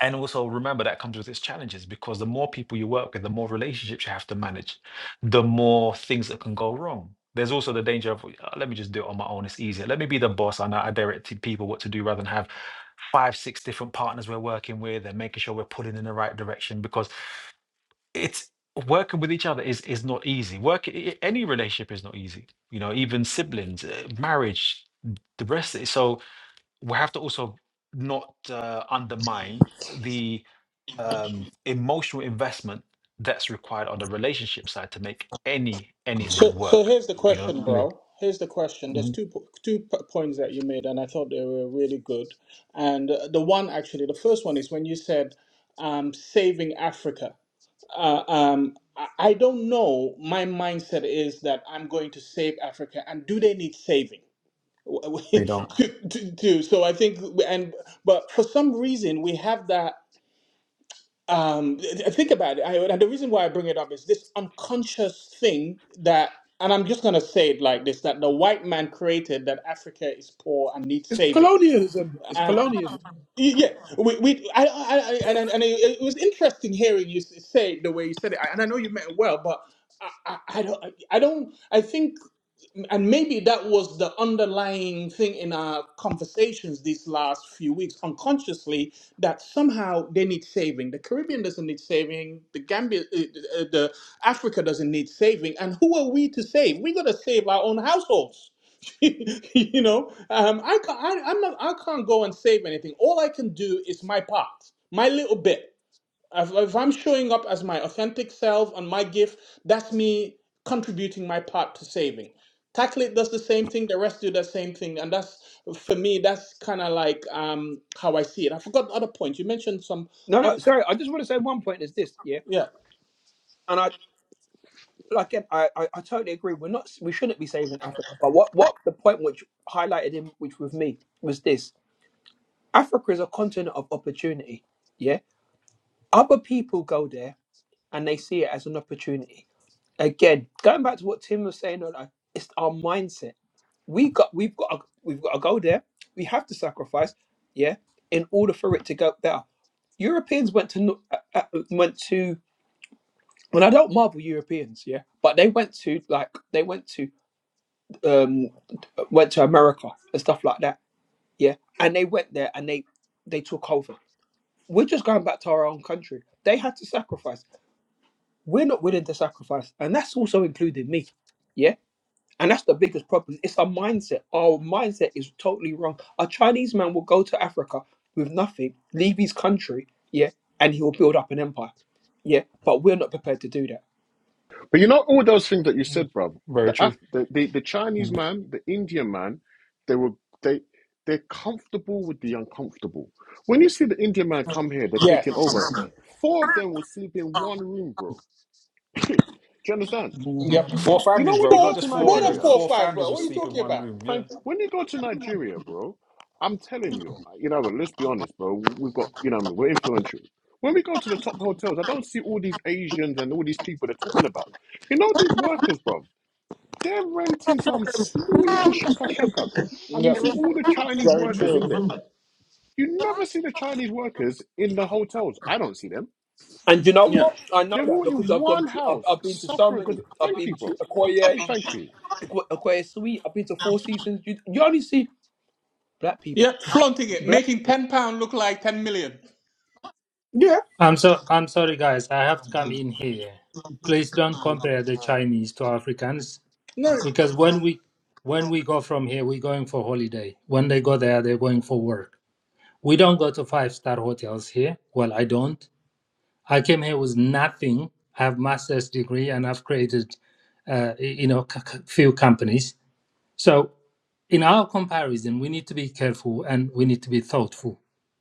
[SPEAKER 4] and also remember that comes with its challenges because the more people you work with, the more relationships you have to manage, the more things that can go wrong. There's also the danger of, "Uh, let me just do it on my own. It's easier. Let me be the boss and I I direct to people what to do rather than have five, six different partners we're working with and making sure we're pulling in the right direction because it's working with each other is is not easy. Work i- any relationship is not easy. You know, even siblings, uh, marriage, the rest. So we have to also not uh, undermine the um, emotional investment that's required on the relationship side to make any
[SPEAKER 1] So,
[SPEAKER 4] anything
[SPEAKER 1] so
[SPEAKER 4] work.
[SPEAKER 1] here's the
[SPEAKER 4] You know,
[SPEAKER 1] question,
[SPEAKER 4] yeah,
[SPEAKER 1] bro. Here's the question. There's
[SPEAKER 4] Mhm.
[SPEAKER 1] two po- two p- points that you made, and I thought they were really good. And uh, the one actually, the first one is when you said um, saving Africa. Uh, um, I I don't know. My mindset is that I'm going to save Africa, and do they need saving?
[SPEAKER 4] they don't.
[SPEAKER 1] to, to, to, so I think, and but for some reason we have that um th- th- think about it I, and the reason why i bring it up is this unconscious thing that and i'm just going to say it like this that the white man created that africa is poor and needs
[SPEAKER 7] It's
[SPEAKER 1] saving
[SPEAKER 7] colonialism. It's
[SPEAKER 1] and
[SPEAKER 7] colonialism.
[SPEAKER 1] y- yeah we, we I, I, I and, and and it, it was interesting hearing you s- say it the way you said it I, and i know you meant it well but I, I, I don't. I don't. I think and maybe that was the underlying thing in our conversations these last few weeks unconsciously that somehow they need saving the caribbean doesn't need saving the gambia uh, uh, the africa doesn't need saving and who are we to save we got to save our own households you know um, I, can't, I, I'm not, I can't go and save anything all i can do is my part my little bit if, if I'm showing up as my authentic self on my gift, that's me contributing my part to saving. Tacklet does the same thing, the rest do the same thing, and that's for me. That's kind of like um, how I see it. I forgot other points. You mentioned some
[SPEAKER 7] No, no,
[SPEAKER 1] other,
[SPEAKER 7] sorry. I just want to say one point is this, yeah.
[SPEAKER 1] yeah.
[SPEAKER 7] And I, like, again, I, I, I totally agree. We're not, we shouldn't be saving Africa. But what, what the point which highlighted him, which with me was this: Africa is a continent of opportunity. Yeah, other people go there and they see it as an opportunity. Again, going back to what Tim was saying, like, it's our mindset we got we've got a, we've got to go there. We have to sacrifice, yeah, in order for it to go there. Europeans went to no- uh, uh, went to, and I don't marvel Europeans, yeah, but they went to like they went to um went to America and stuff like that, yeah, and they went there and they they took over. We're just going back to our own country. They had to sacrifice. We're not willing to sacrifice, and that's also including me, yeah. And that's the biggest problem. It's our mindset. Our mindset is totally wrong. A Chinese man will go to Africa with nothing, leave his country, yeah, and he will build up an empire, yeah. But we're not prepared to do that.
[SPEAKER 2] But you know all those things that you
[SPEAKER 4] Mm.
[SPEAKER 2] said, bro.
[SPEAKER 4] Very
[SPEAKER 2] The Af-
[SPEAKER 4] true.
[SPEAKER 2] the, the the Chinese
[SPEAKER 4] Mm.
[SPEAKER 2] man, the Indian man, they were they they're comfortable with the uncomfortable. When you see the Indian man come here, they're taking
[SPEAKER 1] Yes.
[SPEAKER 2] over. Four of them will sleep in one room, bro. Do you understand? You,
[SPEAKER 1] Yep.
[SPEAKER 4] Mhm.
[SPEAKER 2] you
[SPEAKER 4] Four
[SPEAKER 2] you know
[SPEAKER 4] families,
[SPEAKER 2] when you
[SPEAKER 4] bro.
[SPEAKER 2] go
[SPEAKER 4] Not
[SPEAKER 1] Four,
[SPEAKER 2] to
[SPEAKER 4] just four
[SPEAKER 1] more
[SPEAKER 4] of
[SPEAKER 1] than
[SPEAKER 4] them.
[SPEAKER 1] four
[SPEAKER 2] Nigeria,
[SPEAKER 1] or
[SPEAKER 4] Four
[SPEAKER 1] five,
[SPEAKER 4] families
[SPEAKER 1] bro.
[SPEAKER 4] will
[SPEAKER 1] What are you
[SPEAKER 4] sleep in
[SPEAKER 1] talking
[SPEAKER 4] one
[SPEAKER 1] about?
[SPEAKER 4] room. Yeah.
[SPEAKER 2] thank when you go to Nigeria, bro. I'm telling you, uh, you know, let's be honest, bro. We've got, you know, we're influential. When we go to the top hotels, I don't see all these Asians and all these people they're talking about. You know these workers, bro. They're renting some small little shaka shaka. And you
[SPEAKER 1] Yep.
[SPEAKER 2] see all the Chinese
[SPEAKER 1] Very
[SPEAKER 2] workers
[SPEAKER 1] true.
[SPEAKER 2] in there. You never see the Chinese workers in the hotels. I don't see them.
[SPEAKER 7] And you know
[SPEAKER 1] Yeah,
[SPEAKER 7] what? I know
[SPEAKER 2] They're all
[SPEAKER 7] that because
[SPEAKER 2] in
[SPEAKER 7] I've gone
[SPEAKER 2] one
[SPEAKER 7] to, I've,
[SPEAKER 2] house
[SPEAKER 7] I've been to so
[SPEAKER 2] suffering
[SPEAKER 7] many.
[SPEAKER 2] because.
[SPEAKER 7] I've
[SPEAKER 2] Thank you,
[SPEAKER 7] been to
[SPEAKER 2] bro.
[SPEAKER 7] Okoye,
[SPEAKER 2] Thank you.
[SPEAKER 7] Oko- Okoye Sweet. I've been to Four Seasons. You, you only see black people.
[SPEAKER 1] yeah, flaunting it,
[SPEAKER 7] Black.
[SPEAKER 1] making ten pound look like ten million.
[SPEAKER 7] Yeah.
[SPEAKER 6] I'm so I'm sorry, guys. I have to come
[SPEAKER 1] No,
[SPEAKER 6] in here. Please don't compare the Chinese to Africans
[SPEAKER 1] no,
[SPEAKER 6] because when we when we go from here, we're going for holiday. When they go there, they're going for work. We don't go to five star hotels here. Well, I don't. I came here with nothing. I have master's degree and I've created, uh, you know, c- c- few companies. So in our comparison, we need to be careful and we need to be thoughtful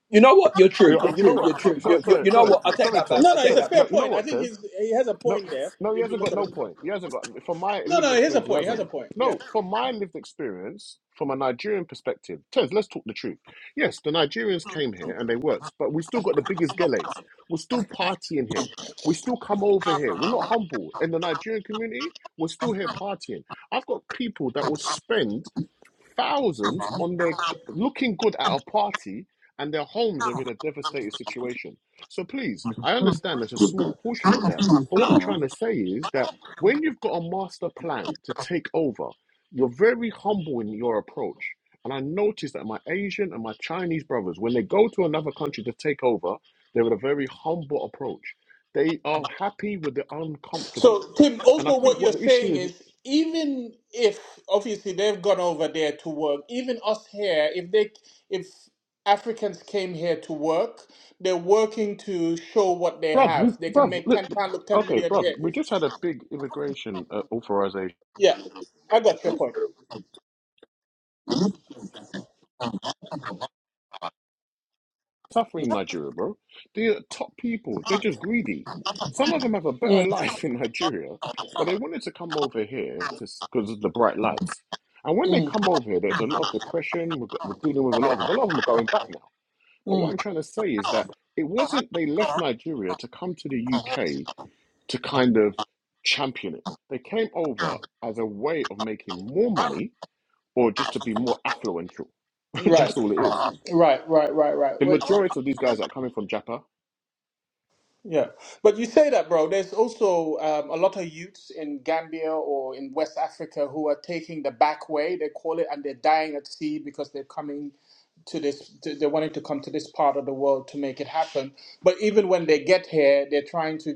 [SPEAKER 7] You know what? You're
[SPEAKER 2] You
[SPEAKER 7] true.
[SPEAKER 2] know
[SPEAKER 7] You're
[SPEAKER 2] you know
[SPEAKER 7] true. You're
[SPEAKER 2] what? So-
[SPEAKER 7] true. You,
[SPEAKER 2] Sorry,
[SPEAKER 7] you,
[SPEAKER 2] sorry,
[SPEAKER 7] you know
[SPEAKER 2] sorry,
[SPEAKER 7] what? I take
[SPEAKER 2] sorry,
[SPEAKER 7] that back.
[SPEAKER 2] Tez.
[SPEAKER 7] I
[SPEAKER 1] no. It's
[SPEAKER 7] take
[SPEAKER 1] a
[SPEAKER 2] Tez.
[SPEAKER 7] that
[SPEAKER 1] fair
[SPEAKER 2] No,
[SPEAKER 7] back.
[SPEAKER 2] you know
[SPEAKER 1] point. I,
[SPEAKER 2] what, Tez?
[SPEAKER 1] he has a
[SPEAKER 2] No,
[SPEAKER 1] point there.
[SPEAKER 2] no, he hasn't got no point. He hasn't got, from my
[SPEAKER 1] No,
[SPEAKER 2] lived
[SPEAKER 1] no, here's a
[SPEAKER 2] experience, he
[SPEAKER 1] point. Here's
[SPEAKER 2] hasn't.
[SPEAKER 1] a point. Yeah.
[SPEAKER 2] No, from my lived experience, from a Nigerian perspective, Tez, let's talk the truth. Yes, the Nigerians came here and they worked, but we still got the biggest geles. We're still partying here. We still come over here. We're not humble. In the Nigerian community, we're still here partying. I've got people that will spend thousands on their looking good at a party and their homes are in a devastated situation. So please, I understand there's a small proportion of that. But what I'm trying to say is that when you've got a master plan to take over, you're very humble in your approach. And I noticed that my Asian and my Chinese brothers, when they go to another country to take over, they're in a very humble approach. They are happy with the uncomfortable.
[SPEAKER 1] So, Tim,
[SPEAKER 2] And I
[SPEAKER 1] also
[SPEAKER 2] think
[SPEAKER 1] what you're
[SPEAKER 2] what the issue
[SPEAKER 1] saying
[SPEAKER 2] is
[SPEAKER 1] is even if obviously they've gone over there to work, even us here, if they if Africans came here to work, they're working to show what they
[SPEAKER 2] Bruv,
[SPEAKER 1] have. They
[SPEAKER 2] we,
[SPEAKER 1] can
[SPEAKER 2] bruv,
[SPEAKER 1] make
[SPEAKER 2] look,
[SPEAKER 1] ten pound look ten
[SPEAKER 2] okay,
[SPEAKER 1] million.
[SPEAKER 2] bruv, we just had a big immigration uh, authorization
[SPEAKER 1] Yeah, I got your point.
[SPEAKER 2] suffering Nigeria, bro. The top people, they're just greedy. Some of them have a better
[SPEAKER 1] Mm,
[SPEAKER 2] life in Nigeria, but they wanted to come over here to because of the bright lights. And when they come over here, there's a lot of depression. We've got, we're dealing with a lot of them. A lot of them are going back now. But what
[SPEAKER 1] mm.
[SPEAKER 2] I'm trying to say is that it wasn't they left Nigeria to come to the UK to kind of champion it. They came over as a way of making more money or just to be more affluential.
[SPEAKER 1] Right,
[SPEAKER 2] That's all it is.
[SPEAKER 1] right, right, right, right.
[SPEAKER 2] The
[SPEAKER 1] Wait,
[SPEAKER 2] majority of these guys that are coming from Japa,
[SPEAKER 1] Yeah, but you say that, bro. There's also um, a lot of youths in Gambia or in West Africa who are taking the back way, they call it, and they're dying at sea because they're coming to this. To, they're wanting to come to this part of the world to make it happen. But even when they get here, they're trying to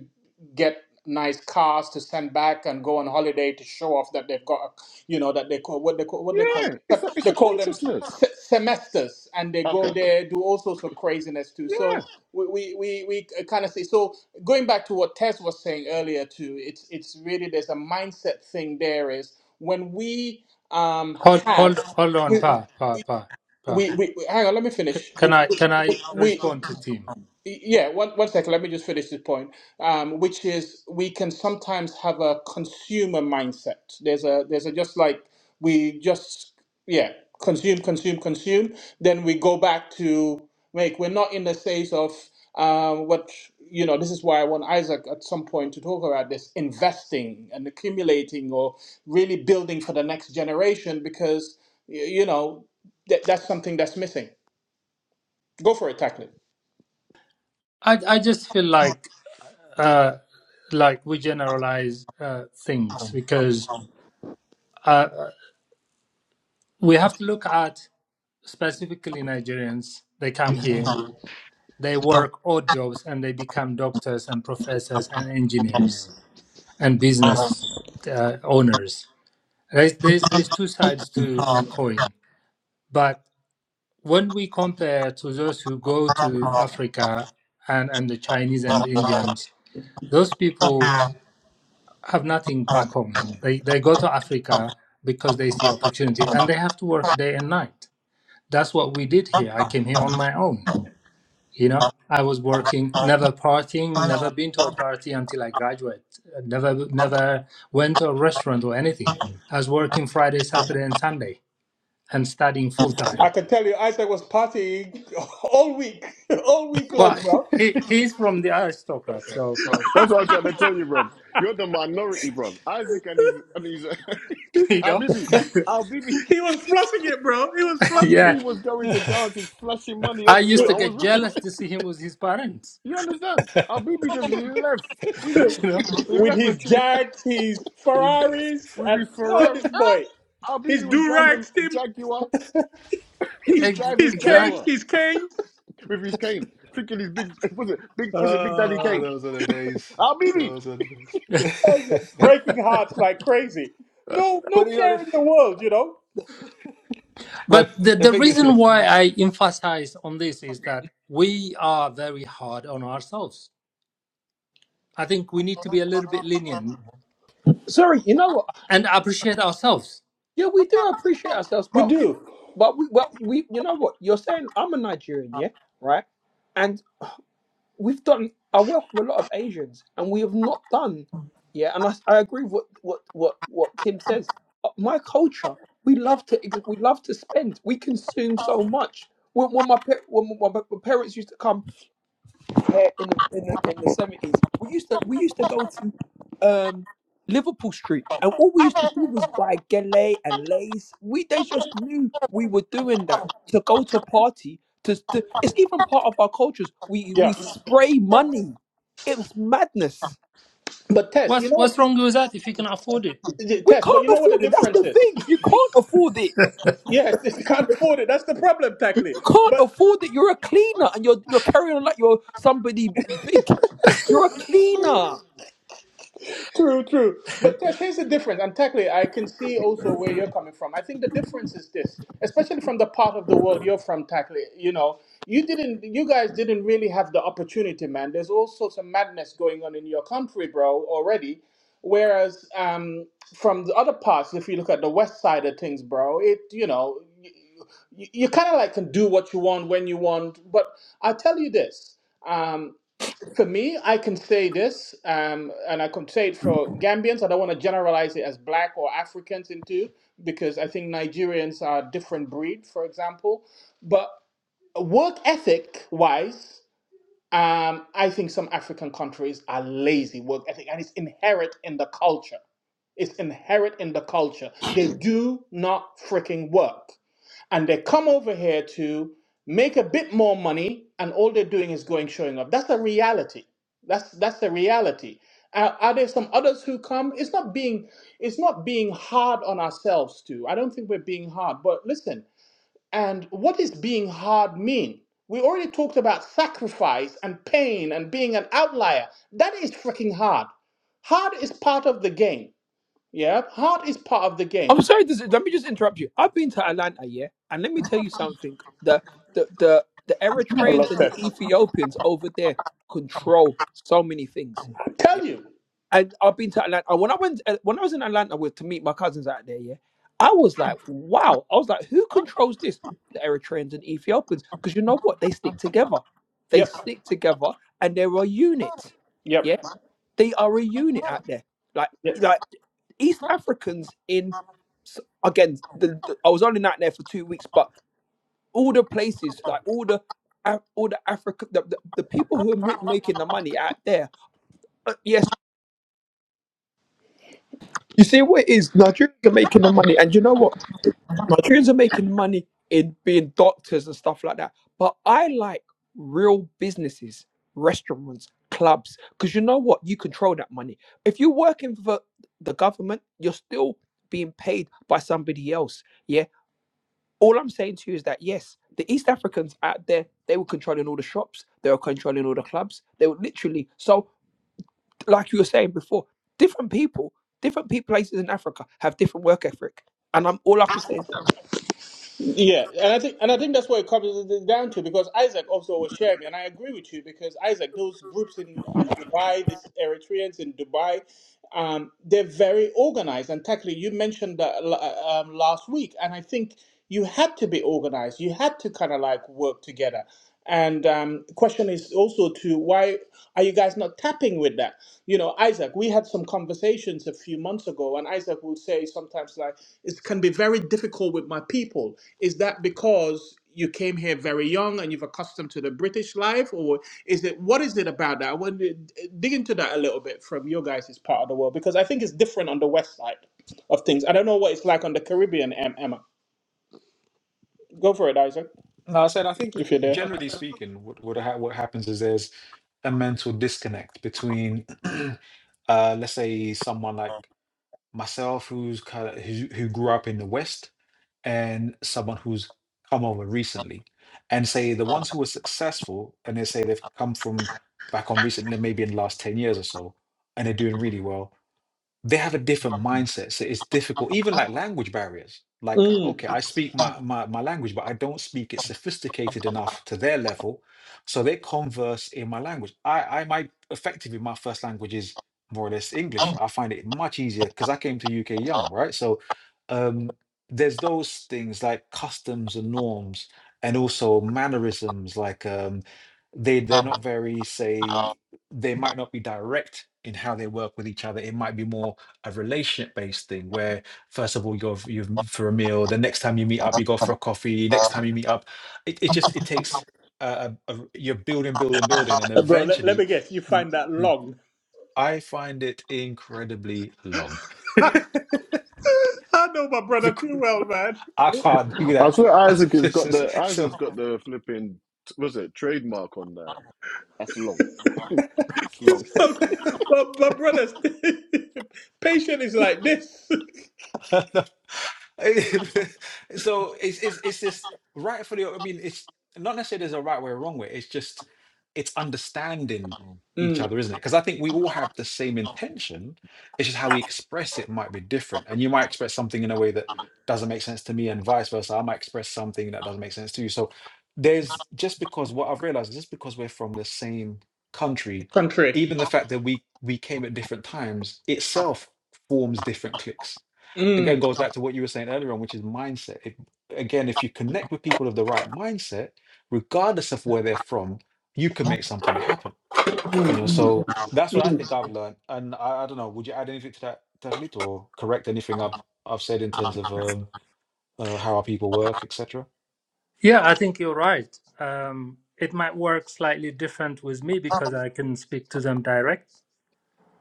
[SPEAKER 1] get nice cars to send back and go on holiday to show off that they've got, you know, that they call what they call what they call
[SPEAKER 2] yeah, it's a it's
[SPEAKER 1] They
[SPEAKER 2] a
[SPEAKER 1] call them
[SPEAKER 2] consciousness.
[SPEAKER 1] semesters and they go
[SPEAKER 2] Okay.
[SPEAKER 1] there do all sorts of craziness too so
[SPEAKER 2] Yeah.
[SPEAKER 1] we we we, we kind of say so going back to what tess was saying earlier too it's it's really there's a mindset thing there is when we um
[SPEAKER 6] Hold, hold,
[SPEAKER 1] have
[SPEAKER 6] hold on,
[SPEAKER 1] we,
[SPEAKER 6] Pa, Pa, Pa, Pa.
[SPEAKER 1] we, we we- hang on. Let me
[SPEAKER 6] C-
[SPEAKER 1] finish.
[SPEAKER 6] can
[SPEAKER 1] We,
[SPEAKER 6] I, can I
[SPEAKER 1] we, we
[SPEAKER 6] respond to Tim?
[SPEAKER 1] yeah. One one second. Let me just finish this point. Um, which is we can sometimes have a consumer mindset. There's a there's a just like we just yeah consume consume consume. Then we go back to make. We're not in the phase of um, what you know. This is why I want Isaac at some point to talk about this investing and accumulating or really building for the next generation because y- you know that, that's something that's missing. Go for it, Tacklet.
[SPEAKER 6] I, I just feel like, uh, like we generalize uh, things because uh, uh, we have to look at specifically Nigerians. They come here, they work odd jobs, and they become doctors and professors and engineers and business uh, owners. There's, there's, there's two sides to a coin, but when we compare to those who go to Africa and, and the Chinese and the Indians, those people have nothing back home. They, they go to Africa because they see opportunity and they have to work day and night. That's what we did here. I came here on my own. You know, I was working, never partying, never been to a party until I graduated, never, never went to a restaurant or anything. I was working Friday, Saturday, and Sunday and studying full
[SPEAKER 1] I
[SPEAKER 6] time.
[SPEAKER 1] can tell you, Isaac was partying all week, all week long,
[SPEAKER 6] Well,
[SPEAKER 1] bro.
[SPEAKER 6] he, he's from the aristocrat, so
[SPEAKER 2] That's what I'm trying to tell you, bro. You're the minority, bro. Isaac and his and his
[SPEAKER 6] you know
[SPEAKER 2] Albibi. Albibi
[SPEAKER 1] He was flushing it, bro. He was flushing it.
[SPEAKER 6] yeah
[SPEAKER 2] Albibi was going to dances, flashing money
[SPEAKER 6] i used
[SPEAKER 2] everywhere.
[SPEAKER 6] to
[SPEAKER 2] I
[SPEAKER 1] with
[SPEAKER 2] was
[SPEAKER 6] get
[SPEAKER 2] with him.
[SPEAKER 6] jealous to see him with his parents
[SPEAKER 2] You understand? Albibi just left.
[SPEAKER 6] you know
[SPEAKER 2] He, he
[SPEAKER 1] with
[SPEAKER 2] left a
[SPEAKER 1] his
[SPEAKER 2] tree
[SPEAKER 1] Jags, his Ferraris,
[SPEAKER 2] with
[SPEAKER 1] and
[SPEAKER 2] his
[SPEAKER 1] oh,
[SPEAKER 2] Ferrari.
[SPEAKER 1] this
[SPEAKER 2] Ah!
[SPEAKER 1] boy. His
[SPEAKER 2] Albibi was
[SPEAKER 1] do
[SPEAKER 2] driving
[SPEAKER 1] rags, Tim.
[SPEAKER 2] Jaguar. He
[SPEAKER 1] His
[SPEAKER 2] was
[SPEAKER 6] Ex-
[SPEAKER 1] his
[SPEAKER 2] driving
[SPEAKER 1] canes,
[SPEAKER 6] exact
[SPEAKER 2] Jaguar.
[SPEAKER 1] his canes,
[SPEAKER 2] with his cane, thinking he's big. Was it big? Was it Big Daddy
[SPEAKER 4] oh,
[SPEAKER 2] Kane?
[SPEAKER 4] those are the days.
[SPEAKER 2] Al Bibi.
[SPEAKER 4] Those are the days.
[SPEAKER 1] breaking hearts like crazy. No, no
[SPEAKER 4] but you know,
[SPEAKER 1] care
[SPEAKER 4] the-
[SPEAKER 1] in the world, you know.
[SPEAKER 4] but
[SPEAKER 6] but the,
[SPEAKER 4] the
[SPEAKER 6] the
[SPEAKER 4] thing
[SPEAKER 6] reason
[SPEAKER 4] is,
[SPEAKER 6] why i emphasize on this is that we are very hard on ourselves i think we need to be a little bit lenient
[SPEAKER 7] Sorry. You know what?
[SPEAKER 6] and appreciate ourselves
[SPEAKER 7] Yeah, we do appreciate ourselves,
[SPEAKER 1] We
[SPEAKER 7] but
[SPEAKER 1] do.
[SPEAKER 7] But we, but we, you know what? You're saying I'm a Nigerian, yeah, right? And we've done. I work with a lot of Asians, and we have not done, yeah. And I, I agree with what what what what Tim says. Uh, My culture, we love to ex- we love to spend. We consume so much. When, when my pa- when my, my parents used to come there in the in the in the seventies, we used to we used to go to um Liverpool Street, and all we used to do was buy gele and lace. We they just knew we were doing that to go to a party. To, to it's even part of our cultures. We we
[SPEAKER 1] yeah.
[SPEAKER 7] spray money. It was madness.
[SPEAKER 1] But Tess, you
[SPEAKER 6] what's what's
[SPEAKER 1] know,
[SPEAKER 6] wrong with that if you can afford it
[SPEAKER 7] We
[SPEAKER 1] Tess, but you
[SPEAKER 7] can't
[SPEAKER 1] know what the
[SPEAKER 7] afford it. That's
[SPEAKER 1] difference
[SPEAKER 7] the
[SPEAKER 1] is?
[SPEAKER 7] thing. You can't afford it.
[SPEAKER 1] Yes, they can't afford it. That's the problem, Tackley.
[SPEAKER 7] You can't
[SPEAKER 1] But
[SPEAKER 7] afford it. You're a cleaner, and you're you're carrying on like you're somebody big. You're a cleaner.
[SPEAKER 1] True, true. But Tess, here's the difference. And technically, I can see also where you're coming from. I think the difference is this, especially from the part of the world you're from, technically, you know, you didn't, you guys didn't really have the opportunity, man. There's all sorts of madness going on in your country, bro, already. Whereas um, from the other parts, if you look at the west side of things, bro, it, you know, y- you, you kind of like can do what you want when you want. But i tell you this. Um, for me, I can say this, um, and I can say it for Gambians. I don't want to generalize it as black or Africans into, because I think Nigerians are a different breed, for example. But work ethic wise, um, I think some African countries are lazy work ethic, and it's inherent in the culture. It's inherent in the culture. They do not freaking work and they come over here to make a bit more money and all they're doing is going showing off that's a reality that's that's the reality are, are there some others who come it's not being it's not being hard on ourselves too i don't think we're being hard but listen and what is being hard mean we already talked about sacrifice and pain and being an outlier that is freaking hard hard is part of the game yeah hard is part of the game
[SPEAKER 7] I'm sorry. This, let me just interrupt you. I've been to Atlanta, yeah, and let me tell you something. The the the the
[SPEAKER 1] I love
[SPEAKER 7] Eritreans and the
[SPEAKER 1] that.
[SPEAKER 7] Ethiopians over there control so many things. Yeah,
[SPEAKER 1] tell you
[SPEAKER 7] and I've been to Atlanta. And when I went, uh, when I was in Atlanta with to meet my cousins out there, yeah, I was like, wow. I was like, who controls this? The Eritreans and Ethiopians, because you know what? They stick together. They
[SPEAKER 1] yep
[SPEAKER 7] stick together, and they're a unit.
[SPEAKER 1] yep
[SPEAKER 7] Yeah, they are a unit out there. Like. like East Africans in again. The, the- I was only not there for two weeks, but all the places, like all the all the Africa, the, the, the people who are ma- making the money out there. uh, yes, you see what it is. Nigerians are making the money, and you know what? Nigerians are making money in being doctors and stuff like that. But I like real businesses, restaurants, clubs, because you know what? You control that money. If you're working for the government, you're still being paid by somebody else. Yeah all I'm saying to you is that yes, the East Africans out there, they were controlling all the shops, they were controlling all the clubs. They were literally so like you were saying before, different people, different people places in Africa have different work ethic. And I'm all I can say is
[SPEAKER 1] Yeah, and I think and I think that's what it comes down to because Isaac also was sharing, and I agree with you because Isaac, those groups in and Dubai, these Eritreans in Dubai, um, they're very organized. And Takli, you mentioned that uh, um, last week, and I think you had to be organized. You had to kind of like work together. And um, the question is also to why are you guys not tapping with that? You know, Isaac, we had some conversations a few months ago, and Isaac will say sometimes like, "It can be very difficult with my people." Is that because you came here very young and you've accustomed to the British life, or is it what is it about that? I want to dig into that a little bit from your guys' part of the world because I think it's different on the west side of things. I don't know what it's like on the Caribbean. Em- Emma, go for it, Isaac,
[SPEAKER 4] No, I said I think
[SPEAKER 1] if you're there.
[SPEAKER 4] generally speaking, what what, ha- what happens is there's a mental disconnect between, uh, let's say, someone like myself who's kind of who, who grew up in the West and someone who's come over recently, and say the ones who were successful and they say they've come from back on recently, maybe in the last ten years or so, and they're doing really well they have a different mindset. So it's difficult, even like language barriers. Like, okay, I speak my, my, my language, but I don't speak it sophisticated enough to their level. So they converse in my language. I, I might effectively, my first language is more or less English. I find it much easier because I came to UK young, right? So um, there's those things like customs and norms and also mannerisms, like um, they they're not very, say, they might not be direct in how they work with each other. It might be more a relationship based thing where, first of all, you go f- you m- for a meal, the next time you meet up, you go for a coffee, next time you meet up. It, it just, it takes, uh, a, a- you're building, building, building. And
[SPEAKER 1] Uh, Bro, let, let
[SPEAKER 4] eventually,
[SPEAKER 1] me guess. You
[SPEAKER 4] the,
[SPEAKER 1] find that
[SPEAKER 4] yeah.
[SPEAKER 1] long.
[SPEAKER 4] I find it incredibly long.
[SPEAKER 1] I know my brother too
[SPEAKER 4] Because
[SPEAKER 1] well, man.
[SPEAKER 4] I can't do
[SPEAKER 2] I
[SPEAKER 4] that.
[SPEAKER 2] swear Isaac has
[SPEAKER 4] Just-
[SPEAKER 2] got
[SPEAKER 4] just-
[SPEAKER 2] the Isaac's
[SPEAKER 4] so
[SPEAKER 2] got the flipping. Was it trademark on that? That's long. That's
[SPEAKER 1] It's
[SPEAKER 2] long.
[SPEAKER 1] long. My, my brother's patient is like this.
[SPEAKER 4] so it's it's it's just rightfully. I mean, it's not necessarily there's a right way or wrong way. It's just it's understanding each
[SPEAKER 1] Mm,
[SPEAKER 4] other, isn't it? Because I think we all have the same intention. It's just how we express it might be different, and you might express something in a way that doesn't make sense to me, and vice versa. I might express something that doesn't make sense to you. So there's just because what I've realized is just because we're from the same country,
[SPEAKER 1] country.
[SPEAKER 4] even the fact that we we came at different times itself forms different cliques again
[SPEAKER 1] Mm,
[SPEAKER 4] goes back to what you were saying earlier on, which is mindset. If, again, if you connect with people of the right mindset, regardless of where they're from, you can make something happen.
[SPEAKER 1] mm,
[SPEAKER 4] You know,
[SPEAKER 1] mm,
[SPEAKER 4] so that's what I
[SPEAKER 1] mm,
[SPEAKER 4] think I've learned. And I, I don't know, would you add anything to that, Taglito, or correct anything I've I've said in terms of um, uh, how our people work, etc.
[SPEAKER 6] yeah i think you're right um it might work slightly different with me because i can speak to them direct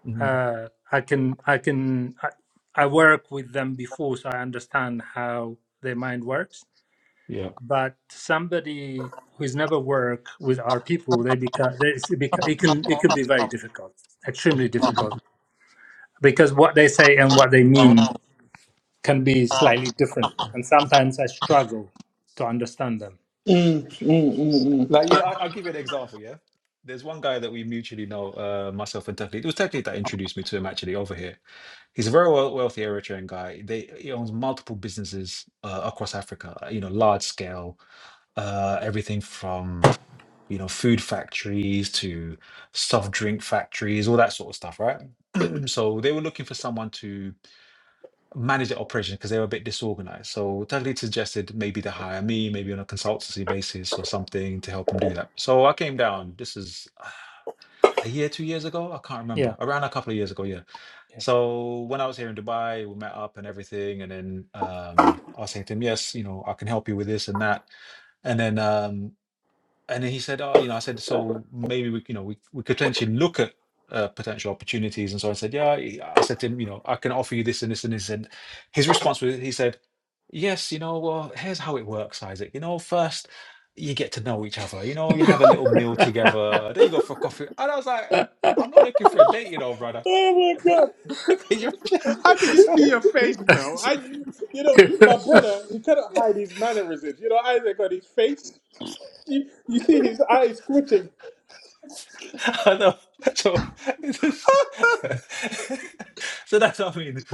[SPEAKER 4] hmm
[SPEAKER 6] uh, I can I can I, I work with them before, so I understand how their mind works.
[SPEAKER 4] Yeah,
[SPEAKER 6] But somebody who's never worked with our people, they become they it's beca- it can it can be very difficult, extremely difficult, because what they say and what they mean can be
[SPEAKER 1] mm,
[SPEAKER 6] slightly different, and sometimes I struggle to understand them.
[SPEAKER 1] mm, mm, mm.
[SPEAKER 4] like you know, I, I'll give you an example. Yeah, there's one guy that we mutually know, uh, myself and Taglito. It was Taglito that introduced me to him actually over here He's a very wea- wealthy Eritrean guy. They, he owns multiple businesses uh, across Africa, uh, you know, large scale, uh, everything from, you know, food factories to soft drink factories, all that sort of stuff, right? so they were looking for someone to manage the operation because they were a bit disorganized. So Taglit suggested maybe to hire me, maybe on a consultancy basis or something to help them do that. So I came down. This is a year, two years ago. I can't remember.
[SPEAKER 6] Yeah,
[SPEAKER 4] Around a couple of years ago, yeah. So when I was here in Dubai, we met up and everything, and then um, I was saying to him, "Yes, you know, I can help you with this and that." And then um, and then he said, "Oh, you know," I said, "So maybe we, you know, we, we could potentially look at uh, potential opportunities." And so I said, "Yeah," I I said to him, "You know, I can offer you this and this and this." And his response was, he said, "Yes, you know, well, here's how it works, Isaac. You know, first you get to know each other. You know, you have a little meal together. Then you go for coffee." And I was like, "I'm not looking for a date, you know, brother."
[SPEAKER 1] Oh my god!
[SPEAKER 4] Could you imagine?
[SPEAKER 1] How could you
[SPEAKER 4] so,
[SPEAKER 1] see your face, bro?
[SPEAKER 4] so
[SPEAKER 1] I, you know,
[SPEAKER 6] yeah.
[SPEAKER 1] my brother, he cannot hide his mannerisms. You know, Isaac got his face. You, you see his eyes twitching.
[SPEAKER 4] I know. So, it is- so that's what I mean.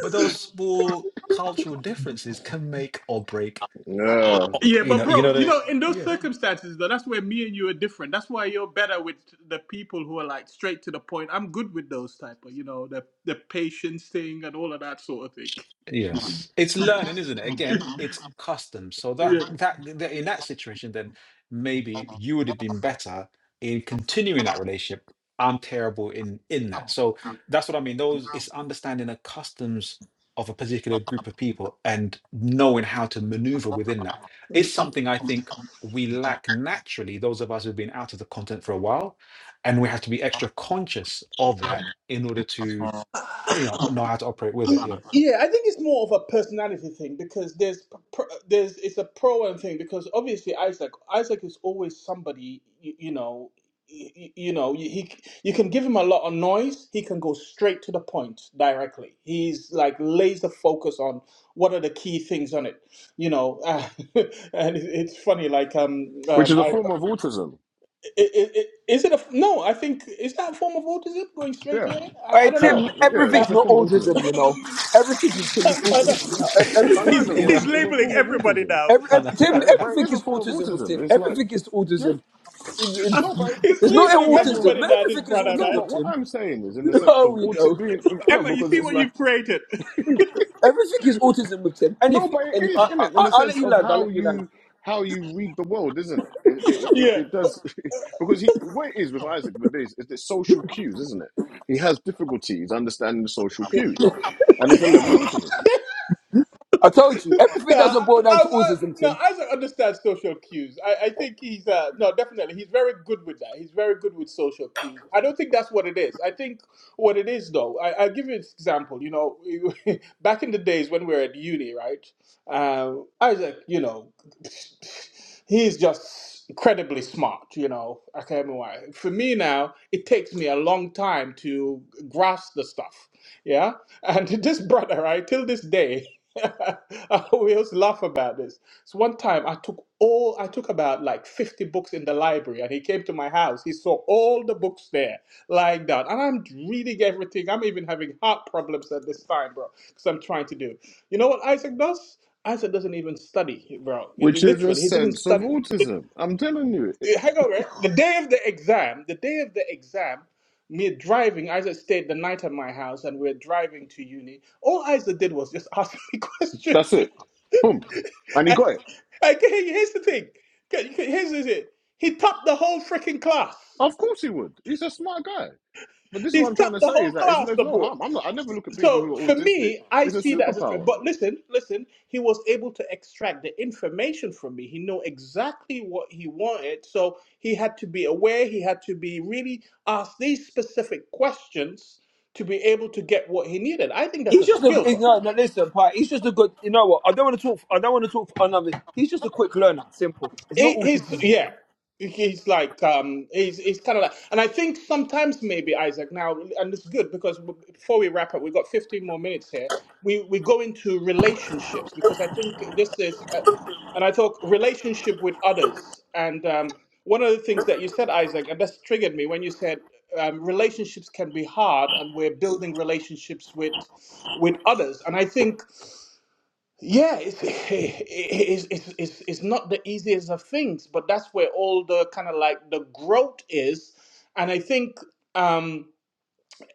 [SPEAKER 4] But those small cultural differences can make or break.
[SPEAKER 2] Yeah.
[SPEAKER 4] o-
[SPEAKER 1] Yeah,
[SPEAKER 4] You
[SPEAKER 1] but
[SPEAKER 4] know. You
[SPEAKER 1] bro,
[SPEAKER 4] know
[SPEAKER 1] you know, in
[SPEAKER 4] that.
[SPEAKER 1] those circumstances though, that's where me and you are different. That's why you're better with the people who are like straight to the point. I'm good with those type of, you know, the the patience thing and all of that sort of thing.
[SPEAKER 4] Yes, it's learning, isn't it? Again, it's custom. So that that, that in that situation, then maybe you would have been better in continuing that relationship. I'm terrible in in that. So that's what I mean. Those it's understanding the customs of a particular group of people and knowing how to maneuver within that. It's something I think we lack naturally. Those of us who've been out of the content for a while, and we have to be extra conscious of that in order to
[SPEAKER 1] yeah.
[SPEAKER 4] you know know how to operate with it. Yeah.
[SPEAKER 1] Yeah, I think it's more of a personality thing because there's p- pr- there's it's a pro and thing because obviously Isaac Isaac is always somebody you, you know you, you know you, he you can give him a lot of noise he can go straight to the point directly he's like laser focus on what are the key things on it you know and it, it's funny like um
[SPEAKER 2] Which is
[SPEAKER 1] um
[SPEAKER 2] a
[SPEAKER 1] I-
[SPEAKER 2] form of autism.
[SPEAKER 1] i- i- i- is it a no I think is that a form of autism going straight to
[SPEAKER 2] Yeah.
[SPEAKER 1] it
[SPEAKER 7] All
[SPEAKER 1] I, I
[SPEAKER 7] right,
[SPEAKER 1] don't
[SPEAKER 2] Yeah.
[SPEAKER 1] know.
[SPEAKER 7] Tim,
[SPEAKER 2] Yeah.
[SPEAKER 1] Uh,
[SPEAKER 7] everything's
[SPEAKER 2] It's a
[SPEAKER 7] not
[SPEAKER 2] form of autism.
[SPEAKER 7] autism, you know. Everything with Tim is
[SPEAKER 1] I
[SPEAKER 7] autism.
[SPEAKER 1] don't-
[SPEAKER 4] Uh,
[SPEAKER 7] Ev-
[SPEAKER 2] I like
[SPEAKER 7] Everything
[SPEAKER 1] He's
[SPEAKER 7] is
[SPEAKER 2] that,
[SPEAKER 4] you
[SPEAKER 2] bro.
[SPEAKER 4] know,
[SPEAKER 1] he's
[SPEAKER 7] autism.
[SPEAKER 2] It's a
[SPEAKER 1] labeling
[SPEAKER 2] form of
[SPEAKER 1] everybody
[SPEAKER 2] autism.
[SPEAKER 1] now
[SPEAKER 7] Every, ev
[SPEAKER 1] since
[SPEAKER 4] and,
[SPEAKER 1] he's
[SPEAKER 4] uh,
[SPEAKER 1] been,
[SPEAKER 7] Tim,
[SPEAKER 2] Yeah, yeah, but it
[SPEAKER 7] everything
[SPEAKER 2] is a
[SPEAKER 7] is
[SPEAKER 2] form of
[SPEAKER 7] autism with
[SPEAKER 2] autism.
[SPEAKER 7] Tim.
[SPEAKER 2] It's like,
[SPEAKER 7] Everything is
[SPEAKER 2] yeah,
[SPEAKER 7] autism. In,
[SPEAKER 2] no, but
[SPEAKER 7] in,
[SPEAKER 2] it
[SPEAKER 1] he's
[SPEAKER 2] is,
[SPEAKER 7] it's
[SPEAKER 2] it
[SPEAKER 7] not
[SPEAKER 2] is a
[SPEAKER 1] labeling
[SPEAKER 2] level of,
[SPEAKER 7] autism.
[SPEAKER 1] everybody now. This
[SPEAKER 7] Everything is
[SPEAKER 1] brother
[SPEAKER 2] no,
[SPEAKER 1] man,
[SPEAKER 7] autism,
[SPEAKER 2] but what
[SPEAKER 7] Tim.
[SPEAKER 2] I'm saying is in the sense
[SPEAKER 7] Oh,
[SPEAKER 2] of
[SPEAKER 7] we
[SPEAKER 2] autism
[SPEAKER 7] go.
[SPEAKER 2] being, you know,
[SPEAKER 1] Emma, you
[SPEAKER 2] because
[SPEAKER 1] see
[SPEAKER 2] it's
[SPEAKER 1] what
[SPEAKER 2] like.
[SPEAKER 1] you've created?
[SPEAKER 7] Everything is autism with Tim.
[SPEAKER 2] No,
[SPEAKER 7] Anything.
[SPEAKER 2] but it
[SPEAKER 7] Anything.
[SPEAKER 2] is is,
[SPEAKER 7] I,
[SPEAKER 2] isn't
[SPEAKER 7] I,
[SPEAKER 2] it in
[SPEAKER 7] I-
[SPEAKER 2] the
[SPEAKER 7] I'll let
[SPEAKER 2] sense
[SPEAKER 7] you
[SPEAKER 2] of
[SPEAKER 7] land. I'll
[SPEAKER 2] how
[SPEAKER 7] let you land.
[SPEAKER 2] you how you read the world, isn't it? It it, it,
[SPEAKER 1] Yeah,
[SPEAKER 2] it does because he what it is with Isaac Badass is the social cues, isn't it? He has difficulties understanding the social cues, and it's a level of autism,
[SPEAKER 7] I told you,
[SPEAKER 1] No,
[SPEAKER 7] everything doesn't
[SPEAKER 1] I,
[SPEAKER 7] boil
[SPEAKER 1] I,
[SPEAKER 7] down to
[SPEAKER 1] I,
[SPEAKER 7] autism,
[SPEAKER 1] no,
[SPEAKER 7] Tim.
[SPEAKER 1] Isaac understands social cues. I, I think he's uh, no, definitely he's very good with that. He's very good with social cues. I don't think that's what it is. I think what it is though, I, I'll give you an example. You know, back in the days when we were at uni, right? Um, Isaac, you know, he's just incredibly smart. You know, okay, I can't remember why. For me now, it takes me a long time to grasp the stuff. Yeah, and this brother, right, till this day. I always laugh about this. So one time I took all I took about like 50 books in the library and he came to my house. He saw all the books there lying down. And I'm reading everything. I'm even having heart problems at this time, bro, because I'm trying to do. You know what Isaac does? Isaac doesn't even study, bro. He, he
[SPEAKER 2] which
[SPEAKER 1] lit-
[SPEAKER 2] is a
[SPEAKER 1] he didn't
[SPEAKER 2] sense of
[SPEAKER 1] study.
[SPEAKER 2] autism. I'm telling you, it,
[SPEAKER 1] Eh, Hang on, right? The day of the exam, the day of the exam, me driving, Isaac stayed the night at my house and we're driving to uni. All Isaac did was just ask me
[SPEAKER 2] that's
[SPEAKER 1] questions.
[SPEAKER 2] it. Boom, and he got it.
[SPEAKER 1] Like, here- here's the thing. Okay, Here's the thing. He topped the whole freaking class.
[SPEAKER 2] Of course he would. He's a smart guy. But this is
[SPEAKER 1] He
[SPEAKER 2] what I'm trying
[SPEAKER 1] topped
[SPEAKER 2] to
[SPEAKER 1] the
[SPEAKER 2] say is
[SPEAKER 1] whole
[SPEAKER 2] that it's,
[SPEAKER 1] class,
[SPEAKER 2] there's
[SPEAKER 1] the
[SPEAKER 2] no
[SPEAKER 1] boy.
[SPEAKER 2] harm. I'm not. I never look at people who
[SPEAKER 1] So
[SPEAKER 2] are
[SPEAKER 1] for
[SPEAKER 2] autistic.
[SPEAKER 1] me, I
[SPEAKER 2] It's a
[SPEAKER 1] see that as a threat.
[SPEAKER 2] superpower.
[SPEAKER 1] But listen, listen. He was able to extract the information from me. He knew exactly what he wanted. So he had to be aware. He had to be really asked these specific questions to be able to get what he needed. I think that's a
[SPEAKER 7] He's just a
[SPEAKER 1] skill, bro.
[SPEAKER 7] he's, no, no. Listen, Pi. He's just a good. You know what? I don't want to talk. I don't want to talk for another. He's just a quick learner. Simple. It's
[SPEAKER 1] He,
[SPEAKER 7] not
[SPEAKER 1] he's
[SPEAKER 7] autism.
[SPEAKER 1] yeah. He's like um, he's he's kind of like, and I think sometimes maybe Isaac now, and it's good because w- before we wrap up, we've got 15 more minutes here. We we go into relationships because I think this is, uh, and I talk relationship with others, and um, one of the things that you said, Isaac, and that's triggered me when you said um, relationships can be hard, and we're building relationships with with others, and I think yeah, it's, it's it's it's it's not the easiest of things, but that's where all the kind of like the growth is, and I think. um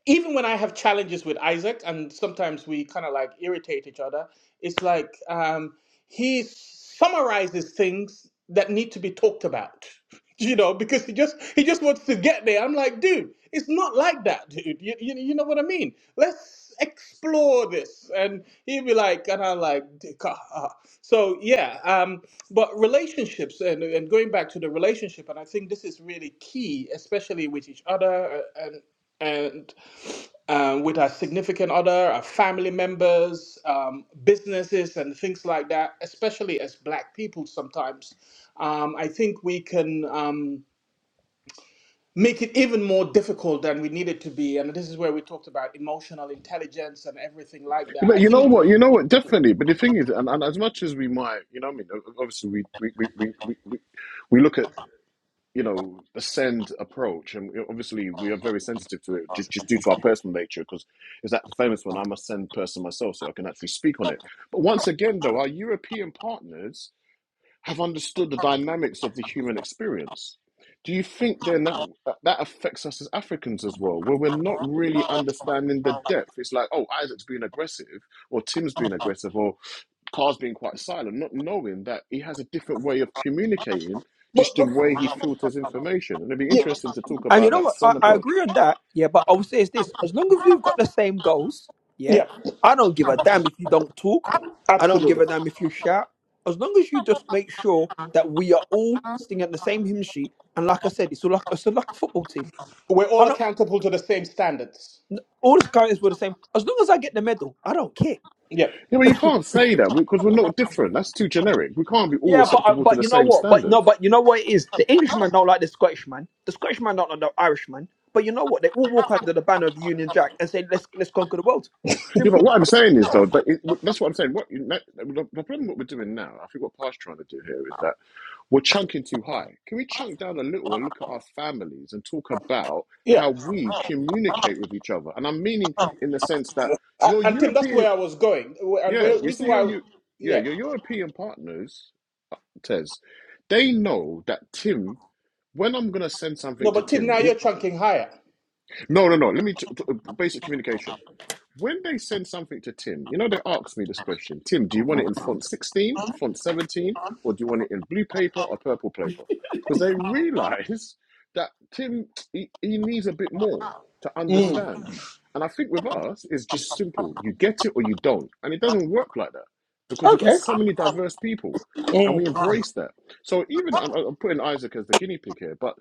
[SPEAKER 1] even when I have challenges with Isaac, and sometimes we kind of like irritate each other, it's like um, he summarizes things that need to be talked about. You know, because he just he just wants to get there. I'm like, dude, it's not like that, dude. You, you, you know what I mean? Let's explore this, and he'd be like, and I'm like, "D- ca- ah." so yeah. Um, but relationships, and and going back to the relationship, and I think this is really key, especially with each other, uh, and and um, with our significant other, our family members, um, businesses, and things like that, especially as Black people sometimes, um, I think we can um, make it even more difficult than we need it to be. And this is where we talked about emotional intelligence and everything like that.
[SPEAKER 2] But
[SPEAKER 1] I
[SPEAKER 2] you
[SPEAKER 1] think,
[SPEAKER 2] know what? You know what? Definitely. But the thing is, and, and as much as we might, you know, what I mean, obviously, we we, we, we, we we we look at you know ascend approach, and obviously, we are very sensitive to it just just due to our personal nature. Because it's that famous one. I'm a send person myself, so I can actually speak on it. But once again, though, our European partners have understood the dynamics of the human experience. Do you think then that that affects us as Africans as well, where we're not really understanding the depth? It's like, oh, Isaac's being aggressive, or Tim's being aggressive, or Car's being quite silent, not knowing that he has a different way of communicating,
[SPEAKER 1] Well,
[SPEAKER 2] just the
[SPEAKER 1] well,
[SPEAKER 2] way he filters information. And it'd be
[SPEAKER 1] yeah,
[SPEAKER 2] interesting to talk
[SPEAKER 7] And you
[SPEAKER 2] about
[SPEAKER 7] know
[SPEAKER 2] that
[SPEAKER 7] what?
[SPEAKER 2] cell
[SPEAKER 7] I, I
[SPEAKER 2] approach.
[SPEAKER 7] agree on that. Yeah, but I will say is this: as long as we've got the same goals, yeah,
[SPEAKER 1] yeah,
[SPEAKER 7] I don't give a damn if you don't talk. I don't give
[SPEAKER 1] absolutely.
[SPEAKER 7] a damn if you shout. As long as you just make sure that we are all singing the same hymn sheet. And like I said, it's all like it's all like a football team.
[SPEAKER 1] We're all accountable to the same standards.
[SPEAKER 7] all the currencies were the same. As long as I get the medal, I don't care.
[SPEAKER 1] Yeah,
[SPEAKER 2] Yeah, but you can't say that because we're not different. That's too generic. We can't be all
[SPEAKER 7] Yeah, but uh,
[SPEAKER 2] acceptable to
[SPEAKER 7] but
[SPEAKER 2] the
[SPEAKER 7] you know
[SPEAKER 2] same
[SPEAKER 7] what? But
[SPEAKER 2] standards.
[SPEAKER 7] no, but you know what it is. The Englishman don't like the Scottishman. The Scottishman don't like the Irishman. But you know what? They all walk under the banner of the Union Jack and say, "Let's let's conquer the world."
[SPEAKER 2] Yeah, but
[SPEAKER 7] Simple.
[SPEAKER 2] what I'm saying is though, but it, that's what I'm saying. What you, that- the, the problem what we're doing now, I think what Pa's trying to do here is that we're chunking too high. Can we chunk down a little and look at our families and talk about
[SPEAKER 1] yeah.
[SPEAKER 2] how we communicate with each other? And I'm meaning in the sense that
[SPEAKER 1] Uh,
[SPEAKER 2] your
[SPEAKER 1] and Tim, that's
[SPEAKER 2] European,
[SPEAKER 1] where I was going. And
[SPEAKER 2] yeah,
[SPEAKER 1] where,
[SPEAKER 2] you see
[SPEAKER 1] reason
[SPEAKER 2] your
[SPEAKER 1] why,
[SPEAKER 2] you, yeah,
[SPEAKER 1] yeah.
[SPEAKER 2] your European partners, Tez, they know that Tim. When I'm gonna send something
[SPEAKER 1] No,
[SPEAKER 2] to
[SPEAKER 1] but Tim,
[SPEAKER 2] Tim,
[SPEAKER 1] now
[SPEAKER 2] yeah,
[SPEAKER 1] you're chunking higher.
[SPEAKER 2] no, no, no. Let me t- t- basic communication When they send something to Tim, you know, they ask me this question Tim, do you want it in font 16, font 17, or do you want it in blue paper or purple paper? Because they realize that Tim, he, he needs a bit more to understand. And I think with us, it's just simple you get it or you don't. And it doesn't work like that because we've got
[SPEAKER 7] Okay,
[SPEAKER 2] so many diverse people and we
[SPEAKER 1] Mm.
[SPEAKER 2] embrace that. So even, I'm putting Isaac as the guinea pig here, but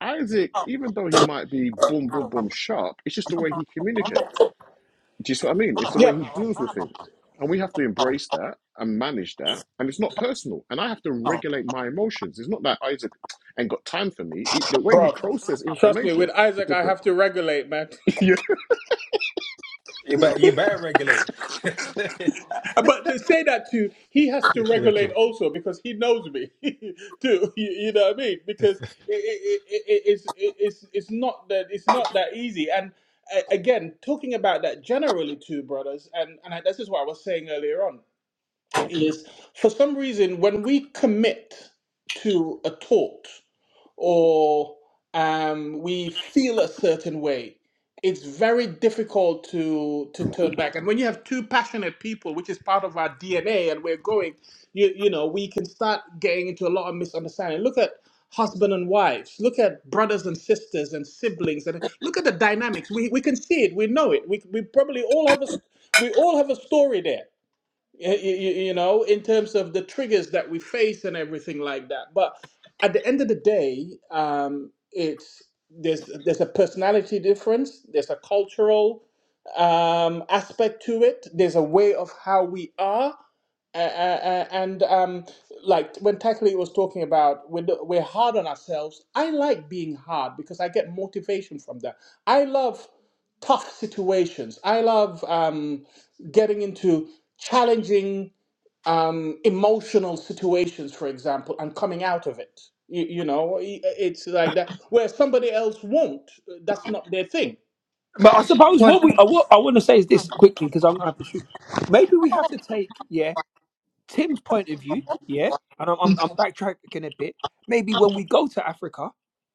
[SPEAKER 2] Isaac, even though he might be boom, boom, boom, sharp, it's just the way he communicates do you see what I mean? It's the way
[SPEAKER 1] Yep,
[SPEAKER 2] he deals with things. And we have to embrace that and manage that. And it's not personal. And I have to regulate my emotions. It's not that Isaac ain't got time for me. It- the way he
[SPEAKER 1] bro.
[SPEAKER 2] processes
[SPEAKER 1] Trust me,
[SPEAKER 2] information
[SPEAKER 1] with
[SPEAKER 2] is
[SPEAKER 1] Isaac, I
[SPEAKER 2] different.
[SPEAKER 1] have to regulate, man.
[SPEAKER 2] you
[SPEAKER 4] You better you better regulate.
[SPEAKER 1] But they say that too. He has to
[SPEAKER 4] You know what I'm saying? Yeah, no
[SPEAKER 1] regulate
[SPEAKER 4] kidding.
[SPEAKER 1] also because he knows me too. You, you know what I mean? Because it, it, it, it, it's it, it's it's not that it's not that easy. And a- again, talking about that generally too, brothers, and and I, this is what I was saying earlier on is for some reason when we commit to a thought or um, we feel a certain way, it's very difficult to to turn back. And when you have two passionate people, which is part of our DNA, and we're going, you you know, we can start getting into a lot of misunderstanding. Look at husband and wives. Look at brothers and sisters and siblings, and look at the dynamics. We we can see it. We know it. We we probably all have a s- we all have a story there y- y- you know, in terms of the triggers that we face and everything like that. But at the end of the day, um, it's there's there's a personality difference, there's a cultural um, aspect to it, there's a way of how we are, a- a- a- and um, like when Takali was talking about we're, we're hard on ourselves, I like being hard because I get motivation from that. I love tough situations. I love um, getting into challenging um, emotional situations, for example, and coming out of it. You, you know, i- it's like that. Where somebody else won't, that's not their thing.
[SPEAKER 7] but I suppose
[SPEAKER 6] Well,
[SPEAKER 7] what we uh, what I want to say is this quickly because I'm gonna have to shoot. Maybe we have to take yeah Tim's point of view yeah, and I'm I'm, I'm backtracking a bit. Maybe when we go to Africa,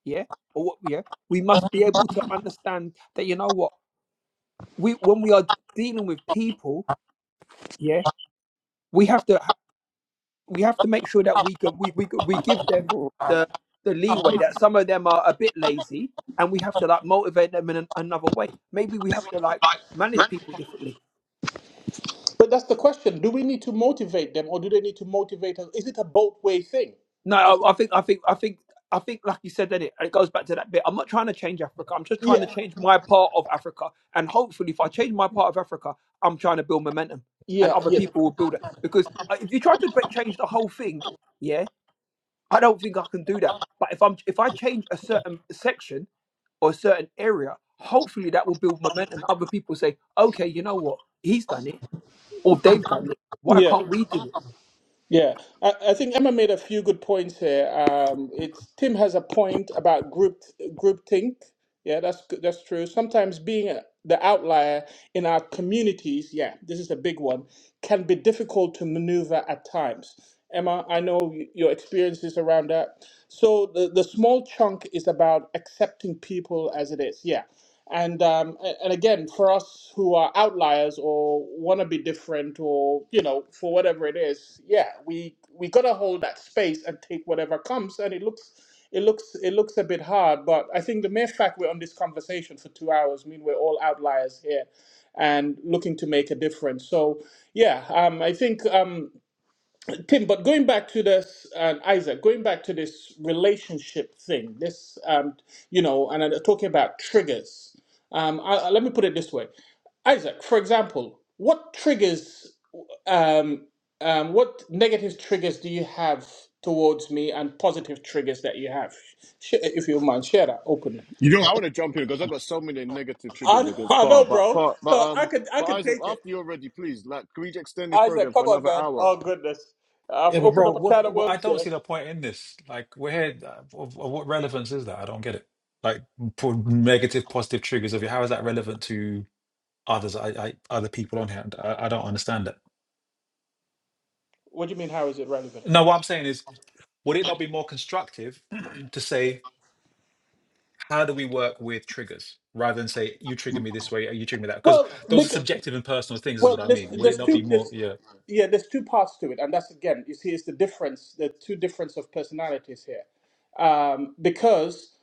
[SPEAKER 7] yeah, or what yeah, we must be able to understand that you know what we when we are dealing with people, yeah, we have to we have to make sure that we can, we, we we give them the the leeway that some of them are a bit lazy, and we have to like motivate them in an, another way. Maybe we have to like manage people differently.
[SPEAKER 1] But that's the question: Do we need to motivate them, or do they need to motivate us? Is it a both way thing?
[SPEAKER 7] No, I, I think I think I think I think like you said, then it it goes back to that bit. I'm not trying to change Africa. I'm just trying to
[SPEAKER 1] Yeah.
[SPEAKER 7] change my part of Africa, and hopefully, if I change my part of Africa, I'm trying to build momentum, and
[SPEAKER 1] Yeah,
[SPEAKER 7] other
[SPEAKER 1] yeah,
[SPEAKER 7] people will build it. Because uh, if you try to ba- change the whole thing, yeah, I don't think I can do that. But if I'm if I change a certain section or a certain area, hopefully that will build momentum. Other people say, okay, you know what? He's done it, or they've done it. Why
[SPEAKER 1] yeah,
[SPEAKER 7] can't we do it?
[SPEAKER 1] yeah. I, I think Emma made a few good points here. Um, it's Tim has a point about group groupthink. Yeah, that's good- that's true. Sometimes being a, the outlier in our communities, yeah, this is a big one, can be difficult to maneuver at times. Emma, I know y- your experiences around that. So the, the small chunk is about accepting people as it is. Yeah, And um, and again, for us who are outliers or want to be different or you know for whatever it is, yeah, we we gotta hold that space and take whatever comes. And it looks it looks it looks a bit hard, but I think the mere fact we're on this conversation for two hours mean we're all outliers here and looking to make a difference. So yeah, um, I think. Um, Tim, but going back to this, uh, Isaac, going back to this relationship thing, this, um, you know, and I'm talking about triggers. Um, I, I- let me put it this way, Isaac. For example, what triggers, um, um, what negative triggers do you have towards me, and positive triggers that you have? Sh- if you don't mind, share that openly.
[SPEAKER 2] you know, I want to jump in because I've got so many negative
[SPEAKER 1] I,
[SPEAKER 2] triggers
[SPEAKER 1] know-
[SPEAKER 2] against
[SPEAKER 1] I
[SPEAKER 2] Par.
[SPEAKER 1] know,
[SPEAKER 2] But
[SPEAKER 1] bro.
[SPEAKER 2] Par, but
[SPEAKER 1] So I
[SPEAKER 2] um,
[SPEAKER 1] could, I
[SPEAKER 2] but
[SPEAKER 1] could. Take,
[SPEAKER 2] Isaac, after you're ready, please, like, can we extend this program
[SPEAKER 1] Isaac,
[SPEAKER 2] for
[SPEAKER 1] come on,
[SPEAKER 2] another
[SPEAKER 1] man.
[SPEAKER 2] hour?
[SPEAKER 1] Oh goodness, I've
[SPEAKER 4] Yeah, but
[SPEAKER 1] opened
[SPEAKER 4] bro,
[SPEAKER 1] up a can
[SPEAKER 4] what,
[SPEAKER 1] of
[SPEAKER 4] what I
[SPEAKER 1] worms
[SPEAKER 4] don't
[SPEAKER 1] there.
[SPEAKER 4] see the point in this. Like, we're here. uh, Of, of what relevance is that? I don't get it. Like, for negative, positive triggers of you. How is that relevant to others? I, I other people on here. I, I don't understand it.
[SPEAKER 1] What do you mean? How is it relevant?
[SPEAKER 4] No, what I'm saying is, would it not be more constructive to say, how do we work with triggers rather than say you trigger me this way, or you trigger me that? Because
[SPEAKER 1] Well,
[SPEAKER 4] those are
[SPEAKER 1] because,
[SPEAKER 4] subjective and personal things, is what
[SPEAKER 1] well,
[SPEAKER 4] I
[SPEAKER 1] there's,
[SPEAKER 4] mean. Would it
[SPEAKER 1] there's
[SPEAKER 4] not be
[SPEAKER 1] two,
[SPEAKER 4] more?
[SPEAKER 1] there's,
[SPEAKER 4] Yeah.
[SPEAKER 1] yeah, there's two parts to it, and that's again, you see, it's the difference, the two difference of personalities here, um, because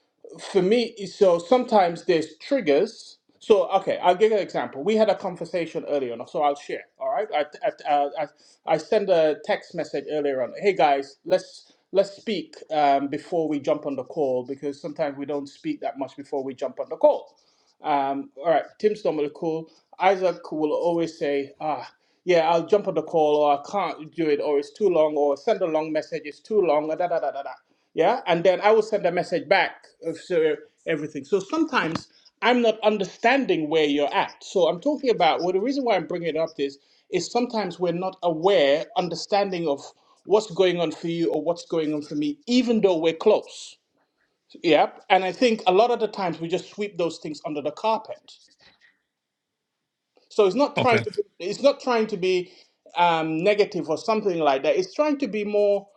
[SPEAKER 1] for me, so sometimes there's triggers. So okay, I'll give you an example. We had a conversation earlier on, so I'll share. All right, I, I, uh, I, I sent a text message earlier on. Hey guys, let's let's speak um, before we jump on the call because sometimes we don't speak that much before we jump on the call. Um, all right, Tim's normally cool. Isaac will always say, ah, yeah, I'll jump on the call, or I can't do it, or it's too long, or send a long message, it's too long, da da da da da. da. Yeah, and then I will send a message back of so everything. So sometimes I'm not understanding where you're at. So I'm talking about well, the reason why I'm bringing it up is is sometimes we're not aware, understanding of what's going on for you or what's going on for me, even though we're close Yep. And I think a lot of the times we just sweep those things under the carpet. So it's not
[SPEAKER 4] Okay.
[SPEAKER 1] trying to be, it's not trying to be um, negative or something like that. It's trying to be more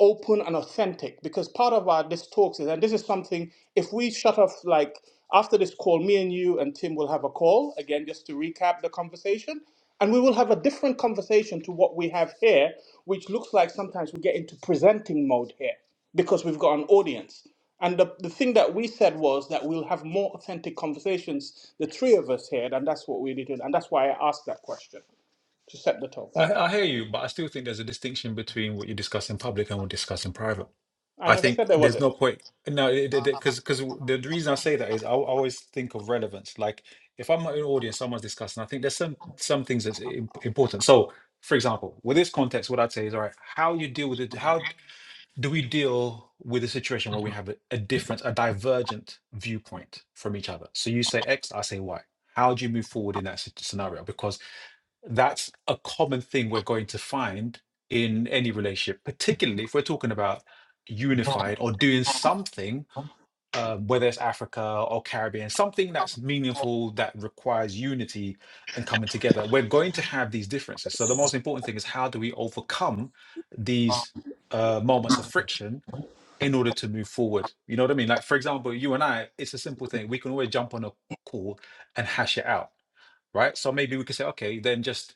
[SPEAKER 1] open and authentic because part of our this talks is and this is something if we shut off like after this call me and you and tim will have a call again just to recap the conversation and we will have a different conversation to what we have here which looks like sometimes we get into presenting mode here because we've got an audience and the, the thing that we said was that we'll have more authentic conversations the three of us here and that's what we did and that's why i asked that question to set the tone
[SPEAKER 4] I, I hear you, but I still think there's a distinction between what you discuss in public and what you discuss in private.
[SPEAKER 1] i
[SPEAKER 4] I
[SPEAKER 1] never
[SPEAKER 4] think
[SPEAKER 1] said there was
[SPEAKER 4] there's
[SPEAKER 1] it
[SPEAKER 4] no point. No, because because the the reason I say that is I, al- always think of relevance. Like if I'm in an audience, someone's discussing, I think there's some some things that's im- important. So, for example, with this context, what I'd say is, all right, how you deal with it? How do we deal with a situation where we have a, a different, a divergent viewpoint from each other? So you say X, I say Y. How do you move forward in that sit- scenario? Because that's a common thing we're going to find in any relationship, particularly if we're talking about unified or doing something, um, whether it's Africa or Caribbean, something that's meaningful that requires unity and coming together. We're going to have these differences. So the most important thing is how do we overcome these uh, moments of friction in order to move forward? You know what I mean? Like for example, you and I, it's a simple thing. We can always jump on a call and hash it out, right? So maybe we could say, okay, then just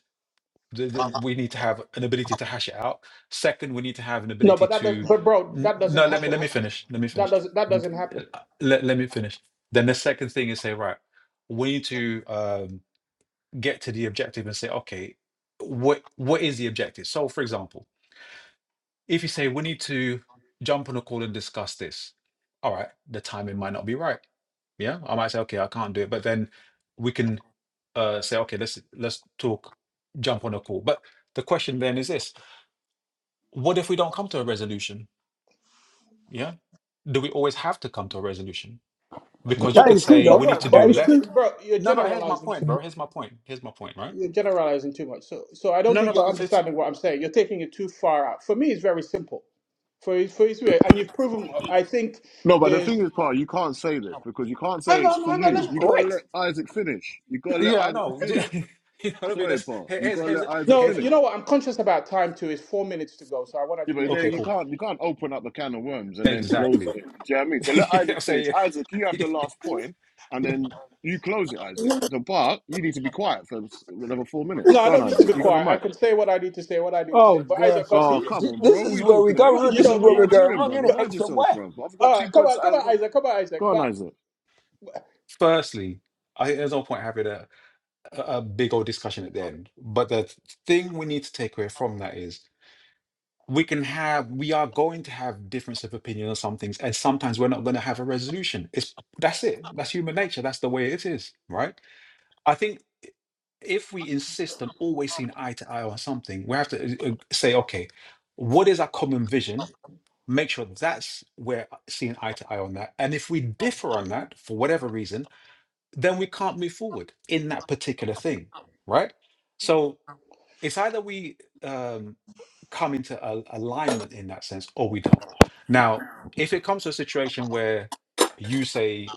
[SPEAKER 4] the, the- we need to have an ability to hash it out. Second, we need to have an
[SPEAKER 1] no but
[SPEAKER 4] ability
[SPEAKER 1] that does,
[SPEAKER 4] to
[SPEAKER 1] but bro
[SPEAKER 4] n-
[SPEAKER 1] that doesn't
[SPEAKER 4] no. Let me
[SPEAKER 1] happen
[SPEAKER 4] let
[SPEAKER 1] I,
[SPEAKER 4] me finish. Let me
[SPEAKER 1] That
[SPEAKER 4] finish.
[SPEAKER 1] doesn't that
[SPEAKER 4] N-
[SPEAKER 1] doesn't happen.
[SPEAKER 4] uh, Let, let me finish. Then the second thing is say right. We need to um, get to the objective and say okay, what what is the objective? So for example, if you say we need to jump on a call and discuss this, all right, the timing might not be right. Yeah, I might say okay, I can't do it. But then we can uh, say okay, let's let's talk, jump on a call. But the question then is this what if we don't come to a resolution? Yeah. Do we always have to come to a resolution?
[SPEAKER 1] Okay.
[SPEAKER 4] Because you
[SPEAKER 7] That
[SPEAKER 4] could
[SPEAKER 1] So
[SPEAKER 7] is true,
[SPEAKER 4] say
[SPEAKER 1] so
[SPEAKER 7] though.
[SPEAKER 4] we
[SPEAKER 1] bro
[SPEAKER 4] need to do
[SPEAKER 1] bro
[SPEAKER 7] That is
[SPEAKER 1] you're ge-
[SPEAKER 7] true.
[SPEAKER 4] left.
[SPEAKER 1] bro you're
[SPEAKER 4] No, but here's my
[SPEAKER 1] generalizing
[SPEAKER 4] point, bro. Here's my point. Here's my point, right?
[SPEAKER 1] you're generalizing too much. So so I don't
[SPEAKER 4] No, no,
[SPEAKER 1] think you're
[SPEAKER 4] but it's, it's
[SPEAKER 1] understanding what I'm saying. You're taking it too far out. For me, it's very simple. For for Israel, and you've proven. I think.
[SPEAKER 2] No, but the thing is, Par, you can't say this because you can't say
[SPEAKER 1] Hang
[SPEAKER 2] it's for
[SPEAKER 1] on, hang on.
[SPEAKER 7] And
[SPEAKER 1] Let
[SPEAKER 2] you.
[SPEAKER 7] it's
[SPEAKER 1] me,
[SPEAKER 2] You gotta let
[SPEAKER 7] correct.
[SPEAKER 2] Isaac finish. You gotta let
[SPEAKER 4] yeah, I
[SPEAKER 2] Isaac
[SPEAKER 4] know.
[SPEAKER 2] finish.
[SPEAKER 4] you know what I mean?
[SPEAKER 2] Sorry,
[SPEAKER 4] That's
[SPEAKER 2] Par,
[SPEAKER 4] here-
[SPEAKER 2] you
[SPEAKER 4] here's
[SPEAKER 2] gotta
[SPEAKER 4] here's
[SPEAKER 2] let Isaac
[SPEAKER 1] no,
[SPEAKER 4] here's
[SPEAKER 1] you
[SPEAKER 2] finish.
[SPEAKER 1] know what? I'm conscious about time too. It's four minutes to go, so I wanted
[SPEAKER 2] Yeah,
[SPEAKER 1] to make.
[SPEAKER 2] but there
[SPEAKER 4] okay,
[SPEAKER 2] you
[SPEAKER 4] cool.
[SPEAKER 2] can't you can't open up a can of worms and then close it.
[SPEAKER 4] Exactly.
[SPEAKER 2] Do you know what I mean? So
[SPEAKER 4] you
[SPEAKER 2] let
[SPEAKER 4] know what
[SPEAKER 2] Isaac
[SPEAKER 4] I'm
[SPEAKER 2] finish.
[SPEAKER 4] saying?
[SPEAKER 2] Isaac, you have the last point, and then you close it, Isaac. The Bart, you need to be quiet for s- another four minutes.
[SPEAKER 1] No, I
[SPEAKER 2] Go on,
[SPEAKER 1] don't need to
[SPEAKER 2] Isaac.
[SPEAKER 1] be
[SPEAKER 2] You got the
[SPEAKER 1] quiet. I
[SPEAKER 2] mic.
[SPEAKER 1] can say what I need to say, what I need to say.
[SPEAKER 7] Oh
[SPEAKER 1] But Isaac,
[SPEAKER 7] gosh, you
[SPEAKER 2] Oh,
[SPEAKER 7] see?
[SPEAKER 1] continue.
[SPEAKER 2] come
[SPEAKER 7] See,
[SPEAKER 2] on,
[SPEAKER 7] This
[SPEAKER 2] bro. What are
[SPEAKER 7] is
[SPEAKER 2] you
[SPEAKER 7] where we
[SPEAKER 2] talking about? You
[SPEAKER 7] go. wrong-
[SPEAKER 1] You
[SPEAKER 2] talking
[SPEAKER 7] This
[SPEAKER 2] to?
[SPEAKER 7] is
[SPEAKER 1] know
[SPEAKER 2] I'm a
[SPEAKER 7] where
[SPEAKER 1] me.
[SPEAKER 7] we're going
[SPEAKER 2] Nigerian,
[SPEAKER 7] wrong, isn't
[SPEAKER 2] brother.
[SPEAKER 7] it?
[SPEAKER 2] Mind
[SPEAKER 7] X and
[SPEAKER 2] yourself,
[SPEAKER 7] Y.
[SPEAKER 2] bro. I've got
[SPEAKER 1] All
[SPEAKER 2] two
[SPEAKER 1] right, come
[SPEAKER 2] points.
[SPEAKER 1] on,
[SPEAKER 2] That I
[SPEAKER 1] come on,
[SPEAKER 2] look.
[SPEAKER 1] Isaac, come on, Isaac.
[SPEAKER 2] Go on,
[SPEAKER 1] But
[SPEAKER 2] Isaac.
[SPEAKER 4] Firstly, I think there's no point having a, a a big old discussion at the end. But the thing we need to take away from that is we can have we are going to have difference of opinion on some things and sometimes we're not going to have a resolution it's that's it that's human nature that's the way it is right i think i- if we insist on always seeing eye to eye on something we have to uh, uh, say okay what is our common vision make sure that's where uh, seeing eye to eye on that and if we differ on that for whatever reason then we can't move forward in that particular thing right so it's either we um, come into a, alignment in that sense or we don't. Now, if it comes to a situation where you say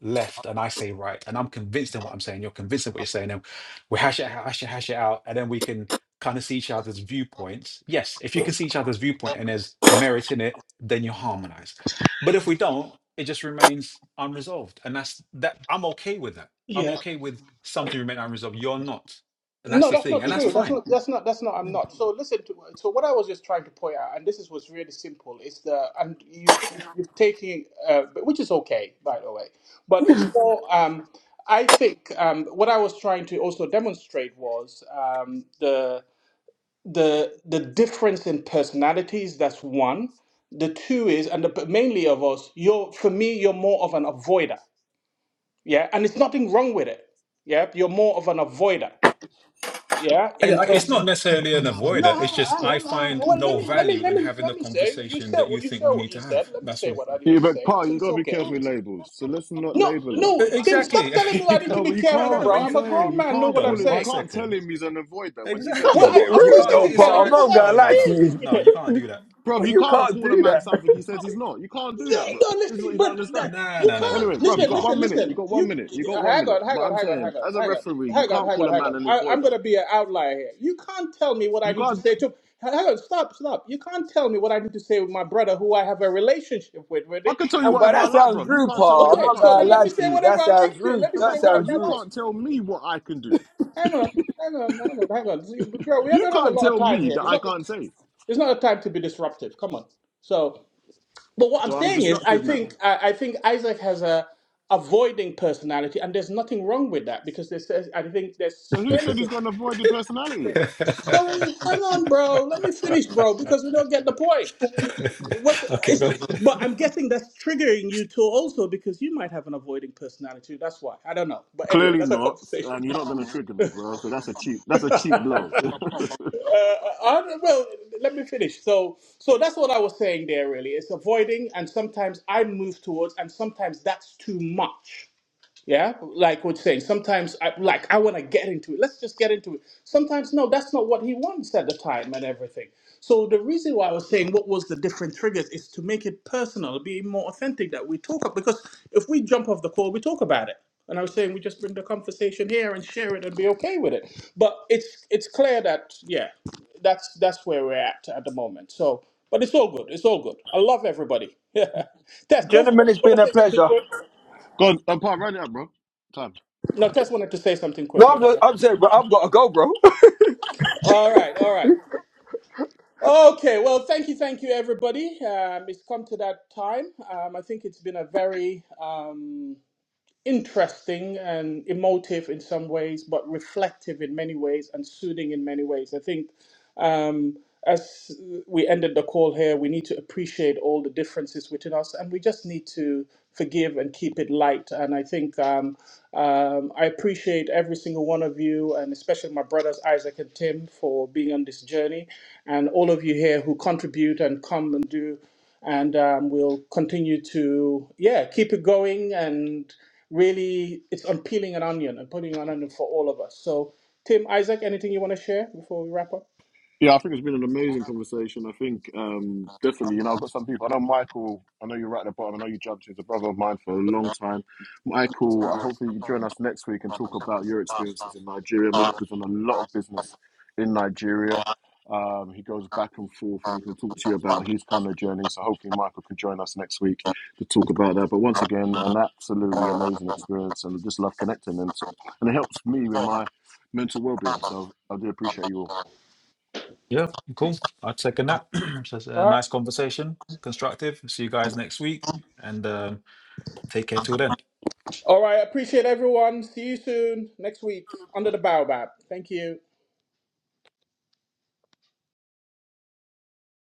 [SPEAKER 4] left and I say right, and I'm convinced in what I'm saying, you're convinced in what you're saying, and we hash it, hash it, hash it out, and then we can kind of see each other's viewpoints. Yes, if you can see each other's viewpoint and there's merit in it, then you harmonize. But if we don't, it just remains unresolved, and that's that. I'm okay with that. I'm
[SPEAKER 1] yeah.
[SPEAKER 4] okay with something remaining unresolved. You're not, and that's
[SPEAKER 1] No,
[SPEAKER 4] the
[SPEAKER 1] that's
[SPEAKER 4] thing,
[SPEAKER 1] not
[SPEAKER 4] and that's
[SPEAKER 1] true. That's
[SPEAKER 4] fine
[SPEAKER 1] not. That's not. That's not. I'm
[SPEAKER 4] I,
[SPEAKER 1] not. So listen to. So what I was just trying to point out, and this is was really simple, is the and you you're taking, uh, but- which is okay by the way, but it's more. Um, I think um, what I was trying to also demonstrate was um, the the the difference in personalities. That's one. The two is, and the, but mainly of us, you're for me, you're more of an avoider. Yeah, and it's nothing wrong with it. Yeah, you're more of an avoider. Yeah, in
[SPEAKER 4] I- it's
[SPEAKER 1] terms.
[SPEAKER 4] not necessarily an
[SPEAKER 1] No,
[SPEAKER 4] avoider.
[SPEAKER 1] I,
[SPEAKER 4] It's just
[SPEAKER 1] I,
[SPEAKER 4] I
[SPEAKER 1] I,
[SPEAKER 4] find
[SPEAKER 1] well, let
[SPEAKER 4] no
[SPEAKER 1] me, let me,
[SPEAKER 4] value
[SPEAKER 1] let
[SPEAKER 4] in
[SPEAKER 1] me,
[SPEAKER 4] having
[SPEAKER 1] let
[SPEAKER 4] the
[SPEAKER 1] me say. You
[SPEAKER 4] conversation
[SPEAKER 1] said,
[SPEAKER 4] that
[SPEAKER 1] well,
[SPEAKER 4] you
[SPEAKER 1] you
[SPEAKER 4] think
[SPEAKER 1] said
[SPEAKER 4] we
[SPEAKER 1] what
[SPEAKER 4] need
[SPEAKER 1] you
[SPEAKER 4] to
[SPEAKER 1] said.
[SPEAKER 4] have.
[SPEAKER 1] Let me
[SPEAKER 4] That's
[SPEAKER 1] say
[SPEAKER 4] all.
[SPEAKER 1] what I need
[SPEAKER 2] Yeah,
[SPEAKER 1] to.
[SPEAKER 2] but Pa, you gotta be careful with labels. So let's not
[SPEAKER 1] No,
[SPEAKER 2] label him.
[SPEAKER 1] no,
[SPEAKER 4] E-
[SPEAKER 1] Tim, stop
[SPEAKER 4] Exactly.
[SPEAKER 1] telling me I
[SPEAKER 4] You
[SPEAKER 1] need
[SPEAKER 4] know?
[SPEAKER 1] to
[SPEAKER 2] No,
[SPEAKER 1] be
[SPEAKER 2] but you
[SPEAKER 4] no,
[SPEAKER 1] careful,
[SPEAKER 4] no, no.
[SPEAKER 2] can't.
[SPEAKER 4] But
[SPEAKER 1] bro.
[SPEAKER 2] I'm
[SPEAKER 1] I'm
[SPEAKER 4] you
[SPEAKER 1] a
[SPEAKER 2] saying
[SPEAKER 1] grown
[SPEAKER 2] you
[SPEAKER 1] man. Know
[SPEAKER 4] hold
[SPEAKER 2] can't
[SPEAKER 1] what I'm
[SPEAKER 2] pull
[SPEAKER 4] on
[SPEAKER 2] him. You
[SPEAKER 4] one
[SPEAKER 1] saying?
[SPEAKER 2] can't tell
[SPEAKER 4] second.
[SPEAKER 2] him he's an avoider when he says
[SPEAKER 7] That's
[SPEAKER 2] he's
[SPEAKER 1] Well,
[SPEAKER 7] a
[SPEAKER 4] Exactly.
[SPEAKER 1] I,
[SPEAKER 2] not.
[SPEAKER 7] bit
[SPEAKER 1] of
[SPEAKER 4] You
[SPEAKER 2] You're
[SPEAKER 1] course
[SPEAKER 7] rude,
[SPEAKER 4] can't.
[SPEAKER 1] I
[SPEAKER 2] not.
[SPEAKER 7] though,
[SPEAKER 1] can
[SPEAKER 4] It's
[SPEAKER 1] tell
[SPEAKER 4] all
[SPEAKER 1] him
[SPEAKER 7] Paul. I'm
[SPEAKER 4] right.
[SPEAKER 1] because
[SPEAKER 7] not
[SPEAKER 1] I've
[SPEAKER 4] No,
[SPEAKER 7] gonna
[SPEAKER 4] no,
[SPEAKER 7] lie to
[SPEAKER 4] no,
[SPEAKER 1] experienced
[SPEAKER 4] no,
[SPEAKER 1] this
[SPEAKER 7] you.
[SPEAKER 1] with
[SPEAKER 4] no.
[SPEAKER 1] him.
[SPEAKER 4] You can't do that.
[SPEAKER 2] Bruv,
[SPEAKER 7] Well,
[SPEAKER 2] you
[SPEAKER 7] you
[SPEAKER 2] can't
[SPEAKER 7] can't
[SPEAKER 2] call a
[SPEAKER 7] do
[SPEAKER 2] man
[SPEAKER 7] that.
[SPEAKER 2] something he says he's not. You can't do
[SPEAKER 1] No,
[SPEAKER 2] that, bruv.
[SPEAKER 1] no,
[SPEAKER 2] This is what
[SPEAKER 1] listen,
[SPEAKER 2] you don't
[SPEAKER 1] but
[SPEAKER 2] understand.
[SPEAKER 1] that,
[SPEAKER 4] No,
[SPEAKER 1] you
[SPEAKER 4] no, no, no. no,
[SPEAKER 2] Anyway,
[SPEAKER 1] can't
[SPEAKER 2] bruv,
[SPEAKER 4] You
[SPEAKER 2] you
[SPEAKER 1] listen,
[SPEAKER 2] got
[SPEAKER 4] can't.
[SPEAKER 2] one
[SPEAKER 1] listen,
[SPEAKER 2] minute. You
[SPEAKER 1] listen.
[SPEAKER 2] got one
[SPEAKER 1] You
[SPEAKER 2] minute. You got one
[SPEAKER 1] hang
[SPEAKER 2] minute.
[SPEAKER 1] on, hang
[SPEAKER 2] But
[SPEAKER 1] on,
[SPEAKER 2] I'm
[SPEAKER 1] hang on,
[SPEAKER 2] saying,
[SPEAKER 1] hang on,
[SPEAKER 2] as a
[SPEAKER 1] hang on,
[SPEAKER 2] referee, you
[SPEAKER 1] hang on,
[SPEAKER 2] can't
[SPEAKER 1] hang
[SPEAKER 2] call
[SPEAKER 1] on,
[SPEAKER 2] a
[SPEAKER 1] hang
[SPEAKER 2] man
[SPEAKER 1] on.
[SPEAKER 2] an
[SPEAKER 1] I, I'm
[SPEAKER 2] avoider.
[SPEAKER 1] gonna be an outlier here. You can't tell me what I
[SPEAKER 2] You
[SPEAKER 1] need to
[SPEAKER 2] can't.
[SPEAKER 1] say to. Hang on, stop, stop. You can't tell me what I need to say with my brother, who I have a relationship with,
[SPEAKER 2] I
[SPEAKER 1] really.
[SPEAKER 2] can tell you
[SPEAKER 7] But
[SPEAKER 2] whatever I
[SPEAKER 7] that
[SPEAKER 2] like,
[SPEAKER 7] sounds
[SPEAKER 2] bruv. You
[SPEAKER 7] rude,
[SPEAKER 2] can't tell me
[SPEAKER 7] Paul. I'm
[SPEAKER 2] I
[SPEAKER 1] Okay,
[SPEAKER 7] not
[SPEAKER 2] can't
[SPEAKER 1] so
[SPEAKER 7] gonna
[SPEAKER 1] then
[SPEAKER 2] tell
[SPEAKER 1] let
[SPEAKER 2] you.
[SPEAKER 7] lie
[SPEAKER 1] me
[SPEAKER 7] to
[SPEAKER 1] say
[SPEAKER 7] you.
[SPEAKER 1] whatever
[SPEAKER 7] That
[SPEAKER 1] I
[SPEAKER 7] sounds
[SPEAKER 1] like to.
[SPEAKER 7] rude.
[SPEAKER 1] Let me
[SPEAKER 2] No,
[SPEAKER 7] That
[SPEAKER 1] say
[SPEAKER 2] but Paul,
[SPEAKER 1] whatever
[SPEAKER 7] sounds
[SPEAKER 1] I
[SPEAKER 2] You
[SPEAKER 7] rude.
[SPEAKER 1] like.
[SPEAKER 2] can't tell me what I can do.
[SPEAKER 1] Hang on, hang on, hang on, hang on. See, but Girl, we
[SPEAKER 2] You
[SPEAKER 1] don't have a
[SPEAKER 2] can't
[SPEAKER 1] lot of
[SPEAKER 2] tell
[SPEAKER 1] time
[SPEAKER 2] me
[SPEAKER 1] here.
[SPEAKER 2] that I can't say.
[SPEAKER 1] It's not a time to be disruptive. Come on. So, but what I'm
[SPEAKER 2] So I'm
[SPEAKER 1] saying is, I
[SPEAKER 2] disruptive now.
[SPEAKER 1] think I, I think Isaac has a avoiding personality, and there's nothing wrong with that because there's there's- I think there's
[SPEAKER 2] But who
[SPEAKER 1] strength.
[SPEAKER 2] said he's got an avoided personality?
[SPEAKER 1] Sorry, hang on, bro. Let me finish, bro, because we don't get the point. What's the,
[SPEAKER 4] okay,
[SPEAKER 1] it's,
[SPEAKER 4] good.
[SPEAKER 1] but I'm guessing that's triggering you too, also because you might have an avoiding personality. That's why I don't know. But anyway, that's
[SPEAKER 2] Clearly not.
[SPEAKER 1] a conversation.
[SPEAKER 2] And you're not going to trigger me, bro. So that's a cheap. That's a cheap blow.
[SPEAKER 1] uh, I, well, let me finish. So, so that's what I was saying there. Really, it's avoiding, and sometimes I move towards, and sometimes that's too much. Yeah, like you're saying. sometimes, I, like I want to get into it. Let's just get into it. Sometimes, no, that's not what he wants at the time and everything. So the reason why I was saying what was the different triggers is to make it personal, be more authentic that we talk about. Because if we jump off the call, we talk about it. And I was saying we just bring the conversation here and share it and be okay with it. But it's it's clear that yeah, that's that's where we're at at the moment. So, but it's all good. It's all good. I love everybody. Yeah, Tess, go for it.
[SPEAKER 7] Gentlemen, it's
[SPEAKER 1] You want
[SPEAKER 7] been
[SPEAKER 1] to
[SPEAKER 7] a
[SPEAKER 1] say something?
[SPEAKER 7] pleasure.
[SPEAKER 1] quick?
[SPEAKER 2] go on, uh, Paul, run it up, bro. Time.
[SPEAKER 1] No, Tess wanted to say something
[SPEAKER 7] No,
[SPEAKER 1] quick. Don't
[SPEAKER 7] I'm, I'm saying, bro, I've got to go, bro.
[SPEAKER 1] All right, all right. Okay, well, thank you, thank you, everybody. Um, it's come to that time. Um, I think it's been a very um, interesting and emotive in some ways, but reflective in many ways and soothing in many ways. I think Um, as we ended the call here, we need to appreciate all the differences within us, and we just need to forgive and keep it light. And I think um, um, I appreciate every single one of you, and especially my brothers Isaac and Tim for being on this journey, and all of you here who contribute and come and do and um, we'll continue to yeah keep it going and really it's on peeling an onion and putting an onion for all of us so tim isaac anything you want to share before we wrap up
[SPEAKER 2] Yeah, I think it's been an amazing conversation. I think um, definitely, you know, I've got some people. I know Michael. I know you're right at the bottom. I know you jumped. in. He's a brother of mine for a long time. Michael, I hopefully you join us next week and talk about your experiences in Nigeria. Michael's done a lot of business in Nigeria. Um, he goes back and forth, and he can talk to you about his kind of journey. So hopefully, Michael can join us next week to talk about that. But once again, an absolutely amazing experience, and I just love connecting, and and it helps me with my mental well-being. So I do appreciate you all.
[SPEAKER 4] Yeah, cool. I'd second that. so it's
[SPEAKER 7] All
[SPEAKER 4] a
[SPEAKER 7] right.
[SPEAKER 4] nice conversation, constructive. See you guys next week, and um, take care till then.
[SPEAKER 1] All right. I appreciate everyone. See you soon next week under the Baobab. Thank you.